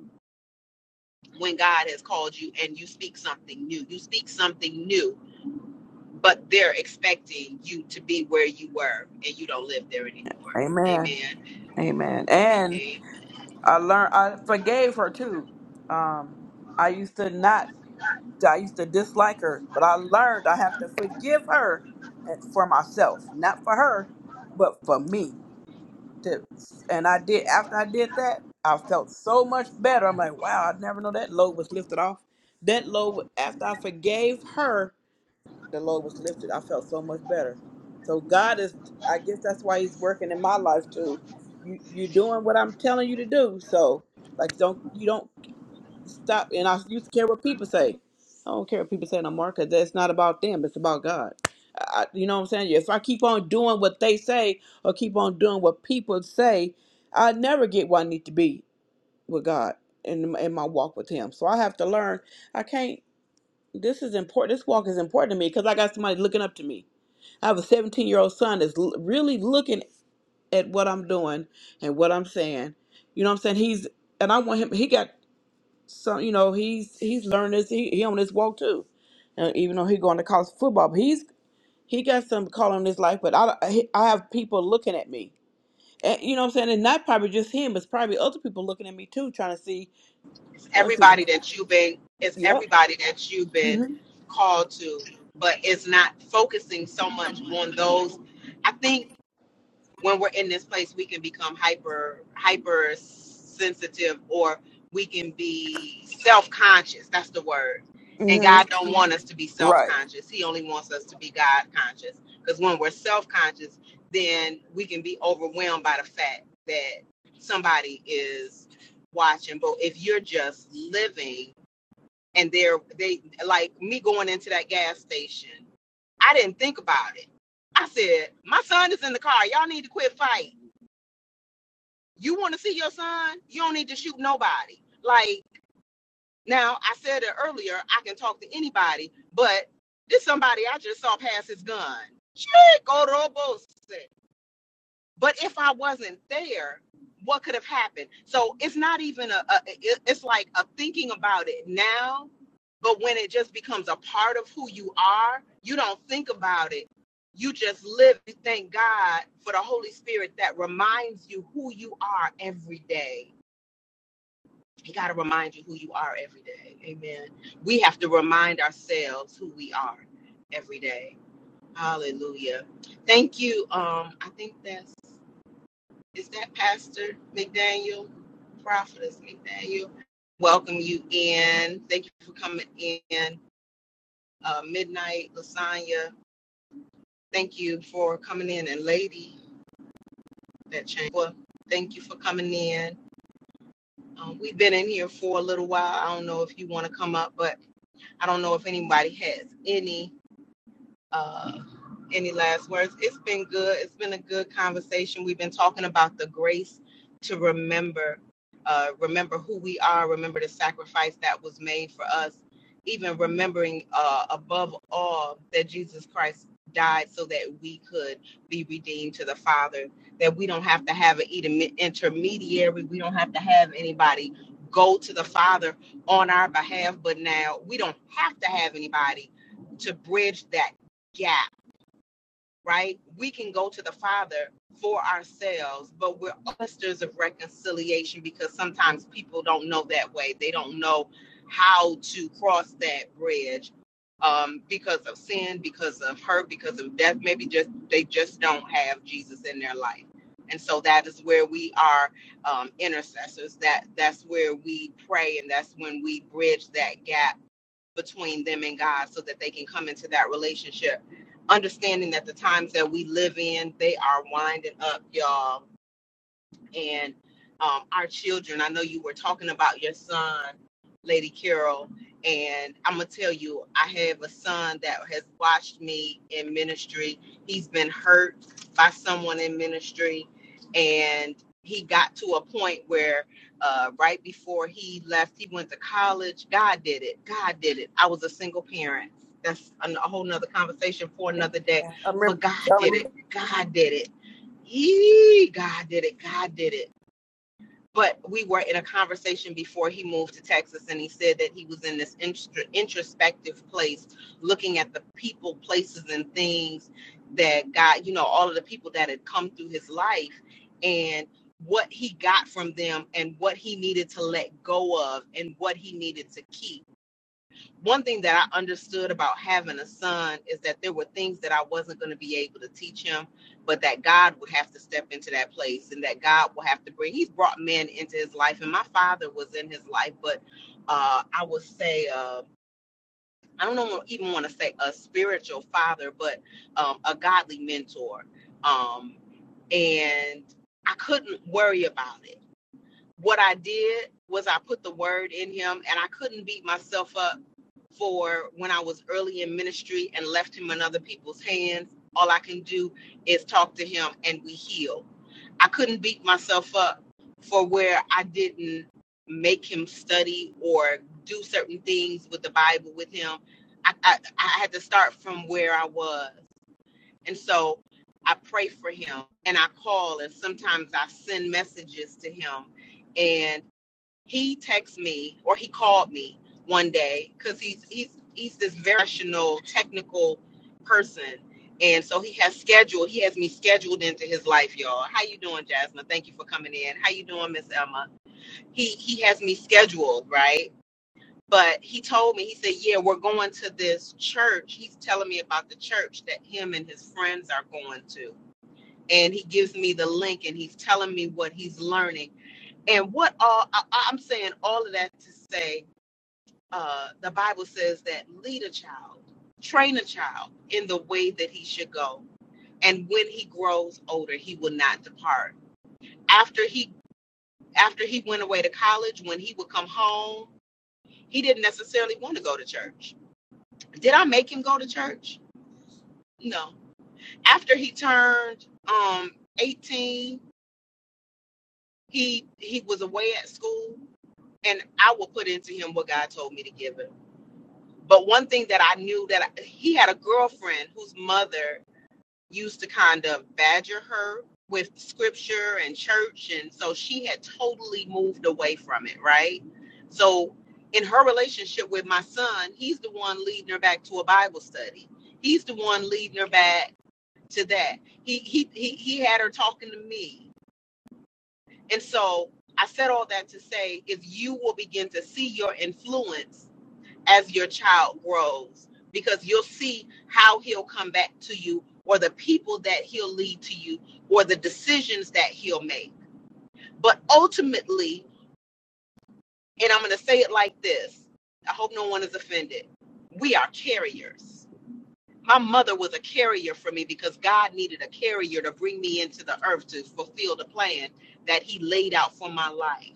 [SPEAKER 1] when God has called you and you speak something new. You speak something new but they're expecting you to be where you were and you don't live there anymore.
[SPEAKER 3] Amen.
[SPEAKER 1] Amen.
[SPEAKER 3] Amen. And
[SPEAKER 1] Amen.
[SPEAKER 3] I learned I forgave her too. Um, I used to not I used to dislike her, but I learned I have to forgive her and for myself, not for her, but for me. To- And I did after I did that, I felt so much better. I'm like, wow, I never know that load was lifted off. That load after I forgave her the load was lifted. I felt so much better. So God is I guess that's why he's working in my life too. You you're doing what I'm telling you to do. So like don't you don't stop and I used to care what people say. I don't care what people say no more because that's not about them. It's about God. I, you know what I'm saying? If I keep on doing what they say or keep on doing what people say, I never get where I need to be with God in, in my walk with Him. So I have to learn. I can't. This is important. This walk is important to me because I got somebody looking up to me. I have a 17 year old son that's l- really looking at what I'm doing and what I'm saying. You know what I'm saying? He's and I want him. He got some. You know, he's he's learning this. He, he on this walk too. And even though he going to college football, but he's he got some calling in his life. But I I I have people looking at me. And, you know what I'm saying? And not probably just him, but it's probably other people looking at me too, trying to see.
[SPEAKER 1] It's
[SPEAKER 3] Oh, she,
[SPEAKER 1] everybody that you've been it's
[SPEAKER 3] yep.
[SPEAKER 1] everybody that you've been
[SPEAKER 3] hmm
[SPEAKER 1] called to, but it's not focusing so much on those. I think when we're in this place we can become hyper hyper sensitive or we can be self-conscious that's the word and
[SPEAKER 3] hmm
[SPEAKER 1] god don't want us to be
[SPEAKER 3] Right.
[SPEAKER 1] self-conscious he only wants us to be god conscious because when we're self-conscious then we can be overwhelmed by the fact that somebody is watching but if you're just living and they're they like me going into that gas station. I didn't think about it. I said, my son is in the car. Y'all need to quit fighting. You want to see your son? You don't need to shoot nobody. Like now, I said it earlier. I can talk to anybody, but this somebody I just saw pass his gun. Shit, go Robos. But if I wasn't there, what could have happened? So it's not even a, a it- it's like a thinking about it now, but when it just becomes a part of who you are, you don't think about it. You just live. You thank God for the Holy Spirit that reminds you who you are every day. He got to remind you who you are every day. Amen. We have to remind ourselves who we are every day. Hallelujah. Thank you. Um, I think that's is that Pastor McDaniel, Prophetess McDaniel? Welcome you in. Thank you for coming in. Uh, Midnight Lasagna, thank you for coming in. And Lady, that changed. Well, thank you for coming in. Um, we've been in here for a little while. I don't know if you want to come up, but I don't know if anybody has any. Uh, any last words? It's been good. It's been a good conversation. We've been talking about the grace to remember, uh, remember who we are, remember the sacrifice that was made for us, even remembering uh, above all that Jesus Christ died so that we could be redeemed to the Father, that we don't have to have an intermediary, we don't have to have anybody go to the Father on our behalf, but now we don't have to have anybody to bridge that gap, right? We can go to the Father for ourselves, but we're ministers of reconciliation because sometimes people don't know that way. They don't know how to cross that bridge um, because of sin, because of hurt, because of death. Maybe just they just don't have Jesus in their life. And so that is where we are um, intercessors. That that's where we pray, and that's when we bridge that gap between them and God so that they can come into that relationship. Understanding that the times that we live in, they are winding up, y'all and um, our children. I know you were talking about your son, Lady Carol, and I'm gonna tell you, I have a son that has watched me in ministry. He's been hurt by someone in ministry, and he got to a point where uh, right before he left, he went to college. God did it. God did it. I was a single parent. That's a a whole nother conversation for another day. But God did it. God did it. Yee, God did it. God did it but we were in a conversation before he moved to Texas, and he said that he was in this intro- introspective place, looking at the people, places, and things that God, you know, all of the people that had come through his life, and what he got from them, and what he needed to let go of, and what he needed to keep one thing that I understood about having a son is that there were things that I wasn't going to be able to teach him, but that God would have to step into that place and that God will have to bring. He's brought men into his life, and my father was in his life, but uh, I would say, uh, I don't know, even want to say a spiritual father, but um, a godly mentor. Um, and I couldn't worry about it. What I did was I put the word in him, and I couldn't beat myself up for when I was early in ministry and left him in other people's hands. All I can do is talk to him and we heal. I couldn't beat myself up for where I didn't make him study or do certain things with the Bible with him. I, I, I had to start from where I was. And so I pray for him and I call and sometimes I send messages to him and he texted me or he called me one day because he's he's he's this very professional technical person and so he has scheduled he has me scheduled into his life y'all how you doing jasmine thank you for coming in how you doing miss emma he he has me scheduled right but he told me he said yeah we're going to this church he's telling me about the church that him and his friends are going to and he gives me the link and he's telling me what he's learning and what all I, i'm saying all of that to say uh the bible says that lead a child train a child in the way that he should go and when he grows older he will not depart after he after he went away to college when he would come home he didn't necessarily want to go to church did i make him go to church no after he turned um 18 he he was away at school and i will put into him what god told me to give him But one thing that I knew that I, he had a girlfriend whose mother used to kind of badger her with scripture and church. And so she had totally moved away from it, right? So in her relationship with my son, he's the one leading her back to a Bible study. He's the one leading her back to that. He he he, he had her talking to me. And so I said all that to say if you will begin to see your influence as your child grows because you'll see how he'll come back to you or the people that he'll lead to you or the decisions that he'll make. But ultimately, and I'm going to say it like this I hope no one is offended. We are carriers. My mother was a carrier for me because God needed a carrier to bring me into the earth to fulfill the plan that he laid out for my life.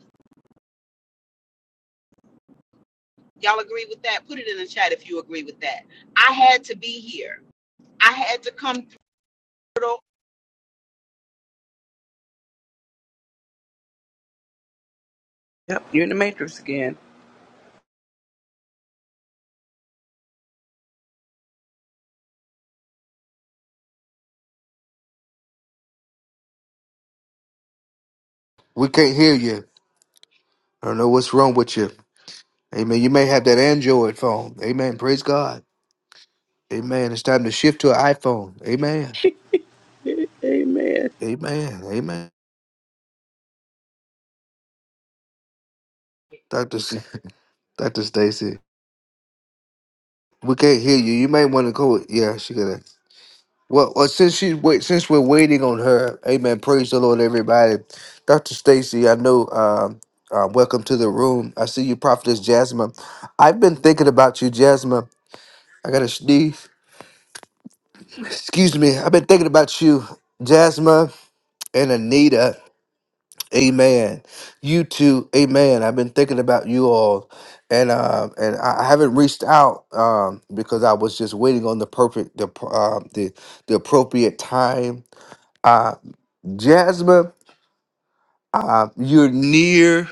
[SPEAKER 1] Y'all agree with that? Put it in the chat if you agree with that. I had to be here. I had to come through.
[SPEAKER 3] Yep. You're in the matrix again.
[SPEAKER 5] We can't hear you. I don't know what's wrong with you. Amen. You may have that Android phone. Amen. Praise God. Amen. It's time to shift to an iPhone. Amen.
[SPEAKER 3] Amen.
[SPEAKER 5] Amen. Amen. Doctor, C- Doctor Stacy, we can't hear you. You may want to go. Yeah, she got it. Well, well, since she's wait, since we're waiting on her, Amen. Praise the Lord, everybody. Doctor Stacy, I know. Um, uh, welcome to the room. I see you, Prophetess Jasmine. I've been thinking about you, Jasmine. I got a sneeze. Excuse me. I've been thinking about you, Jasmine and Anita. Amen. You too. Amen. I've been thinking about you all, and um, and I I haven't reached out um because I was just waiting on the perfect the pr- um the the appropriate time. Jasmine, uh, you're near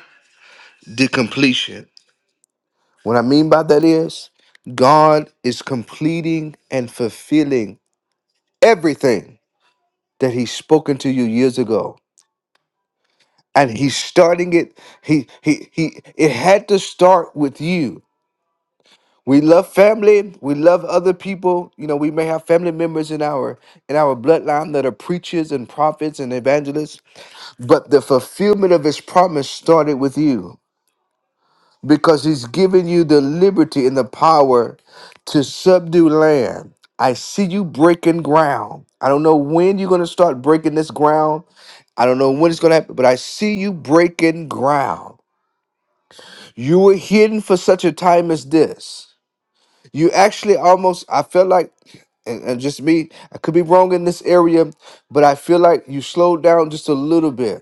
[SPEAKER 5] the completion. What I mean by that is God is completing and fulfilling everything that He's spoken to you years ago, and He's starting it. He he he. It had to start with you. We love family. We love other people. You know, we may have family members in our in our bloodline that are preachers and prophets and evangelists, but the fulfillment of his promise started with you because he's given you the liberty and the power to subdue land. I see you breaking ground. I don't know when you're going to start breaking this ground. I don't know when it's going to happen, but I see you breaking ground. You were hidden for such a time as this. You actually almost, I felt like, and, and just me, I could be wrong in this area, but I feel like you slowed down just a little bit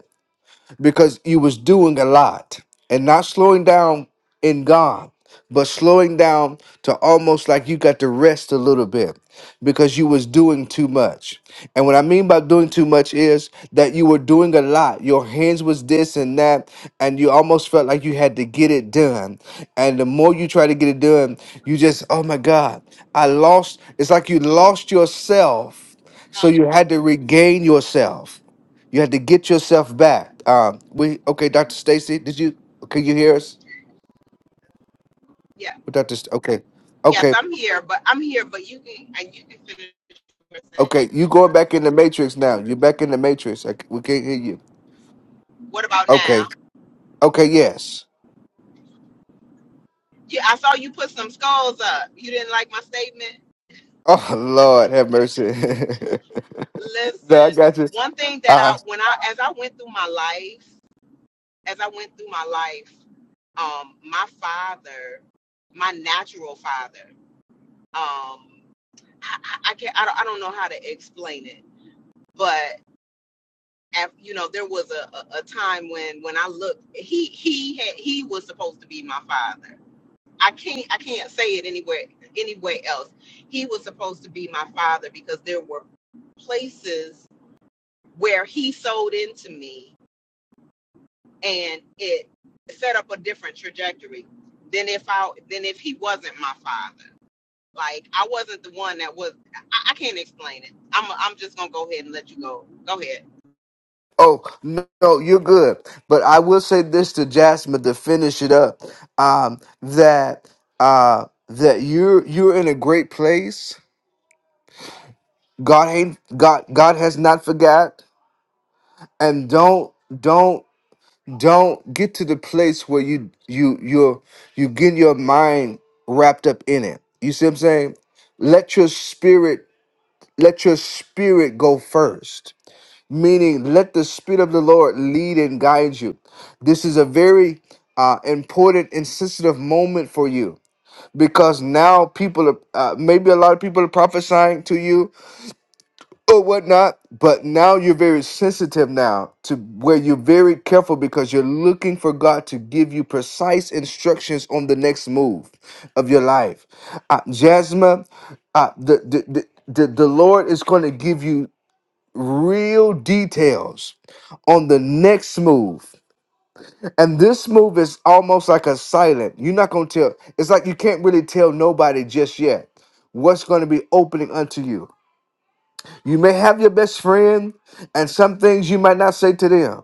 [SPEAKER 5] because you was doing a lot and not slowing down in God, but slowing down to almost like you got to rest a little bit because you was doing too much. And what I mean by doing too much is that you were doing a lot. Your hands was this and that and you almost felt like you had to get it done. And the more you try to get it done, you just oh my god, I lost it's like you lost yourself so
[SPEAKER 1] Huh?
[SPEAKER 5] you had to regain yourself. You had to get yourself back. Um, we okay, Dr. Stacy, did you can you hear us?
[SPEAKER 1] Yeah.
[SPEAKER 5] With Dr. St- okay.
[SPEAKER 1] Yes,
[SPEAKER 5] Okay.
[SPEAKER 1] I'm here, but I'm here, but you can and you can finish your
[SPEAKER 5] Okay, you
[SPEAKER 1] sentence,
[SPEAKER 5] going
[SPEAKER 1] brother.
[SPEAKER 5] back in the matrix now. You're back in the matrix. I c we can't hear you.
[SPEAKER 1] What about now?
[SPEAKER 5] Okay. Okay, yes.
[SPEAKER 1] Yeah, I saw you put some skulls up. You didn't like my statement?
[SPEAKER 5] Oh Lord, have mercy. no, I
[SPEAKER 1] Listen,
[SPEAKER 5] got you.
[SPEAKER 1] one thing that
[SPEAKER 5] Uh
[SPEAKER 1] I when I as I went through my life, as I went through my life, um, my father, my natural father, um, I, I I can't I don't, I don't know how to explain it, but. af- you know there was a, a a time when when i looked he he had he was supposed to be my father i can't i can't say it anywhere anywhere else he was supposed to be my father because there were places where he sold into me and it set up a different trajectory than if i than if he wasn't my father like i wasn't the one that was i, I can't explain it i'm i'm just gonna go ahead and let you go go ahead
[SPEAKER 5] oh no, no, you're good. But I will say this to Jasmine to finish it up. Um, that uh that you're you're in a great place God ain't God God has not forgot and don't don't don't get to the place where you you you're you get your mind wrapped up in it. You see what I'm saying? Let your spirit let your spirit go first. Meaning let the spirit of the Lord lead and guide you. This is a very uh, important and sensitive moment for you because now people are uh, maybe a lot of people are prophesying to you or whatnot. But now you're very sensitive now to where you're very careful because you're looking for God to give you precise instructions on the next move of your life. Uh, Jasmine, uh, the, the, the, the the Lord is going to give you real details on the next move. And this move is almost like a silent. You're not going to tell, it's like you can't really tell nobody just yet what's going to be opening unto you. You may have your best friend, and some things you might not say to them.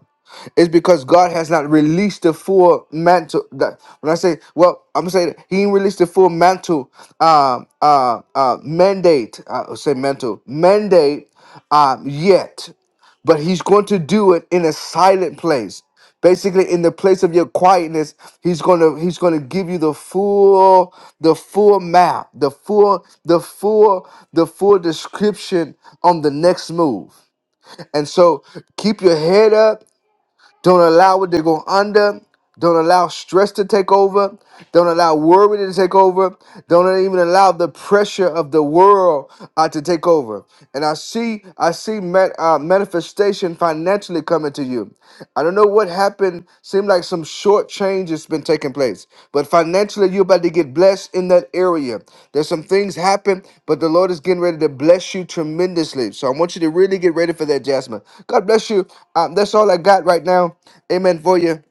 [SPEAKER 5] It's because God has not released the full mantle. That, when I say, well, I'm saying He ain't released the full mantle, um, uh, uh, mandate. I would say mantle mandate um, yet but he's going to do it in a silent place basically in the place of your quietness he's going to he's going to give you the full the full map the full the full the full description on the next move and so keep your head up don't allow it to go under. Don't allow stress to take over. Don't allow worry to take over. Don't even allow the pressure of the world uh, to take over. And I see, I see ma- uh, manifestation financially coming to you. I don't know what happened happened seemed like some short change has been taking place. But financially, you're about to get blessed in that area. There's some things happen, but the Lord is getting ready to bless you tremendously. So I want you to really get ready for that, Jasmine. God bless you. Um, that's all I got right now. Amen for you.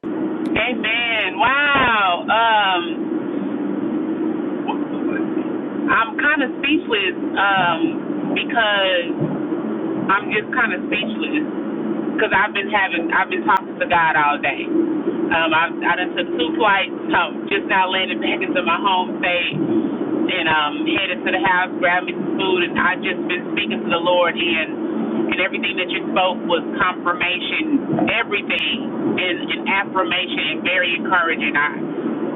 [SPEAKER 7] Amen. Wow. Um, I'm kind of speechless um, because I'm just kind of speechless because I've been having I've been talking to God all day. Um, I I done took two flights. Um, just now landed back into my home state and um, headed to the house, grabbed me some food, and I just been speaking to the Lord and. And everything that you spoke was confirmation, everything, and, and affirmation, and very encouraging. I,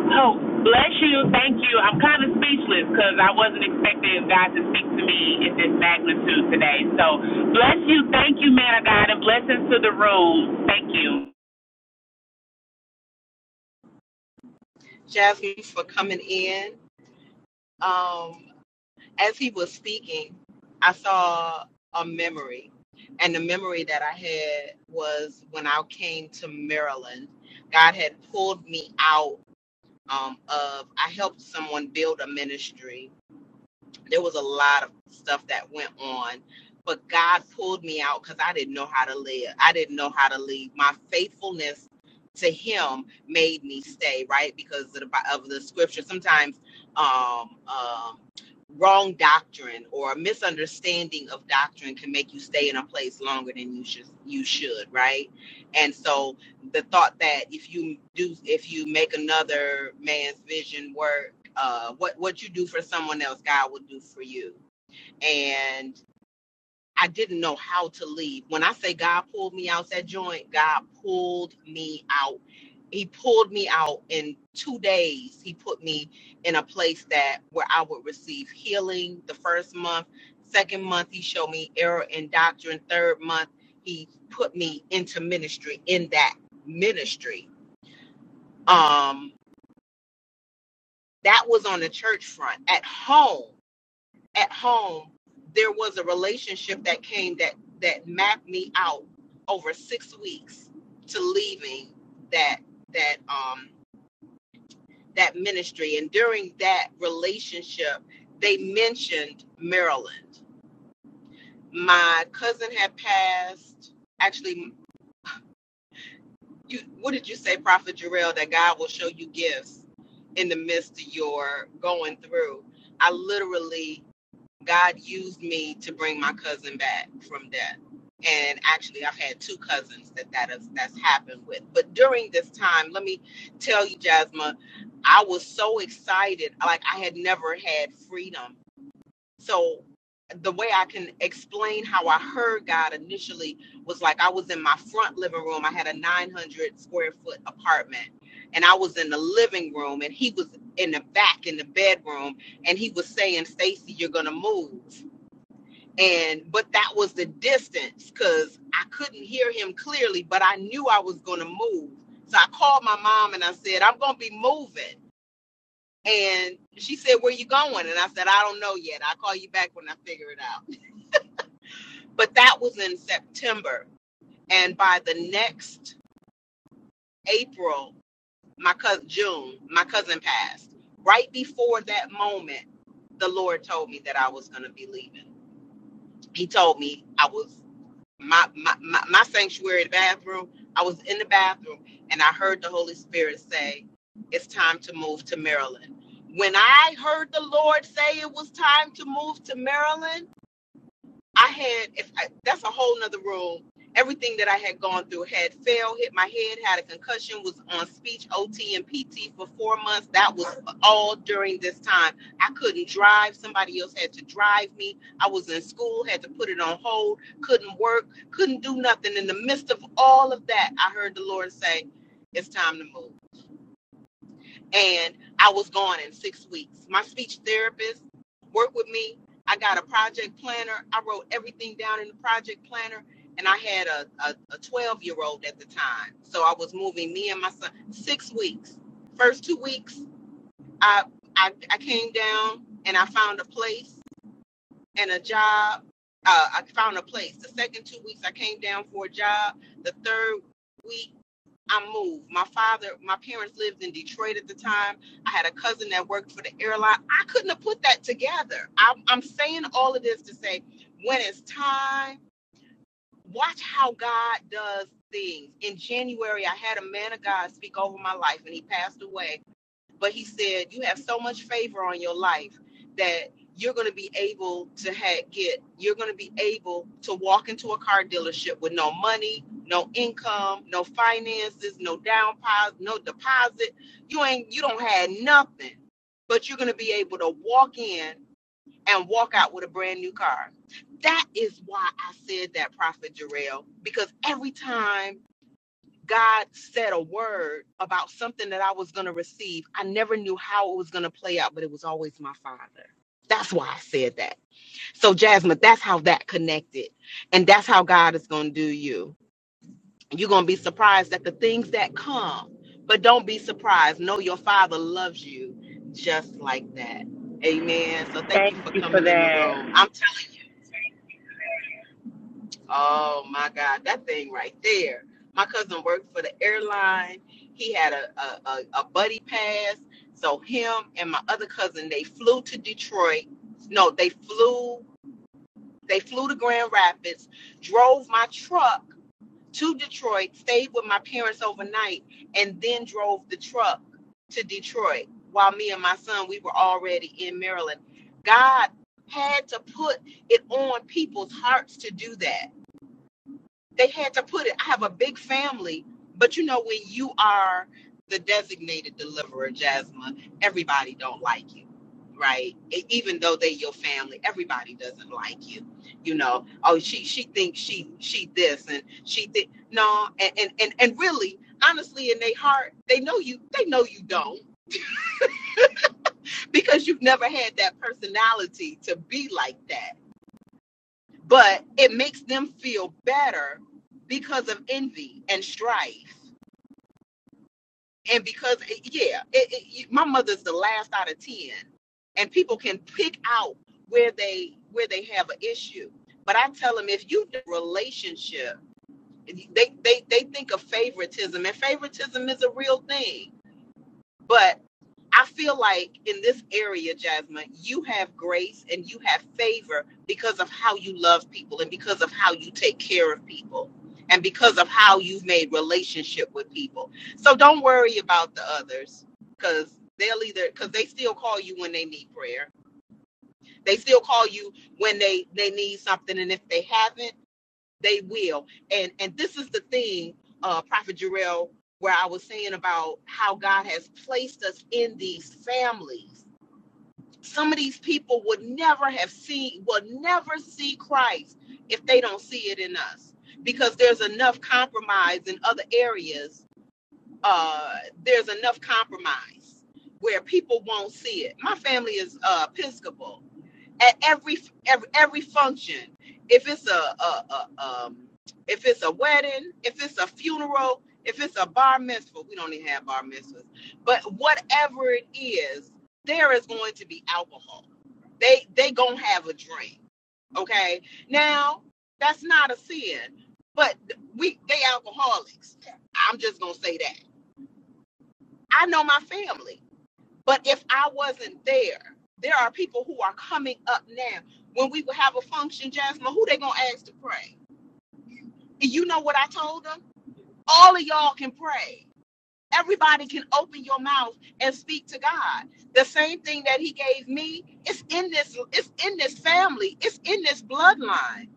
[SPEAKER 7] Oh, bless you. Thank you. I'm kind of speechless because I wasn't expecting God to speak to me in this magnitude today. So, bless you. Thank you, man of God, and blessings to the room. Thank you.
[SPEAKER 1] jasmine for coming in Um. as he was speaking, I saw a memory. And the memory that I had was when I came to Maryland, God had pulled me out um, of, I helped someone build a ministry there was a lot of stuff that went on but god pulled me out because i didn't know how to live i didn't know how to leave my faithfulness to him made me stay right because of the, of the scripture sometimes um, um, wrong doctrine or a misunderstanding of doctrine can make you stay in a place longer than you should you should right and so the thought that if you do if you make another man's vision work uh, what what you do for someone else, God will do for you. And I didn't know how to leave. When I say God pulled me out that joint, God pulled me out. He pulled me out in two days. He put me in a place that where I would receive healing the first month. Second month, he showed me error in doctrine. Third month, he put me into ministry in that ministry. Um, that was on the church front. At home, at home there was a relationship that came that that mapped me out over six weeks to leaving that that um that ministry and during that relationship they mentioned maryland my cousin had passed actually you what did you say prophet Jarrell, that god will show you gifts in the midst of your going through i literally God used me to bring my cousin back from death. And actually, I've had two cousins that, that has, that's happened with. But during this time, let me tell you, Jasmine, I was so excited. Like, I had never had freedom. So the way I can explain how I heard God initially was like I was in my front living room. I had a 900 square foot apartment, and I was in the living room, and he was in the back in the bedroom, and he was saying, "Stacy, you're gonna move." And but that was the distance because I couldn't hear him clearly, but I knew I was gonna move. So I called my mom and I said, "I'm gonna be moving." And she said, "Where you going?" And I said, "I don't know yet. I'll call you back when I figure it out." but that was in September. And by the next April, my cousin June, my cousin passed. Right before that moment, the Lord told me that I was going to be leaving. He told me I was my, my my my sanctuary bathroom. I was in the bathroom, and I heard the Holy Spirit say, "It's time to move to Maryland." When I heard the Lord say it was time to move to Maryland. I had if I, that's a whole nother room. Everything that I had gone through had failed, hit my head, had a concussion, was on speech OT and PT for four months. That was all during this time. I couldn't drive. Somebody else had to drive me. I was in school, had to put it on hold, couldn't work, couldn't do nothing. In the midst of all of that, I heard the Lord say, It's time to move and I was gone in six weeks. My speech therapist worked with me. I got a project planner. I wrote everything down in the project planner, and I had a a twelve year old at the time, so I was moving me and my son six weeks. First two weeks, I I, I came down and I found a place and a job. Uh, I found a place. The second two weeks, I came down for a job. The third week I moved. My father, my parents lived in Detroit at the time. I had a cousin that worked for the airline. I couldn't have put that together. I'm, I'm saying all of this to say when it's time, watch how God does things. In January, I had a man of God speak over my life and he passed away but he said you have so much favor on your life that you're going to be able to ha- get you're going to be able to walk into a car dealership with no money no income no finances no down deposit no deposit you ain't you don't have nothing but you're going to be able to walk in and walk out with a brand new car that is why i said that prophet jarrell because every time God said a word about something that I was going to receive. I never knew how it was going to play out, but it was always my father. That's why I said that. So, Jasmine, that's how that connected. And that's how God is going to do you. You're going to be surprised at the things that come, but don't be surprised. Know your father loves you just like that. Amen. So, thank
[SPEAKER 7] Thank
[SPEAKER 1] you for
[SPEAKER 7] you for
[SPEAKER 1] coming in the
[SPEAKER 7] that.
[SPEAKER 1] room. I'm telling Oh my God, that thing right there. My cousin worked for the airline. He had a, a, a, a buddy pass. So him and my other cousin, they flew to Detroit. No, they flew they flew to Grand Rapids, drove my truck to Detroit, stayed with my parents overnight, and then drove the truck to Detroit while me and my son we were already in Maryland. God had to put it on people's hearts to do that they had to put it. I have a big family, but you know when you are the designated deliverer, Jasmine, everybody don't like you, right? E- Even though they your family, everybody doesn't like you. You know, oh she she thinks she she this and she think no, and and and, and really. Honestly, in their heart, they know you. They know you don't because you've never had that personality to be like that. But it makes them feel better because of envy and strife and because it, yeah it, it, you- my mother's the last out of 10 and people can pick out where they where they have an issue but i tell them if you do relationship they, they they think of favoritism and favoritism is a real thing but I feel like in this area, Jasmine, you have grace and you have favor because of how you love people and because of how you take care of people and because of how you've made relationship with people. So don't worry about the others because they'll either because they still call you when they need prayer. They still call you when they they need something, and if they haven't, they will. And and this is the thing, uh, Prophet Jarrell, where I was saying about how God has placed us in these families. Some of these people would never have seen, would never see Christ if they don't see it in us. Because there's enough compromise in other areas. Uh, there's enough compromise where people won't see it. My family is uh, Episcopal, at every every, every function. If it's a, a, a um, if it's a wedding, if it's a funeral, if it's a bar mitzvah, we don't even have bar mitzvahs, but whatever it is, there is going to be alcohol. They they gonna have a drink. Okay, now that's not a sin, but we they alcoholics. I'm just gonna say that. I know my family. But if I wasn't there, there are people who are coming up now. When we would have a function, Jasmine, who they gonna ask to pray? And you know what I told them? All of y'all can pray. Everybody can open your mouth and speak to God. The same thing that He gave me, it's in this, it's in this family, it's in this bloodline.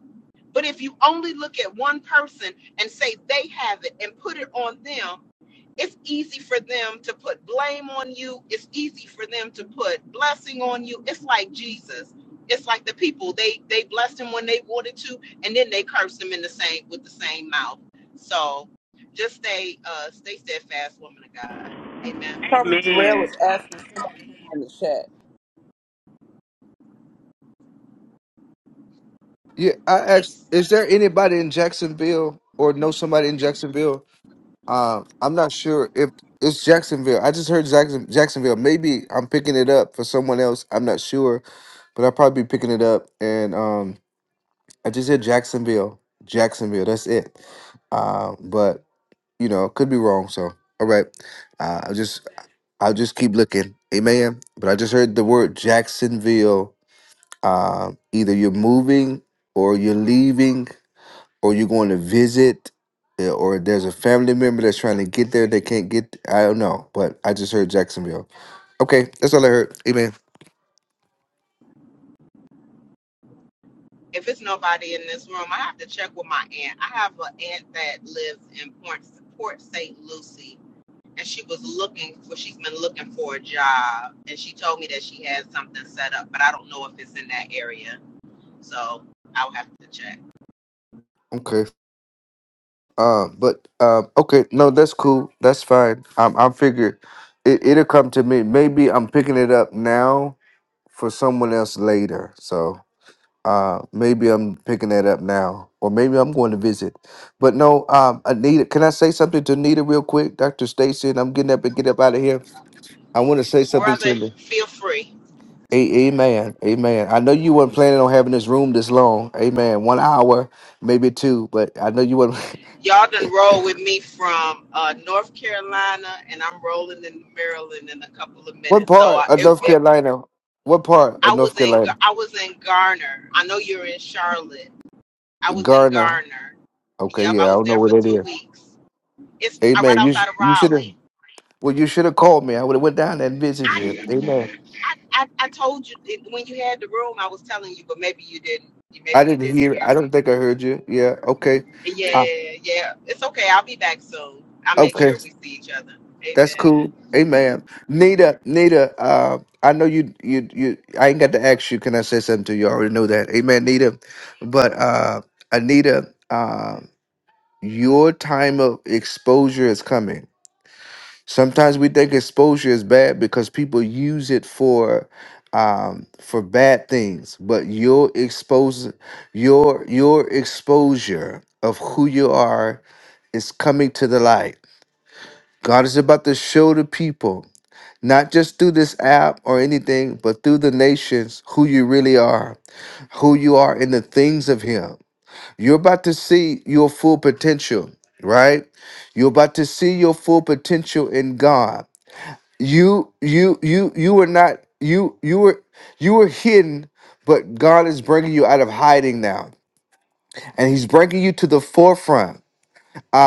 [SPEAKER 1] But if you only look at one person and say they have it and put it on them, it's easy for them to put blame on you. It's easy for them to put blessing on you. It's like Jesus. It's like the people they they blessed him when they wanted to, and then they cursed him in the same with the same mouth. So just stay uh stay steadfast, woman of God. Amen.
[SPEAKER 3] Prophet
[SPEAKER 7] Amen.
[SPEAKER 3] Jarrell was asking somebody in the chat.
[SPEAKER 5] Yeah, I asked,
[SPEAKER 1] He's
[SPEAKER 5] is there anybody in Jacksonville or know somebody in Jacksonville? Uh, I'm not sure if it's Jacksonville. I just heard Jackson, Jacksonville. Maybe I'm picking it up for someone else. I'm not sure, but I'll probably be picking it up. And um, I just said Jacksonville. Jacksonville. That's it. Uh, but you know, could be wrong. So all right, uh, I just I'll just keep looking. Amen. But I just heard the word Jacksonville. Uh, either you're moving, or you're leaving, or you're going to visit, eh, or there's a family member that's trying to get there. They can't get. I don't know. But I just heard Jacksonville. Okay, that's all I heard. Amen.
[SPEAKER 1] if it's nobody in this room, I have to check with my aunt. I have an aunt that lives in Port Port St. Lucie and she was looking for she's been looking for a job and she told me that she has something set up but i don't know if it's in that area so i'll have to check
[SPEAKER 5] Okay. Uh, but uh, okay, no, that's cool. That's fine. Um, I figure it it'll come to me. Maybe I'm picking it up now for someone else later. So uh, maybe I'm picking that up now, or maybe I'm going to visit. But no, um, Anita, can I say something to Anita real quick, Doctor Stacy? And I'm getting up and get up out of here. I want to say something
[SPEAKER 1] brother
[SPEAKER 5] to you.
[SPEAKER 1] feel free
[SPEAKER 5] A- amen, amen. I know you weren't planning on having this room this long. Amen. One hour, maybe two, but I know you weren't.
[SPEAKER 1] y'all done roll with me from uh, north carolina and i'm rolling in maryland in a couple of
[SPEAKER 5] What
[SPEAKER 1] minutes so
[SPEAKER 5] part
[SPEAKER 1] i
[SPEAKER 5] of
[SPEAKER 1] it,
[SPEAKER 5] North
[SPEAKER 1] it,
[SPEAKER 5] Carolina? What part of
[SPEAKER 1] i
[SPEAKER 5] North
[SPEAKER 1] was in
[SPEAKER 5] Carolina?
[SPEAKER 1] i was in garner i know you're in charlotte i was in
[SPEAKER 5] Garner.
[SPEAKER 1] garner
[SPEAKER 5] Okay,
[SPEAKER 1] yep i
[SPEAKER 5] yeah, I
[SPEAKER 1] was
[SPEAKER 5] don't know
[SPEAKER 1] there
[SPEAKER 5] where
[SPEAKER 1] for
[SPEAKER 5] that
[SPEAKER 1] two
[SPEAKER 5] is.
[SPEAKER 1] weeks it's uh, right
[SPEAKER 5] Amen. You sh-
[SPEAKER 1] outside of
[SPEAKER 5] you should have.
[SPEAKER 1] raleigh
[SPEAKER 5] Well, you should have called me. I would have went down there and visited
[SPEAKER 1] I
[SPEAKER 5] you. Amen.
[SPEAKER 1] I, I, I told you it- when you had the room, I was telling you, but maybe you didn't.
[SPEAKER 5] I
[SPEAKER 1] Maybe you
[SPEAKER 5] didn't
[SPEAKER 1] didn't
[SPEAKER 5] hear.
[SPEAKER 1] hear
[SPEAKER 5] I don't
[SPEAKER 1] me.
[SPEAKER 5] think I heard you. Yeah. Okay. Uh,
[SPEAKER 1] Yeah, yeah. It's okay. I'll be back soon. I'll make
[SPEAKER 5] okay.
[SPEAKER 1] sure we see each other.
[SPEAKER 5] That's
[SPEAKER 1] Amen.
[SPEAKER 5] cool. Amen. Nita, Nita. Uh, I know you. You. You. I ain't got to ask you. Can I say something to you? I already know that. Amen, Nita. But uh, Anita, uh, your time of exposure is coming. Sometimes we think exposure is bad because people use it for um, for bad things. But your expose your your exposure of who you are is coming to the light. God is about to show the people, not just through this app or anything, but through the nations, who you really are, who you are in the things of Him. You're about to see your full potential, right? You're about to see your full potential in God you you you you were not you you were you were hidden but god is bringing you out of hiding now and he's bringing you to the forefront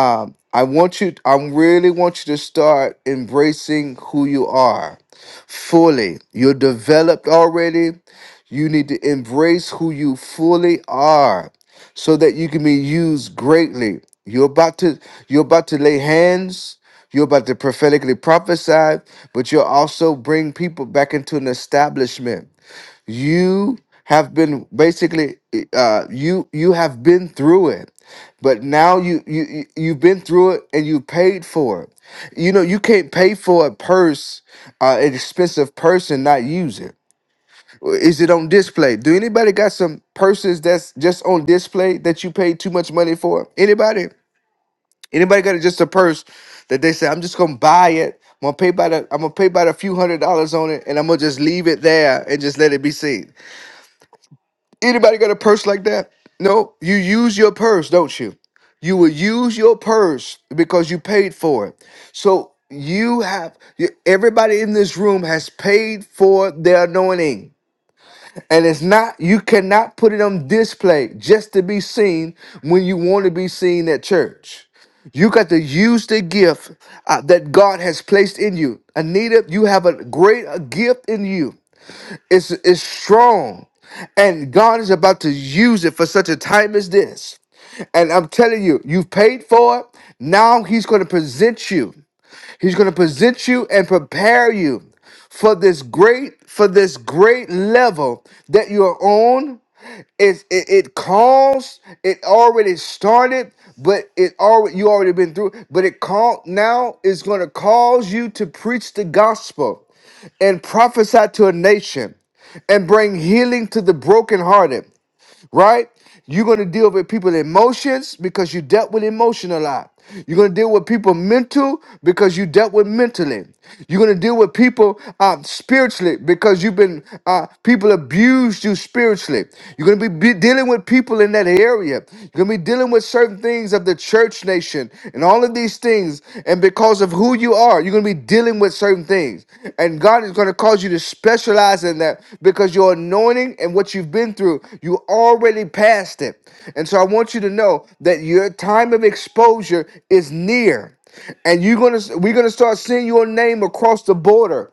[SPEAKER 5] um, I want you, I really want you to start embracing who you are fully. You're developed already. You need to embrace who you fully are so that you can be used greatly. You're about to, you're about to lay hands. You're about to prophetically prophesy, but you'll also bring people back into an establishment you have been basically uh you you have been through it but now you you you- you've been through it and you paid for it you know you can't pay for a purse uh an expensive purse and not use it is it on display do anybody got some purses that's just on display that you paid too much money for anybody anybody got just a purse that they say i'm just gonna buy it i'm gonna pay by the i am i'm gonna pay by a few hundred dollars on it and i'm gonna just leave it there and just let it be seen Anybody got a purse like that? No, you use your purse, don't you? You will use your purse because you paid for it. So you have you, everybody in this room has paid for their anointing. And it's not you cannot put it on display just to be seen when you want to be seen at church. You got to use the gift uh, that God has placed in you. Anita, you have a great uh, gift in you. It's, it's strong. And God is about to use it for such a time as this. And I'm telling you, you've paid for it. Now he's going to present you. He's going to present you and prepare you for this great for this great level that you're on. It's, it it calls. It already started, but it already you already been through. But it called now is going to cause you to preach the gospel and prophesy to a nation and bring healing to the brokenhearted right? You're going to deal with people's emotions because you dealt with emotion a lot. You're going to deal with people mental because you dealt with mentally. You're going to deal with people uh, spiritually because you've been, uh, people abused you spiritually. You're going to be, be dealing with people in that area. You're going to be dealing with certain things of the church nation and all of these things. And because of who you are, you're going to be dealing with certain things. And God is going to cause you to specialize in that because your anointing and what you've been through, you already passed it. And so I want you to know that your time of exposure is near. And you're going to we're going to start seeing your name across the border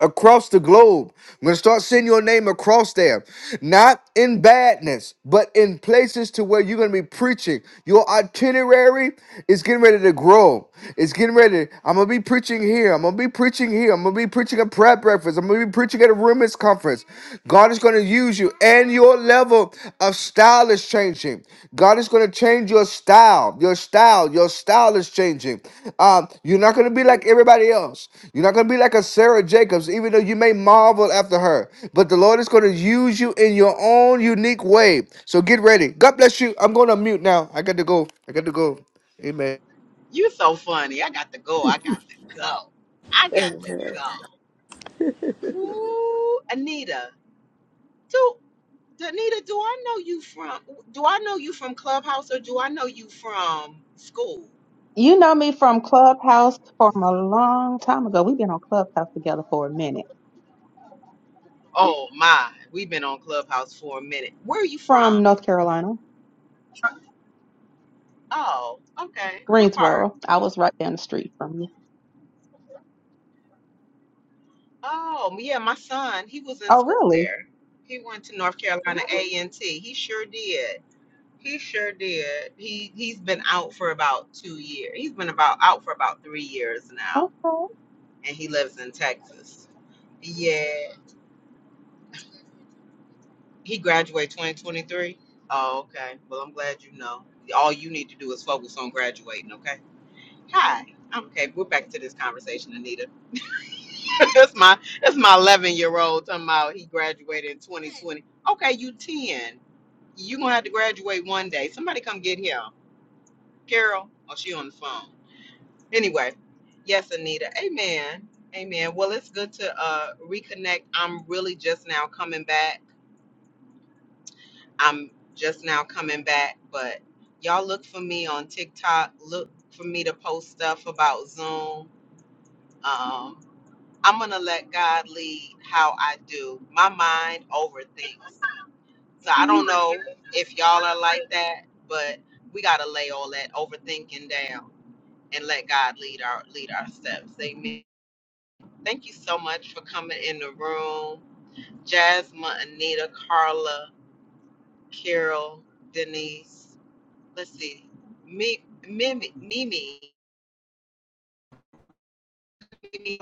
[SPEAKER 5] across the globe. I'm gonna start seeing your name across there, not in badness, but in places to where you're gonna be preaching. Your itinerary is getting ready to grow. It's getting ready. I'm gonna be preaching here. I'm gonna be preaching here. I'm gonna be preaching at prayer breakfast. I'm gonna be preaching at a roommates conference. God is gonna use you and your level level of style is changing. God is going to change your style. Your style. Your style is changing. Um, you're not going to be like everybody else. You're not going to be like a Sarah Jacobs, even though you may marvel after her. But the Lord is going to use you in your own unique way. So get ready. God bless you. I'm going to mute now. I got to go. I got to go. Amen.
[SPEAKER 1] You're so funny. I got to go. I got to go. I got to
[SPEAKER 3] Amen.
[SPEAKER 1] go. Ooh, Anita. Do Anita, do I know you from do I know you from Clubhouse or do I know you from school?
[SPEAKER 8] You know me from Clubhouse from a long time ago. We've been on Clubhouse together for a minute.
[SPEAKER 1] Oh my, we've been on Clubhouse for a minute. Where are you
[SPEAKER 8] From
[SPEAKER 1] from?
[SPEAKER 8] North Carolina,
[SPEAKER 1] Oh, okay. What part?
[SPEAKER 8] Greensboro. I was right down the street from you.
[SPEAKER 1] Oh, yeah, my son, he was in
[SPEAKER 8] Oh,
[SPEAKER 1] school
[SPEAKER 8] really?
[SPEAKER 1] there. He went to North Carolina A&T. He sure did. He sure did. He he's been out for about 2 years. He's been about out for about 3 years now,
[SPEAKER 8] Okay.
[SPEAKER 1] and he lives in Texas. Yeah. He graduated 2023. Oh, okay. Well, I'm glad you know. All you need to do is focus on graduating, okay? Hi. Okay, we're back to this conversation, Anita. that's my that's my 11 year old talking about he graduated in 2020 okay you 10 you gonna have to graduate one day somebody come get him carol oh she on the phone anyway yes anita amen amen well it's good to uh reconnect i'm really just now coming back i'm just now coming back but y'all look for me on tiktok look for me to post stuff about zoom um I'm gonna let God lead how I do. My mind overthinks. So I don't know if y'all are like that, but we gotta lay all that overthinking down and let God lead our lead our steps. Amen. Thank you so much for coming in the room. Jasmine, Anita, Carla, Carol, Denise. Let's see. Me, Mimi, Mimi. Mimi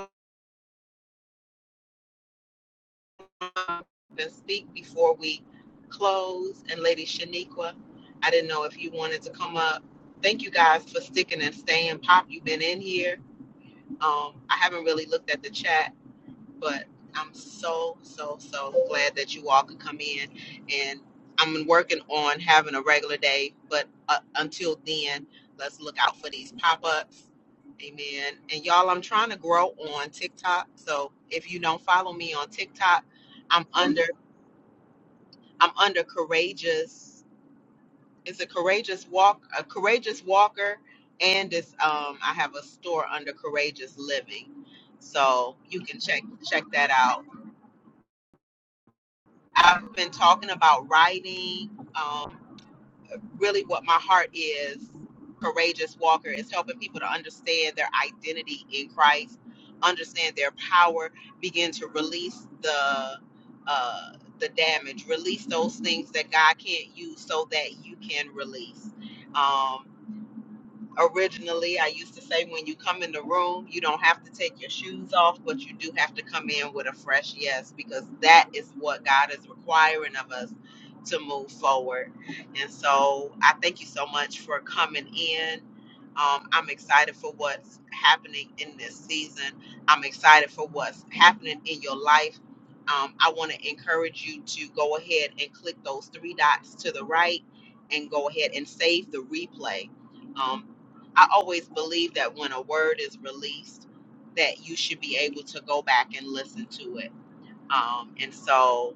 [SPEAKER 1] and speak before we close. And Lady Shaniqua, I didn't know if you wanted to come up. Thank you guys for sticking and staying. Pop, you've been in here. Um, I haven't really looked at the chat, but I'm so, so, so glad that you all could come in. And I'm working on having a regular day, but uh, until then, let's look out for these pop ups. Amen. And y'all, I'm trying to grow on TikTok. So if you don't follow me on TikTok, I'm under. I'm under courageous. It's a courageous walk, a courageous walker, and this um I have a store under courageous living. So you can check check that out. I've been talking about writing. Um, really what my heart is courageous walker is helping people to understand their identity in christ understand their power begin to release the uh the damage release those things that god can't use so that you can release Um, originally i used to say when you come in the room you don't have to take your shoes off but you do have to come in with a fresh yes because that is what god is requiring of us to move forward and so i thank you so much for coming in um, i'm excited for what's happening in this season i'm excited for what's happening in your life um, i want to encourage you to go ahead and click those three dots to the right and go ahead and save the replay Um, I always believe that when a word is released, that you should be able to go back and listen to it. Um, and so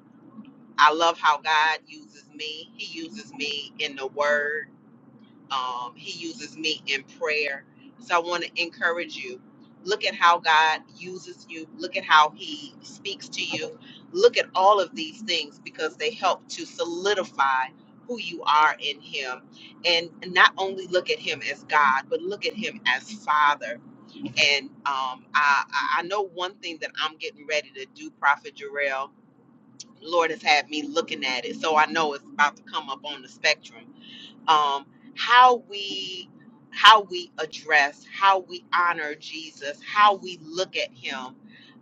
[SPEAKER 1] I love how God uses me. He uses me in the word um, he uses me in prayer. So I want to encourage you. Look at how God uses you. Look at how He speaks to you. Look at all of these things because they help to solidify who you are in Him. And not only look at Him as God, but look at Him as Father. And um, I, I I know one thing that I'm getting ready to do, Prophet Jarrell. Lord has had me looking at it. So I know it's about to come up on the spectrum um, how we how we address, how we honor Jesus, how we look at Him,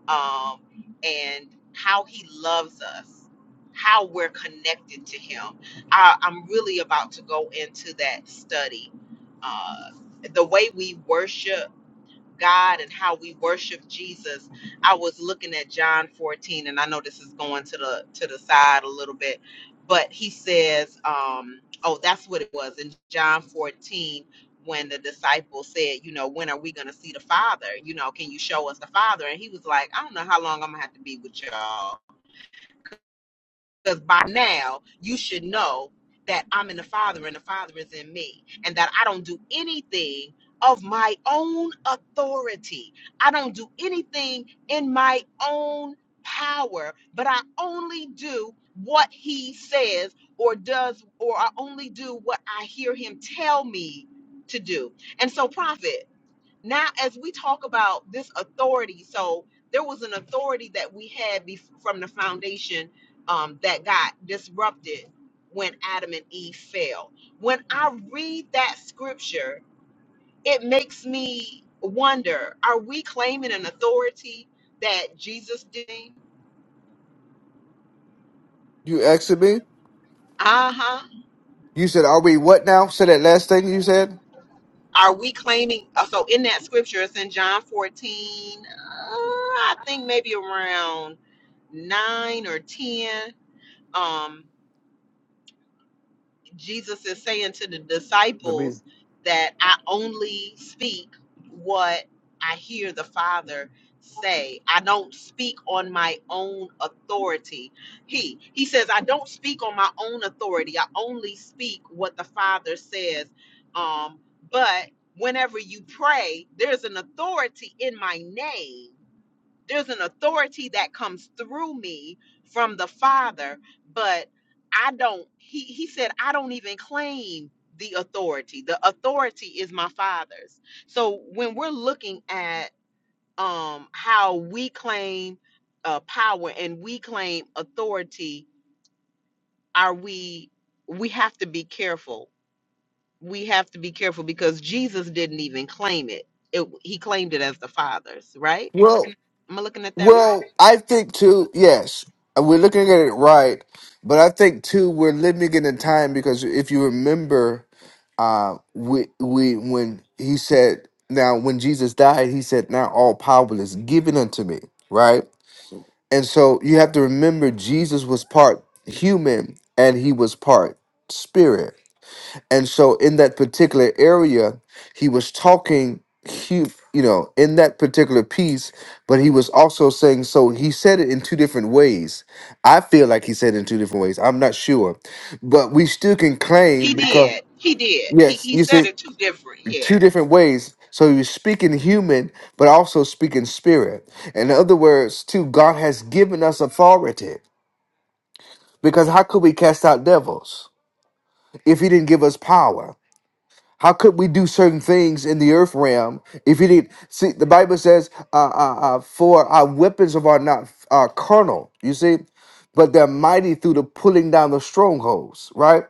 [SPEAKER 1] um, and how He loves us, how we're connected to Him. I, I'm really about to go into that study. Uh, the way we worship God and how we worship Jesus, I was looking at John 14, and I know this is going to the to the side a little bit, but he says, um, oh, that's what it was in John 14 when the disciples said, you know, when are we gonna see the Father? You know, can you show us the Father? And he was like, I don't know how long I'm gonna have to be with y'all because by now, you should know that I'm in the Father and the Father is in me, and that I don't do anything of my own authority. I don't do anything in my own power, but I only do what He says or does, or I only do what I hear Him tell me to do. And so, prophet now as we talk about this authority so there was an authority that we had bef from the foundation um, that got disrupted when adam and eve fell when i read that scripture it makes me wonder are we claiming an authority that jesus did
[SPEAKER 5] You asking me?
[SPEAKER 1] uh-huh
[SPEAKER 5] You said, "Are we what now?" Said that last thing you said.
[SPEAKER 1] are we claiming uh, so in that scripture it's in john 14 uh, i think maybe around 9 or 10 um Jesus is saying to the
[SPEAKER 5] Let me.
[SPEAKER 1] disciples that I only speak what I hear the Father say. I don't speak on my own authority. He he says I don't speak on my own authority. I only speak what the Father says. Um, but whenever you pray, there's an authority in my name there's an authority that comes through me from the father but i don't he he said i don't even claim the authority the authority is my father's so when we're looking at um how we claim uh power and we claim authority are we we have to be careful we have to be careful because jesus didn't even claim it, it he claimed it as the father's right
[SPEAKER 5] Well,
[SPEAKER 1] am i looking at that right
[SPEAKER 5] Well, I think too, yes, we're looking at it right, but I think too, we're living in a time because if you remember, uh, we, we, when he said, now when Jesus died, he said, now all power is given unto me, right? And so you have to remember, Jesus was part human and he was part spirit and so in that particular area, he was talking He, you know, in that particular piece, but he was also saying so he said it in two different ways. I feel like he said it in two different ways. I'm not sure. But we still can
[SPEAKER 1] He
[SPEAKER 5] claim because
[SPEAKER 1] did. He did. He
[SPEAKER 5] yes,
[SPEAKER 1] he
[SPEAKER 5] you
[SPEAKER 1] said
[SPEAKER 5] see
[SPEAKER 1] it two different.
[SPEAKER 5] two
[SPEAKER 1] Yeah.
[SPEAKER 5] different ways. So he was speaking human, but also speaking spirit. In other words, too, God has given us authority. Because how could we cast out devils if he didn't give us power? How could we do certain things in the earth realm if he didn't see? The Bible says, uh, uh, uh, "For our weapons of our not uh, carnal." You see, but they're mighty through the pulling down the strongholds, right?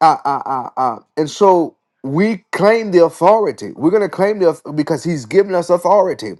[SPEAKER 5] Uh, uh, uh, uh. And so we claim the authority. We're gonna claim the auth- because He's given us authority.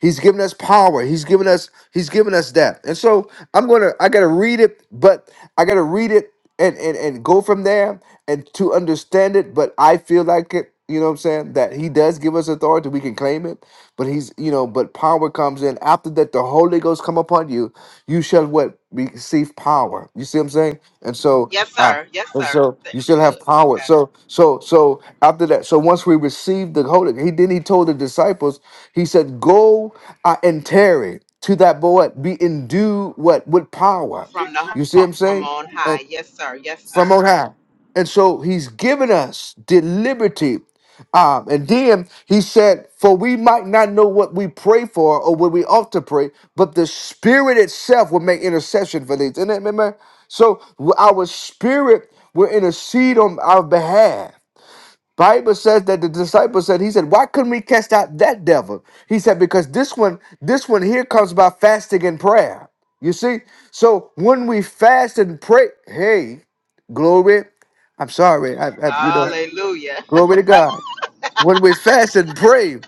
[SPEAKER 5] He's given us power. He's given us he's given us that. And so I'm going to I got to read it, but I got to read it and, and and go from there and to understand it, but I feel like it, you know what I'm saying, that he does give us authority, we can claim it, but he's, you know, but power comes in after that the Holy Ghost come upon you, you shall what receive power. You see what I'm saying? And so
[SPEAKER 1] Yes,
[SPEAKER 5] uh
[SPEAKER 1] sir. Yes,
[SPEAKER 5] and
[SPEAKER 1] sir.
[SPEAKER 5] so
[SPEAKER 1] Th-
[SPEAKER 5] you
[SPEAKER 1] I'm
[SPEAKER 5] still have
[SPEAKER 1] good.
[SPEAKER 5] power.
[SPEAKER 1] Okay.
[SPEAKER 5] So so so after that, so once we receive the Holy, he then he told the disciples he said, Go uh, and tarry to that boy, be endued what? With power.
[SPEAKER 1] From the
[SPEAKER 5] You see what
[SPEAKER 1] ho-
[SPEAKER 5] I'm
[SPEAKER 1] from
[SPEAKER 5] saying?
[SPEAKER 1] on
[SPEAKER 5] And
[SPEAKER 1] high. Yes, sir. Yes, sir.
[SPEAKER 5] from on high. And so he's given us the liberty. Um, and then he said, For we might not know what we pray for or what we ought to pray, but the spirit itself will make intercession for these. And remember, so our spirit will intercede on our behalf. Bible says that the disciple said, he said, why couldn't we cast out that devil? He said, because this one, this one here comes by fasting and prayer. You see? So when we fast and pray, hey, glory, I'm sorry, I, I- you know,
[SPEAKER 1] Hallelujah.
[SPEAKER 5] glory to God. When we fast and pray,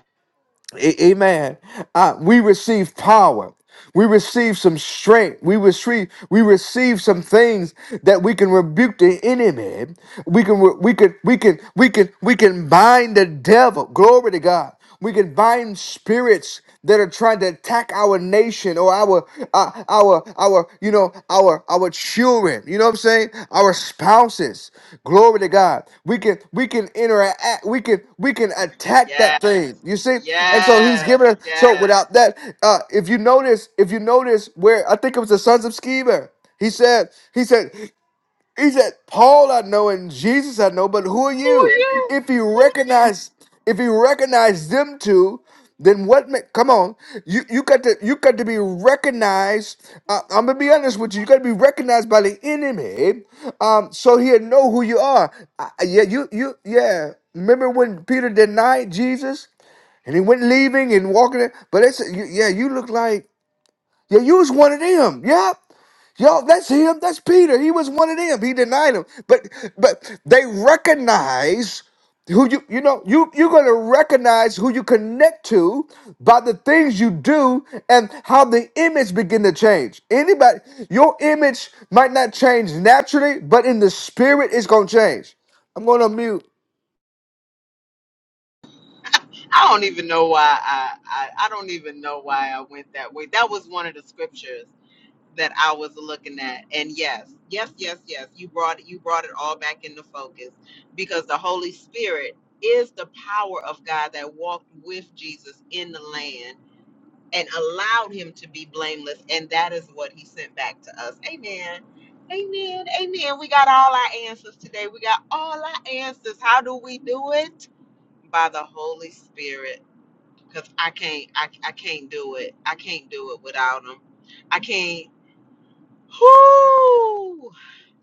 [SPEAKER 5] a- Amen. Uh, we receive power. We receive some strength. We receive we receive some things that we can rebuke the enemy. We can re- we can we can we can we can bind the devil. Glory to God. We can bind spirits that are trying to attack our nation or our uh, our our you know our our children you know what i'm saying our spouses glory to god we can we can interact we can we can attack that
[SPEAKER 1] Yes.
[SPEAKER 5] thing you see and so he's
[SPEAKER 1] Yes.
[SPEAKER 5] giving us so
[SPEAKER 1] Yes.
[SPEAKER 5] without that uh if you notice if you notice where i think it was the sons of Sceva, he said he said he said, Paul I know and Jesus I know, but who are
[SPEAKER 1] Oh
[SPEAKER 5] you?
[SPEAKER 1] are
[SPEAKER 5] If you recognize, if you recognize them two, then what? ma- come on, you you got to you got to be recognized. Uh, I'm gonna be honest with you. You got to be recognized by the enemy, um, so he'll know who you are. Uh, yeah, you you yeah. Remember when Peter denied Jesus and he went leaving and walking? in- But it's yeah, you look like yeah, you was one of them. Yeah.'" Yo, that's him. That's Peter. He was one of them. He denied him. But but they recognize who you you know you you're gonna recognize who you connect to by the things you do and how the image begin to change. Anybody, your image might not change naturally, but in the spirit, it's gonna change. I'm gonna mute.
[SPEAKER 1] I don't even know why I, I I don't even know why I went that way. That was one of the scriptures that I was looking at. And yes, yes, yes, yes. You brought it, you brought it all back into focus because the Holy Spirit is the power of God that walked with Jesus in the land and allowed him to be blameless. And that is what he sent back to us. Amen. Amen. Amen. We got all our answers today. We got all our answers. How do we do it? By the Holy Spirit. Because I can't I, I can't do it. I can't do it without him. I can't. Whoo!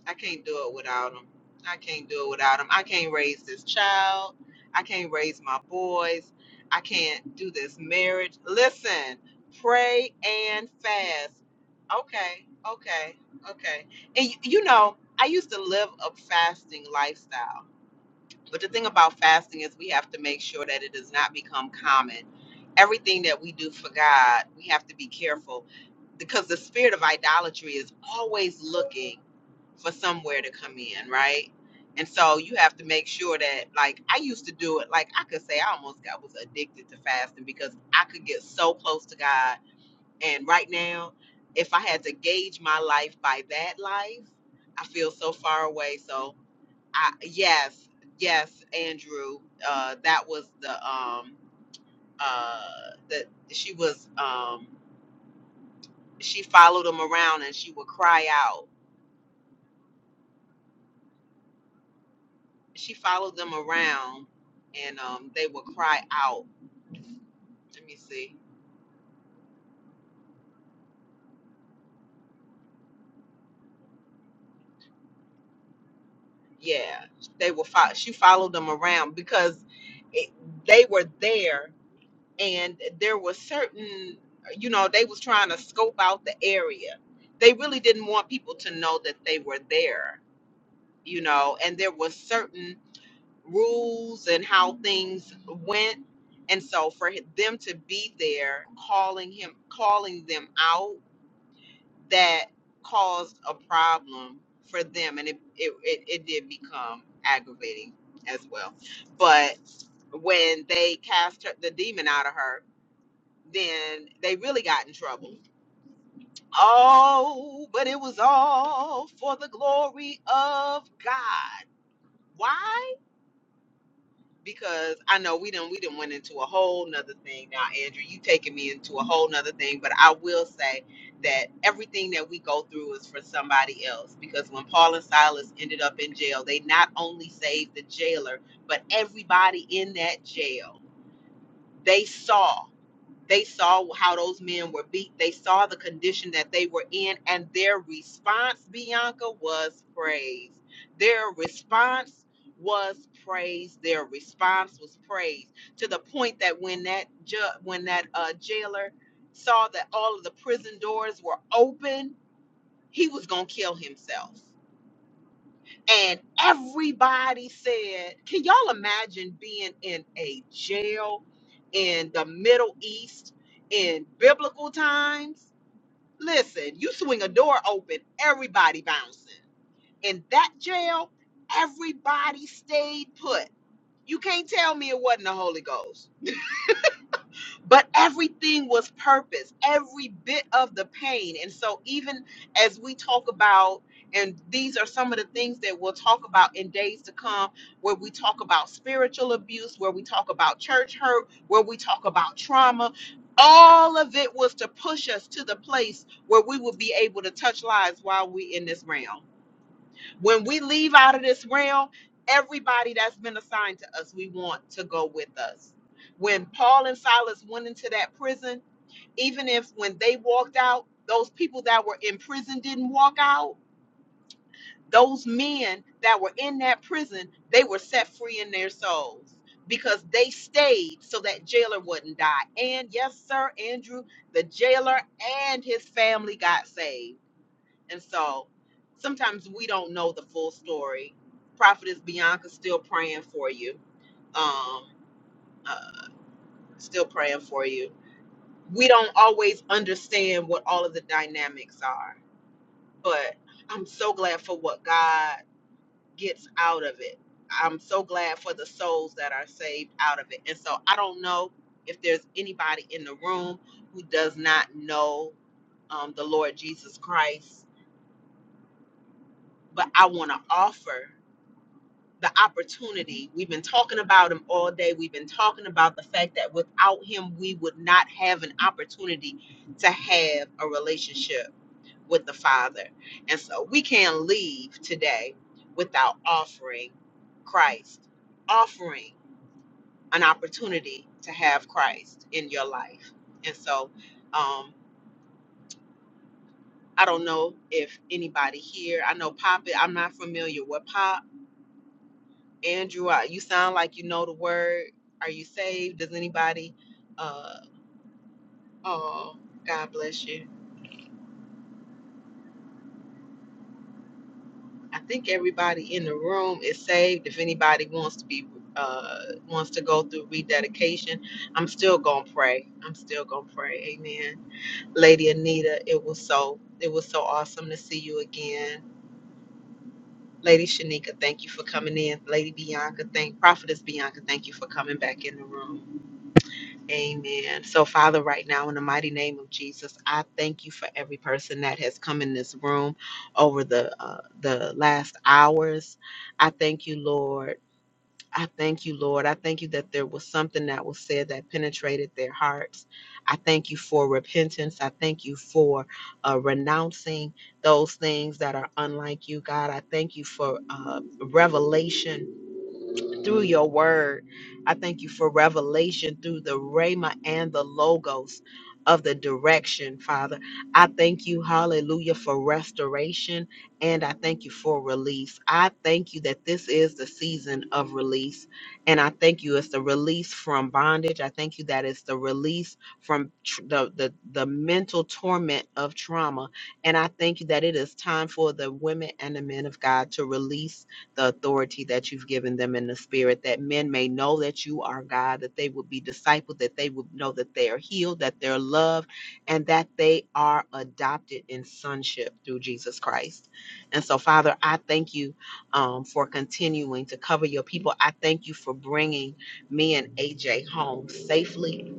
[SPEAKER 1] I can't do it without him. I can't do it without him. I can't raise this child. I can't raise my boys. I can't do this marriage. Listen, pray and fast. Okay, okay, okay. And y- you know, I used to live a fasting lifestyle. But the thing about fasting is we have to make sure that it does not become common. Everything that we do for God, we have to be careful because the spirit of idolatry is always looking for somewhere to come in, right? And so you have to make sure that, like, I used to do it. Like, I could say I almost got was addicted to fasting because I could get so close to God. And right now, if I had to gauge my life by that life, I feel so far away. So I, yes, yes, Andrew. Uh, that was the um uh that she was um she followed them around and she would cry out. She followed them around and um they would cry out. Let me see. Yeah, they were. Fo- she followed them around because it, they were there and there were certain you know they was trying to scope out the area. They really didn't want people to know that they were there you know, and there was certain rules and how things went. And so for h- them to be there calling him calling them out that caused a problem for them and it it, it, it did become aggravating as well. But when they cast her, the demon out of her, then they really got in trouble. Oh, but it was all for the glory of God. Why? because I know we didn't we didn't went into a whole nother thing now, Andrew. You taking me into a whole nother thing, but I will say that everything that we go through is for somebody else. Because when Paul and Silas ended up in jail, they not only saved the jailer, but everybody in that jail. They saw. They saw how those men were beat. They saw the condition that they were in, and their response, Bianca, was praise. Their response was praise. Their response was praise to the point that when that ju- when that uh, jailer saw that all of the prison doors were open, he was gonna kill himself and everybody said, "Can y'all imagine being in a jail in the Middle East in biblical times?" Listen, you swing a door open, everybody bouncing. In that jail, everybody stayed put. You can't tell me it wasn't the Holy Ghost but everything was purpose every bit of the pain and so even as we talk about and these are some of the things that we'll talk about in days to come where we talk about spiritual abuse where we talk about church hurt where we talk about trauma all of it was to push us to the place where we would be able to touch lives while we in this realm when we leave out of this realm, everybody that's been assigned to us, we want to go with us. When Paul and Silas went into that prison, even if when they walked out, those people that were in prison didn't walk out, those men that were in that prison, they were set free in their souls because they stayed so that jailer wouldn't die. And yes, sir, Andrew, the jailer and his family got saved and so sometimes we don't know the full story. Prophetess Bianca still praying for you. Um, uh, still praying for you. We don't always understand what all of the dynamics are, but I'm so glad for what God gets out of it. I'm so glad for the souls that are saved out of it. And so I don't know if there's anybody in the room who does not know um, the Lord Jesus Christ, but I want to offer. the opportunity. We've been talking about him all day. We've been talking about the fact that without him, we would not have an opportunity to have a relationship with the Father. And so we can't leave today without offering Christ, offering an opportunity to have Christ in your life. And so, um, I don't know if anybody here, I know Pop, I'm not familiar with Pop Andrew, I- you sound like you know the word. Are you saved? Does anybody? Uh, oh, God bless you. I think everybody in the room is saved. If anybody wants to be, uh, wants to go through rededication, I'm still gonna pray. I'm still gonna pray. Amen. Lady Anita, it was so, it was so awesome to see you again. Lady Shanika, thank you for coming in. Lady Bianca, thank Prophetess Bianca, thank you for coming back in the room. Amen. So, Father, right now, in the mighty name of Jesus, I thank you for every person that has come in this room over the uh, the last hours. I thank you, Lord. I thank you, Lord. I thank you that there was something that was said that penetrated their hearts. I thank you for repentance. I thank you for uh, renouncing those things that are unlike you, God. I thank you for uh, revelation through your word. I thank you for revelation through the Rhema and the Logos of the direction, Father. I thank you, hallelujah, for restoration and I thank you for release. I thank you that this is the season of release. And I thank you it's the release from bondage. I thank you that it's the release from tr- the, the, the mental torment of trauma. And I thank you that it is time for the women and the men of God to release the authority that you've given them in the spirit, that men may know that you are God, that they would be discipled, that they would know that they are healed, that they're loved, and that they are adopted in sonship through Jesus Christ. And so, Father, I thank you um, for continuing to cover your people. I thank you for bringing me and AJ home safely.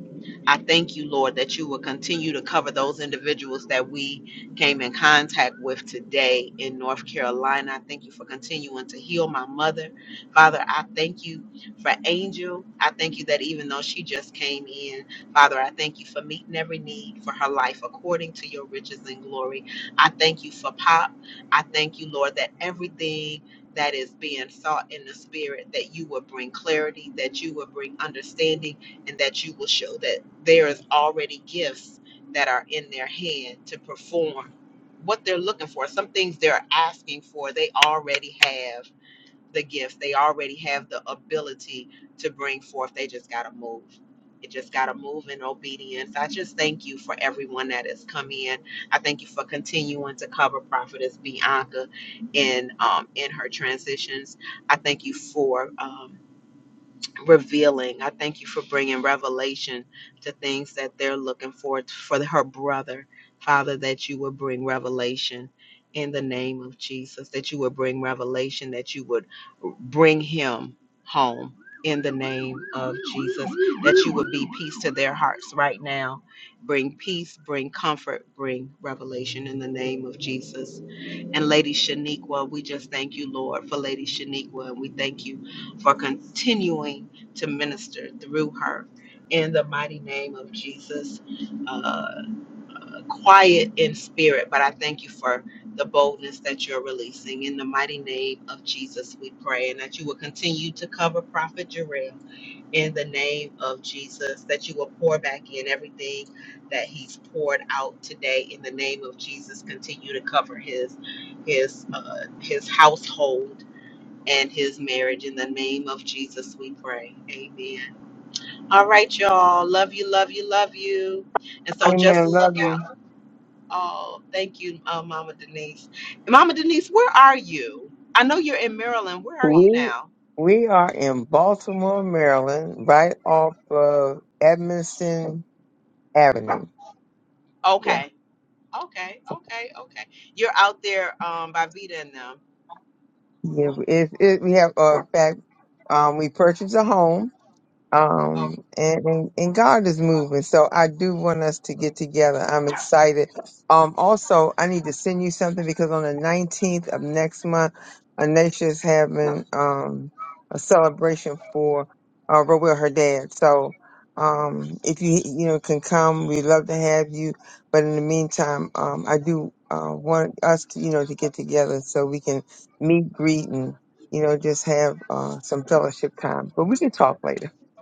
[SPEAKER 1] I thank you, Lord, that you will continue to cover those individuals that we came in contact with today in North Carolina. I thank you for continuing to heal my mother. Father, I thank you for Angel. I thank you that even though she just came in, Father, I thank you for meeting every need for her life according to your riches and glory. I thank you for Pop. I thank you, Lord, that everything that is being sought in the spirit, that you will bring clarity, that you will bring understanding and that you will show that there is already gifts that are in their hand to perform what they're looking for. Some things they're asking for, they already have the gifts, they already have the ability to bring forth. They just got to move. It just got to move in obedience. I just thank you for everyone that has come in. I thank you for continuing to cover Prophetess Bianca in um, in her transitions. I thank you for. um, revealing. I thank you for bringing revelation to things that they're looking for for her brother. Father, that you would bring revelation in the name of Jesus, that you would bring revelation, that you would bring him home in the name of Jesus, that you would be peace to their hearts right now. Bring peace, bring comfort, bring revelation in the name of Jesus and Lady Shaniqua. We just thank you, Lord, for Lady Shaniqua, and we thank you for continuing to minister through her in the mighty name of Jesus. Uh, quiet in spirit, but I thank you for the boldness that you're releasing. In the mighty name of Jesus, we pray, and that you will continue to cover Prophet Jarrell in the name of Jesus, that you will pour back in everything that he's poured out today in the name of Jesus. Continue to cover his his uh, his household and his marriage in the name of Jesus we pray. Amen. All right, y'all. Love you, love you, love you. And so just
[SPEAKER 4] Amen. Love
[SPEAKER 1] look
[SPEAKER 4] you.
[SPEAKER 1] out. Oh, thank you, uh, Mama Denise. Mama Denise, where are you? I know you're in Maryland. Where are you
[SPEAKER 4] We
[SPEAKER 1] now?
[SPEAKER 4] we are in Baltimore, Maryland, right off of Edmondson Avenue. Yeah.
[SPEAKER 1] Okay. Okay. Okay. Okay. You're out there um, by Vita and them.
[SPEAKER 4] Yeah. It, it, we have uh, in fact um, we purchased a home um and, and and god is moving so i do want us to get together i'm excited um also i need to send you something because on the 19th of next month anisha is having um a celebration for uh Rowell, her dad so um if you you know can come we'd love to have you but in the meantime um i do uh want us to you know to get together so we can meet greet and you know just have uh some fellowship time but we can talk later
[SPEAKER 1] Oh.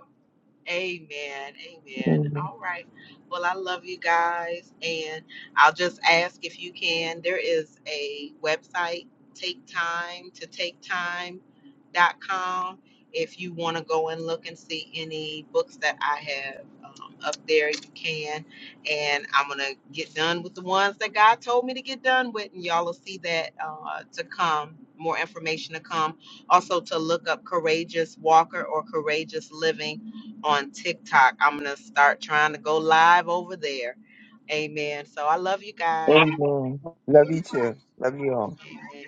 [SPEAKER 1] Amen. Amen.
[SPEAKER 4] Amen.
[SPEAKER 1] All right. Well, I love you guys. And I'll just ask if you can. There is a website, take time to take Time, dot com. If you want to go and look and see any books that I have um, up there, you can. And I'm going to get done with the ones that God told me to get done with. And y'all will see that uh, to come, more information to come. Also, to look up Courageous Walker or Courageous Living on TikTok. I'm going to start trying to go live over there. Amen. So I love you guys.
[SPEAKER 4] Amen. Love you too. Love you all.
[SPEAKER 1] Amen.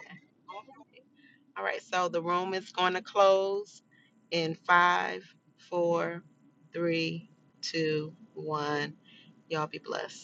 [SPEAKER 1] All right. So the room is going to close in five, four, three, two, one. Y'all be blessed.